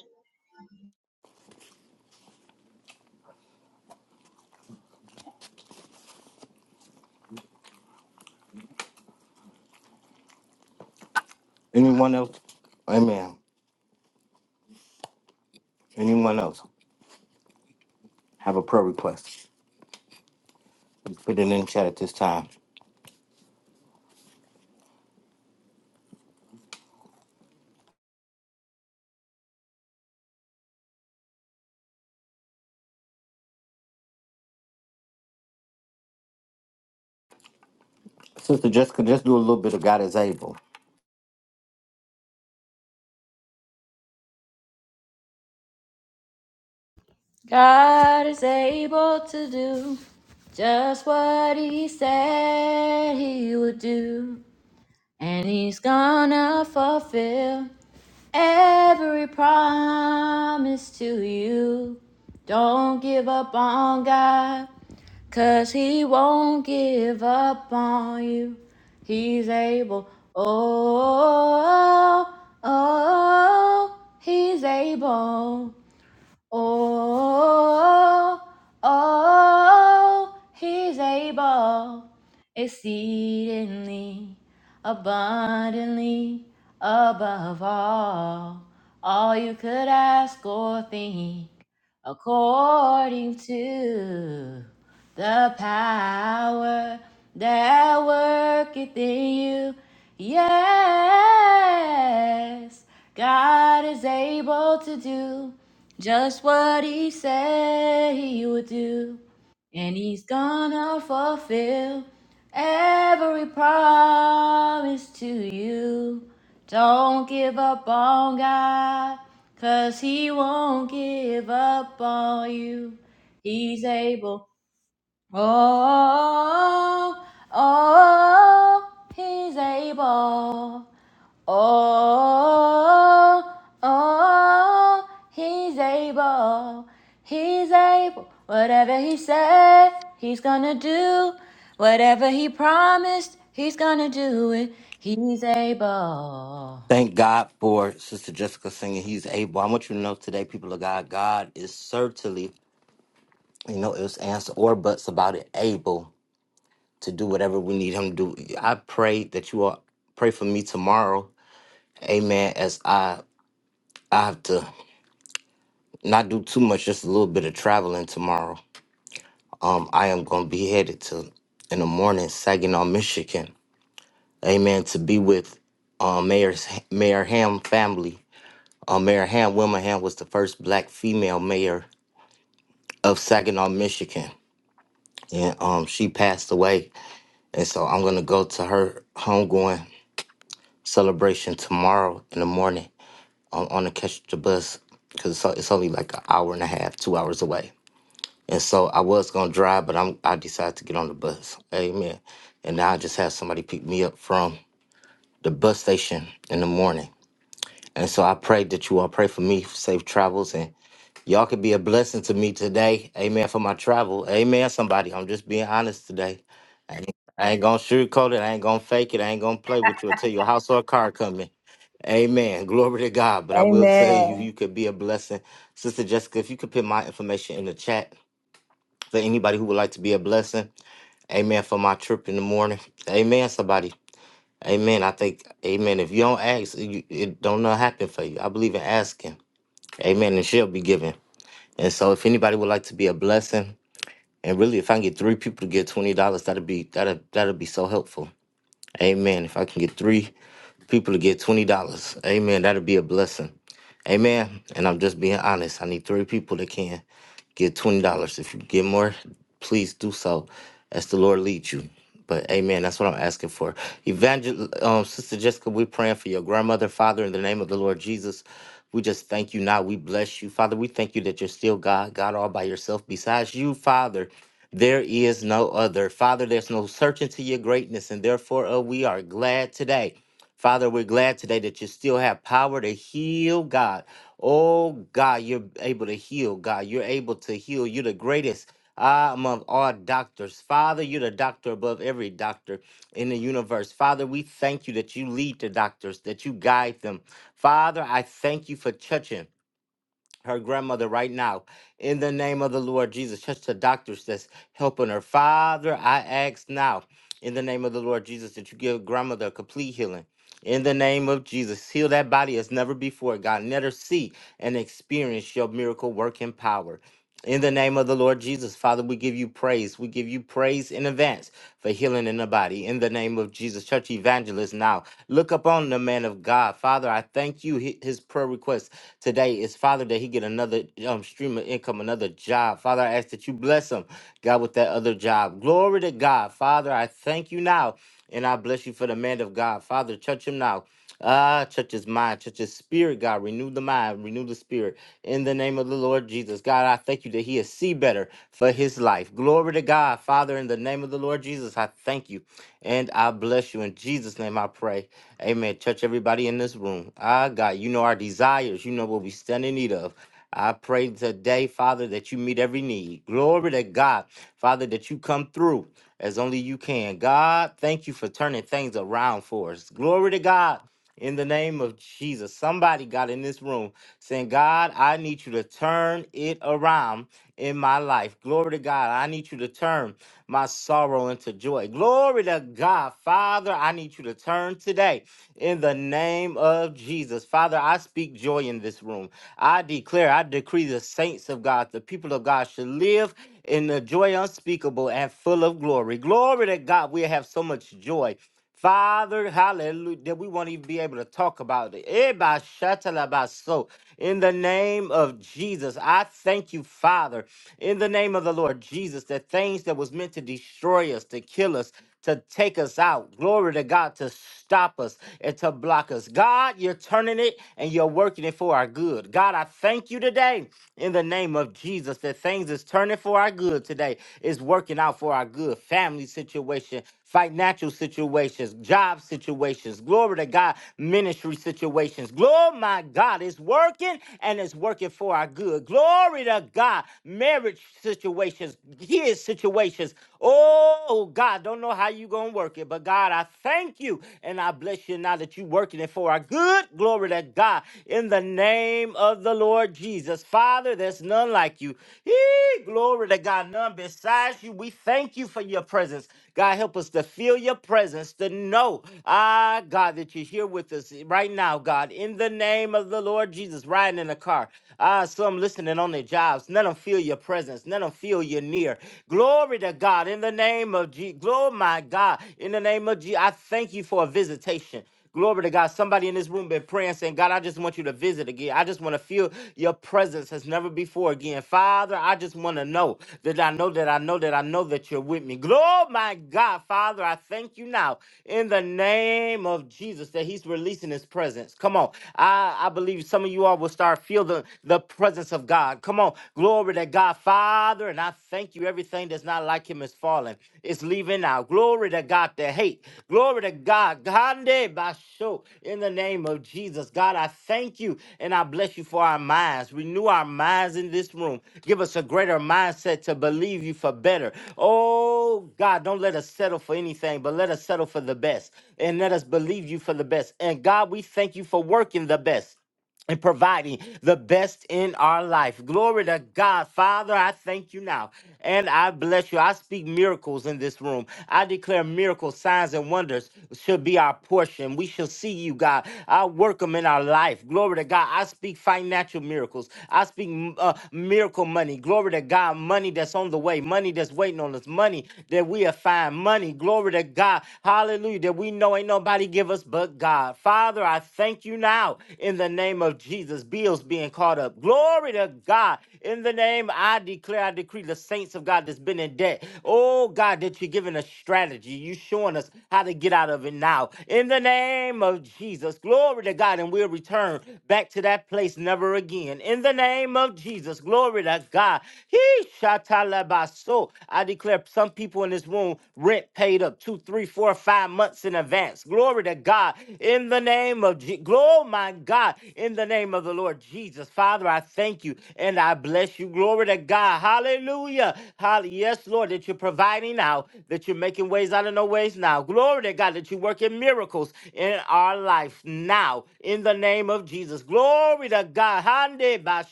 [SPEAKER 2] God is able to do just what He said He would do, and He's gonna fulfill every promise to you. Don't give up on God, cause He won't give up on you. He's able, oh, oh, oh, He's able. Oh, oh, oh, he's able exceedingly, abundantly, above all, all you could ask or think according to the power that worketh in you. Yes, God is able to do just what He said He would do, and He's gonna fulfill. Every promise to you. Don't give up on God, 'cause He won't give up on you. He's able. Oh, oh, oh, He's able. Oh, oh, he's able, he's able. Whatever he said, he's gonna do. Whatever he promised, he's gonna do it. He's able.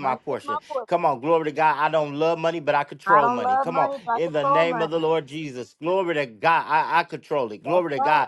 [SPEAKER 2] Money is my portion. I don't love money, but I control money. That's right.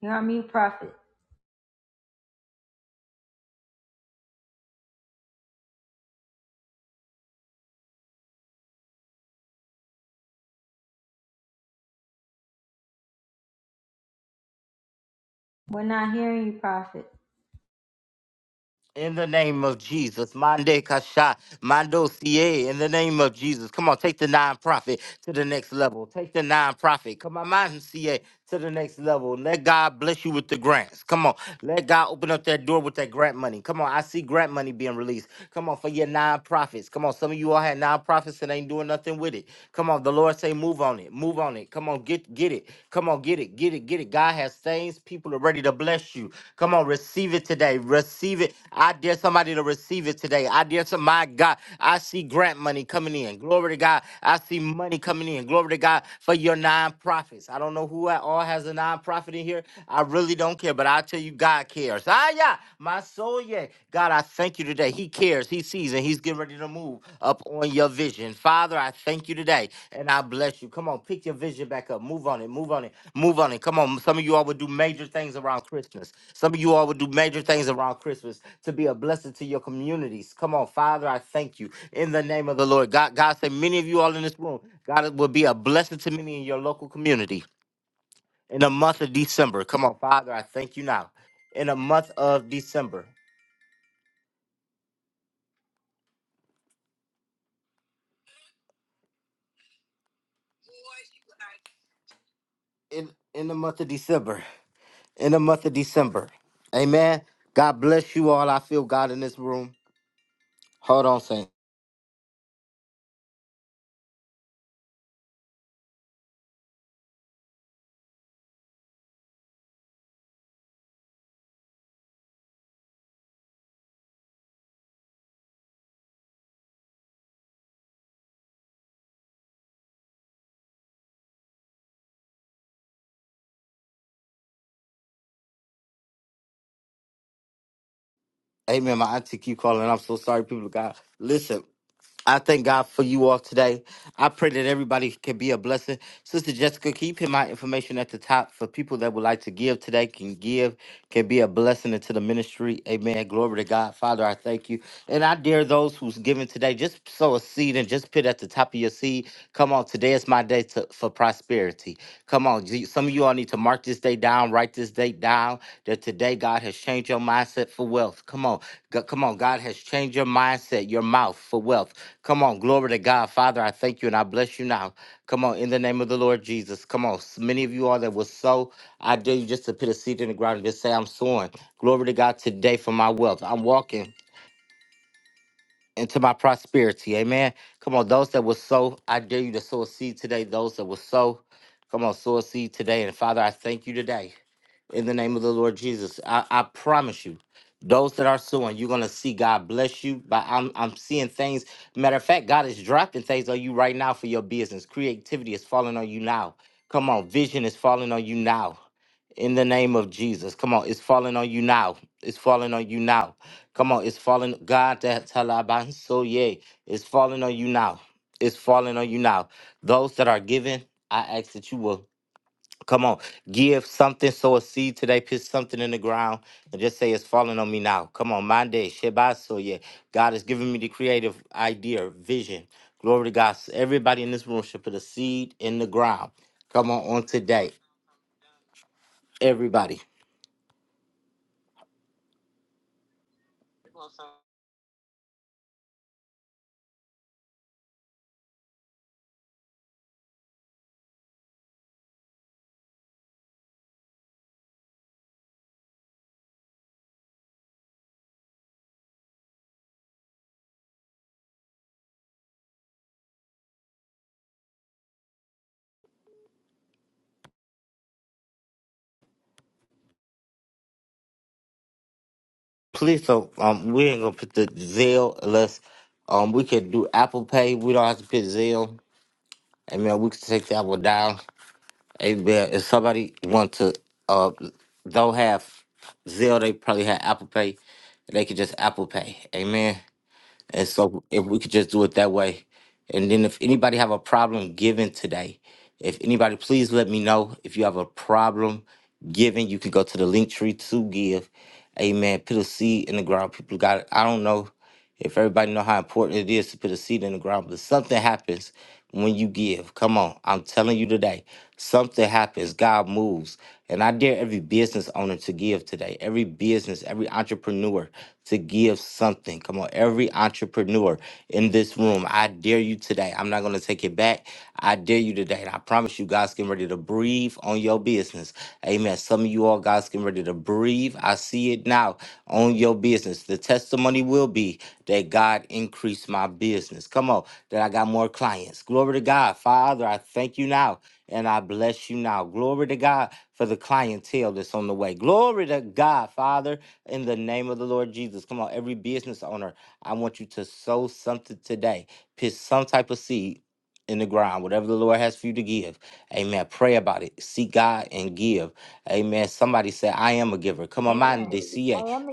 [SPEAKER 2] Here, I'm not hearing you, Prophet. Amen. I am the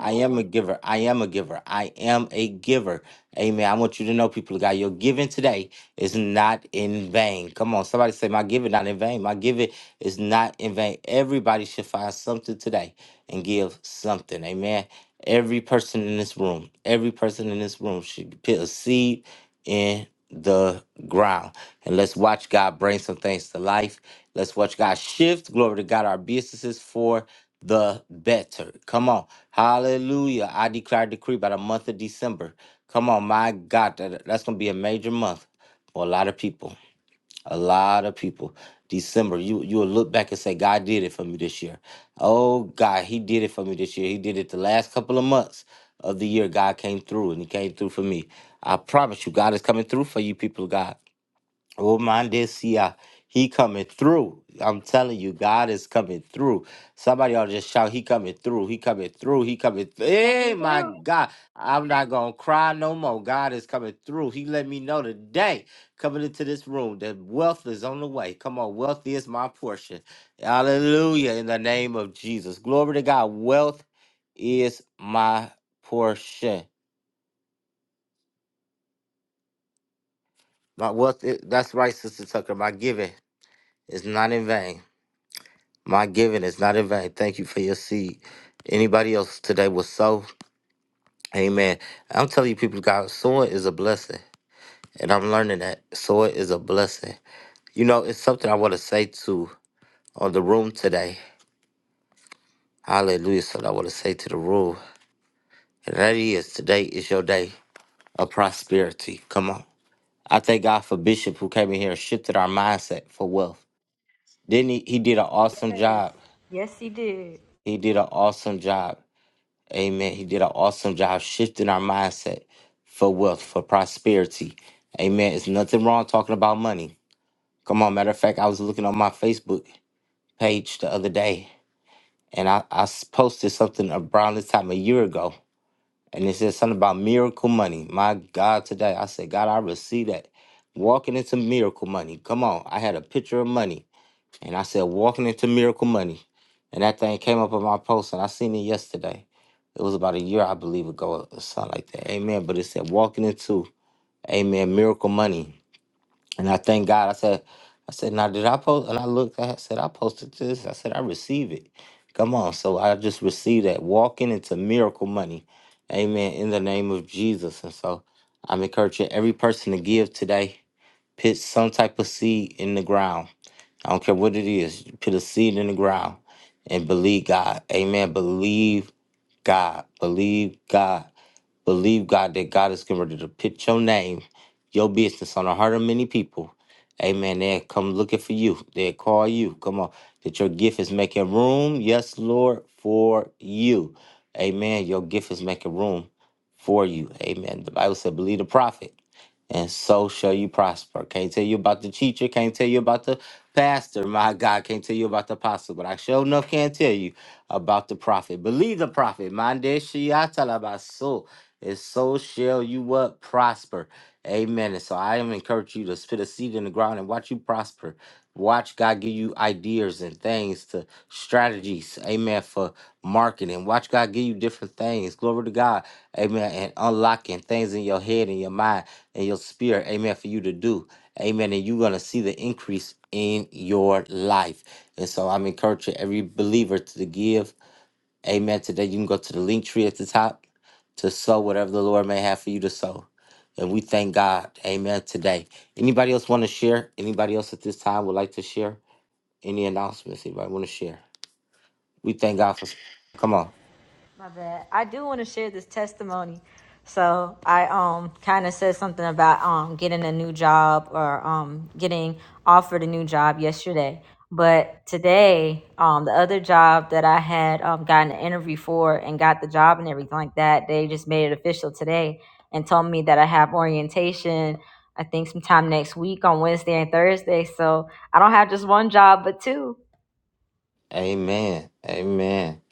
[SPEAKER 2] My bad. I do want to share this testimony. So I um kind of said something about um getting a new job or um getting offered a new job yesterday. But today, um the other job that I had um gotten an interview for and got the job and everything like that, they just made it official today and told me that I have orientation I think sometime next week on Wednesday and Thursday. So I don't have just one job but two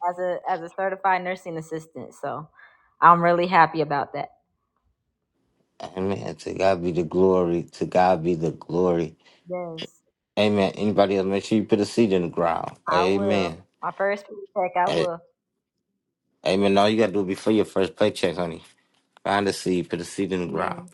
[SPEAKER 2] as a as a certified nursing assistant. So I'm really happy about that. Yes, I will. My first paycheck, I will. Amen.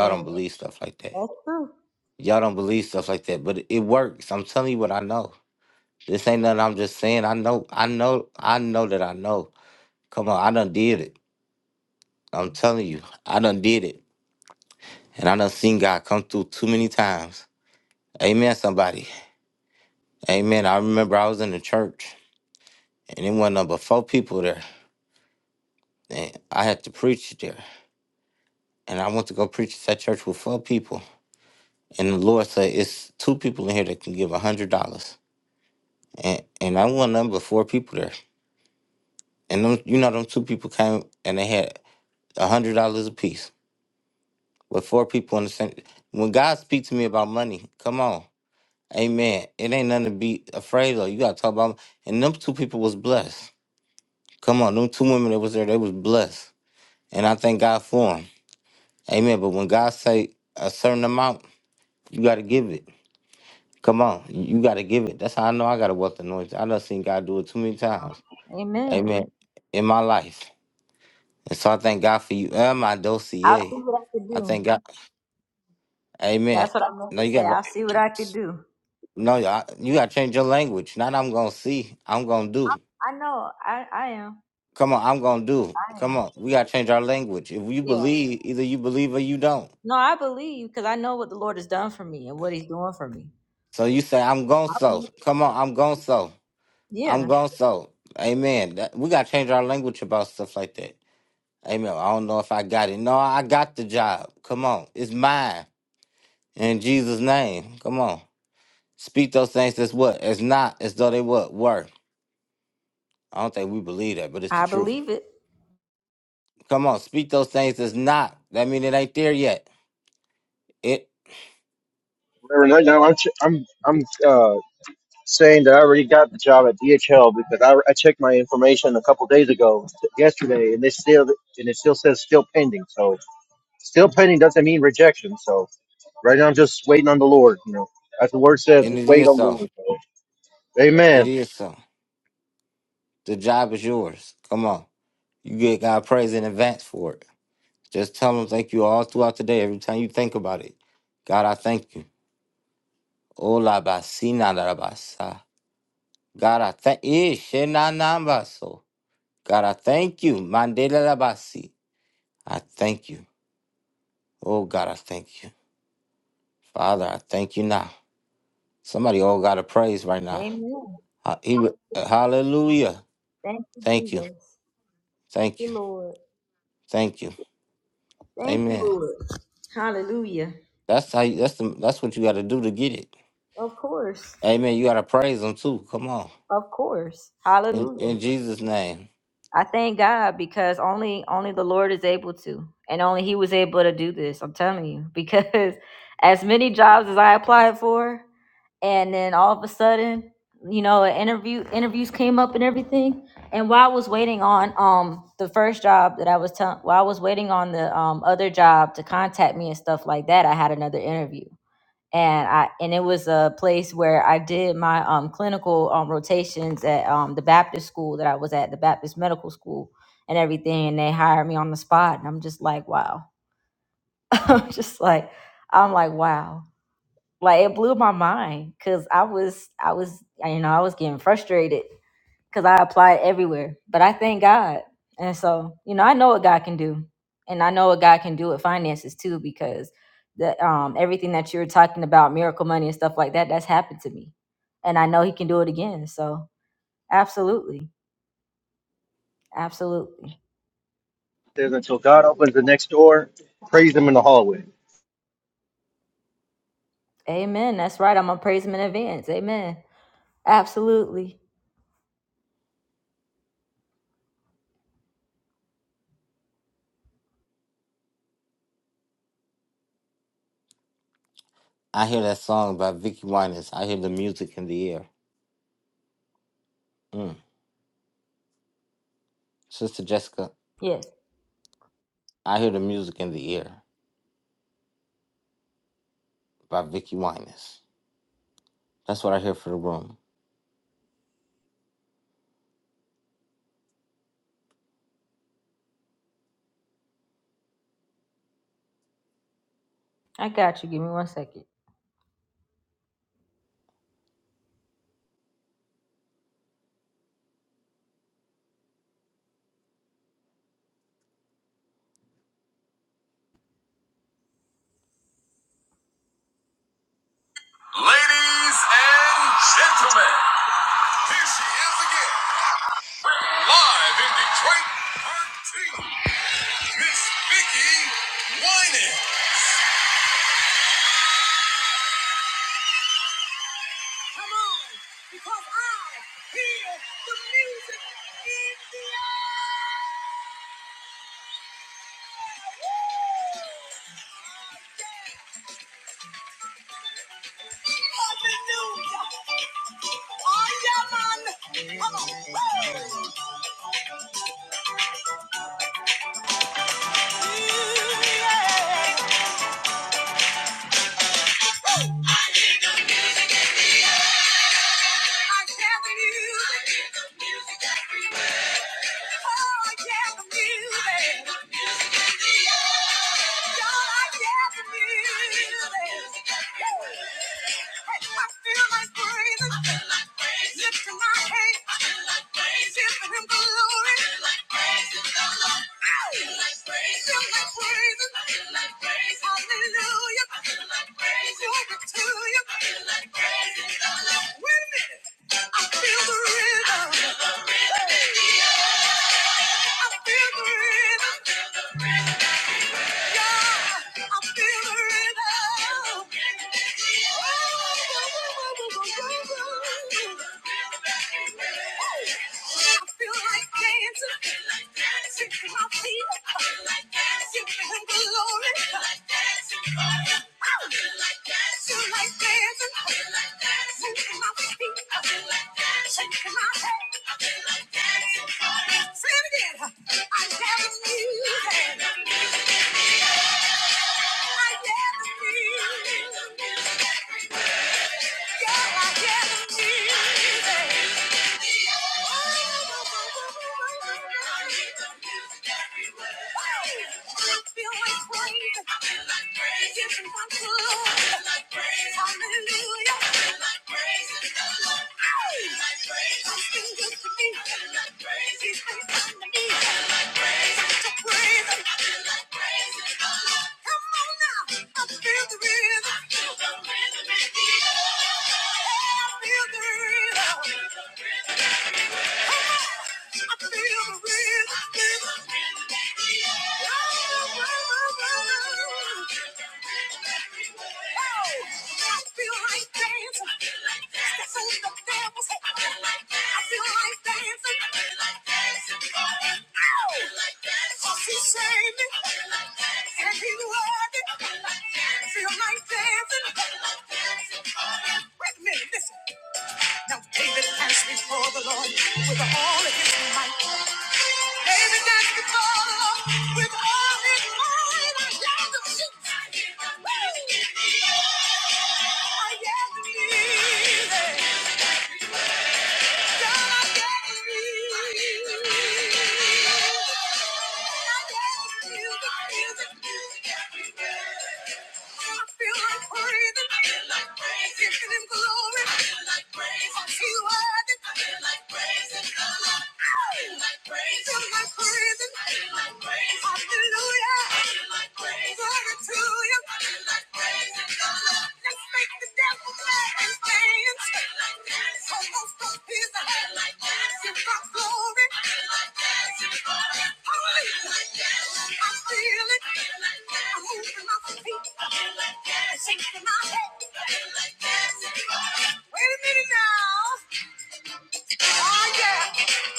[SPEAKER 2] Yeah, that's true. Amen. I'll see what I can do. That's what I'm going to say. I'll see what I can do. I know. I I am. I am. Yeah. No, I believe you because I know what the Lord has done for me and what He's doing for me. I believe- it. yeah, I believe it.
[SPEAKER 10] Reverend, right now I'm ch- I'm I'm uh, saying that I already got the job at DHL because I, I checked my information a couple days ago, yesterday, and they still and it still says still pending. So still pending doesn't mean rejection. So right now I'm just waiting on the Lord. You know, as the word says, just wait on the Lord. So, amen.
[SPEAKER 2] Amen. Thank you, Jesus. Thank you, Lord. Thank you, Lord. Hallelujah. Of course. Of course. Hallelujah. I thank God because only only the Lord is able to. And only he was able to do this. I'm telling you. Because as many jobs as I applied for, and then all of a sudden, you know, an interview interviews came up and everything. And while I was waiting on um the first job that I was telling while I was waiting on the um other job to contact me and stuff like that, I had another interview. and I and it was a place where I did my um, clinical um, rotations at um, the Baptist school that I was at, the Baptist medical school, and everything. And they hired me on the spot, and I'm just like, wow. I'm just like, I'm like, wow. Like it blew my mind because I was, I was, you know, I was getting frustrated because I applied everywhere. But I thank God. And so, you know, I know what God can do. And I know what God can do with finances too, because the um everything that you're talking about, miracle money and stuff like that, that's happened to me. And I know he can do it again. So absolutely. Absolutely.
[SPEAKER 10] It says until God opens the next door, praise Him in the hallway.
[SPEAKER 2] Amen. That's right. I'm gonna praise him in advance. Amen. Absolutely. Yes. I got you. Give me one second. Here she is again. Break her team. Miss Vicky Winans. Come on, because I hear the music in the hallelujah. I am on. Yeah. Hallelujah. Glory to you. Wait a minute. I feel the rhythm. I feel the rhythm. Yeah, I feel like dancing. I feel like dancing, Shaking my head. Say it again. I never knew that. I gather me. Yeah, I gather me. I Feel the rhythm. Wait a minute, listen. Lord with all of his might. David danced before the Lord with all his might. I yelled to shoot. I yelled to shoot. I yelled to shoot. Hallelujah. Glory to you. Let's make the devil.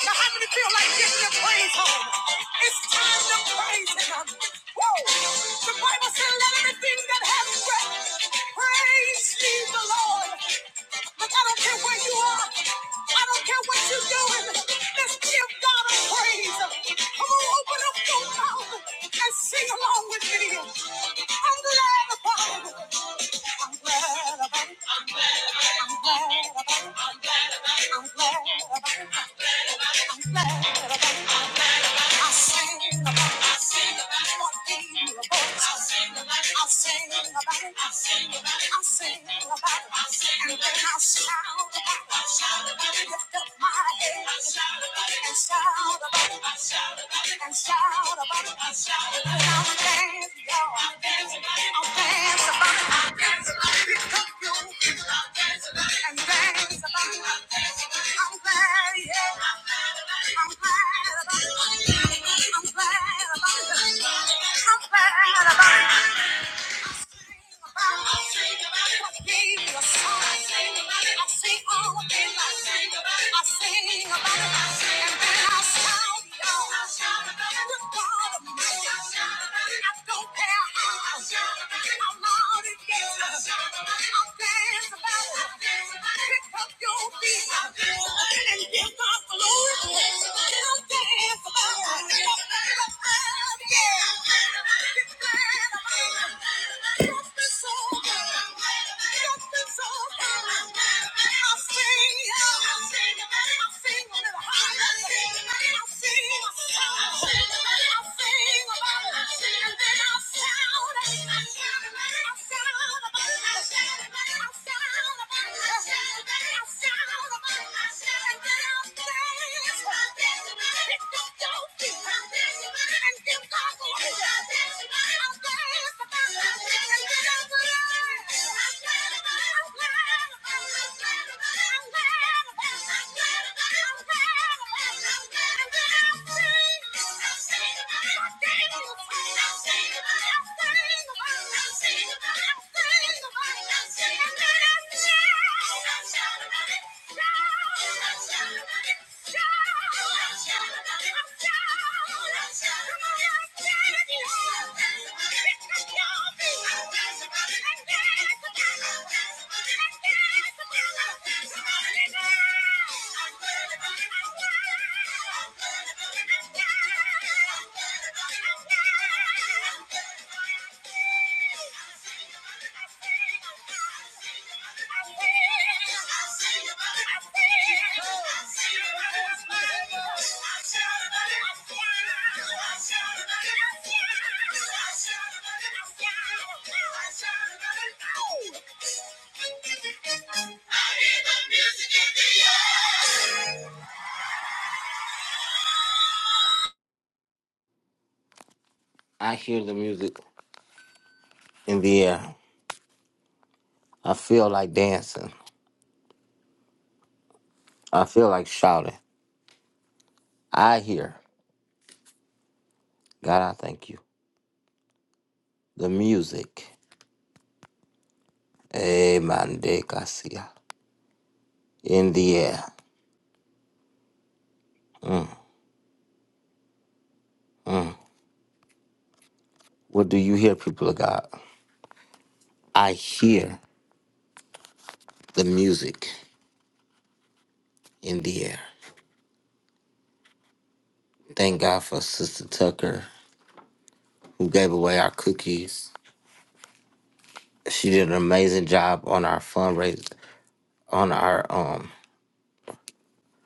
[SPEAKER 2] Now, how many feel like this thing's home? The Bible said, let everything that has breath praise ye the Lord. Look, I don't care where you are. I don't care what you're doing. Let's give God a praise. Come on, open up your mouth and sing along with me. I'm glad about it. I'm glad about it. I'm glad about it. I'm glad about it. I'm glad. I sing about it. I sing about it. What gave me a voice? I sing about it. I sing about it. I I'll sing about it, and then I'll shout about it. Lift up my head and shout about it, and shout about it. And I'll dance, y'all. I'll dance about it. Pick up your feet and dance about it. I'm glad, yeah. I'm glad about it. I'm glad about it. I'm glad about it. I And I'm dancing about it. Sound I'm I'm gonna I hear the music in the air.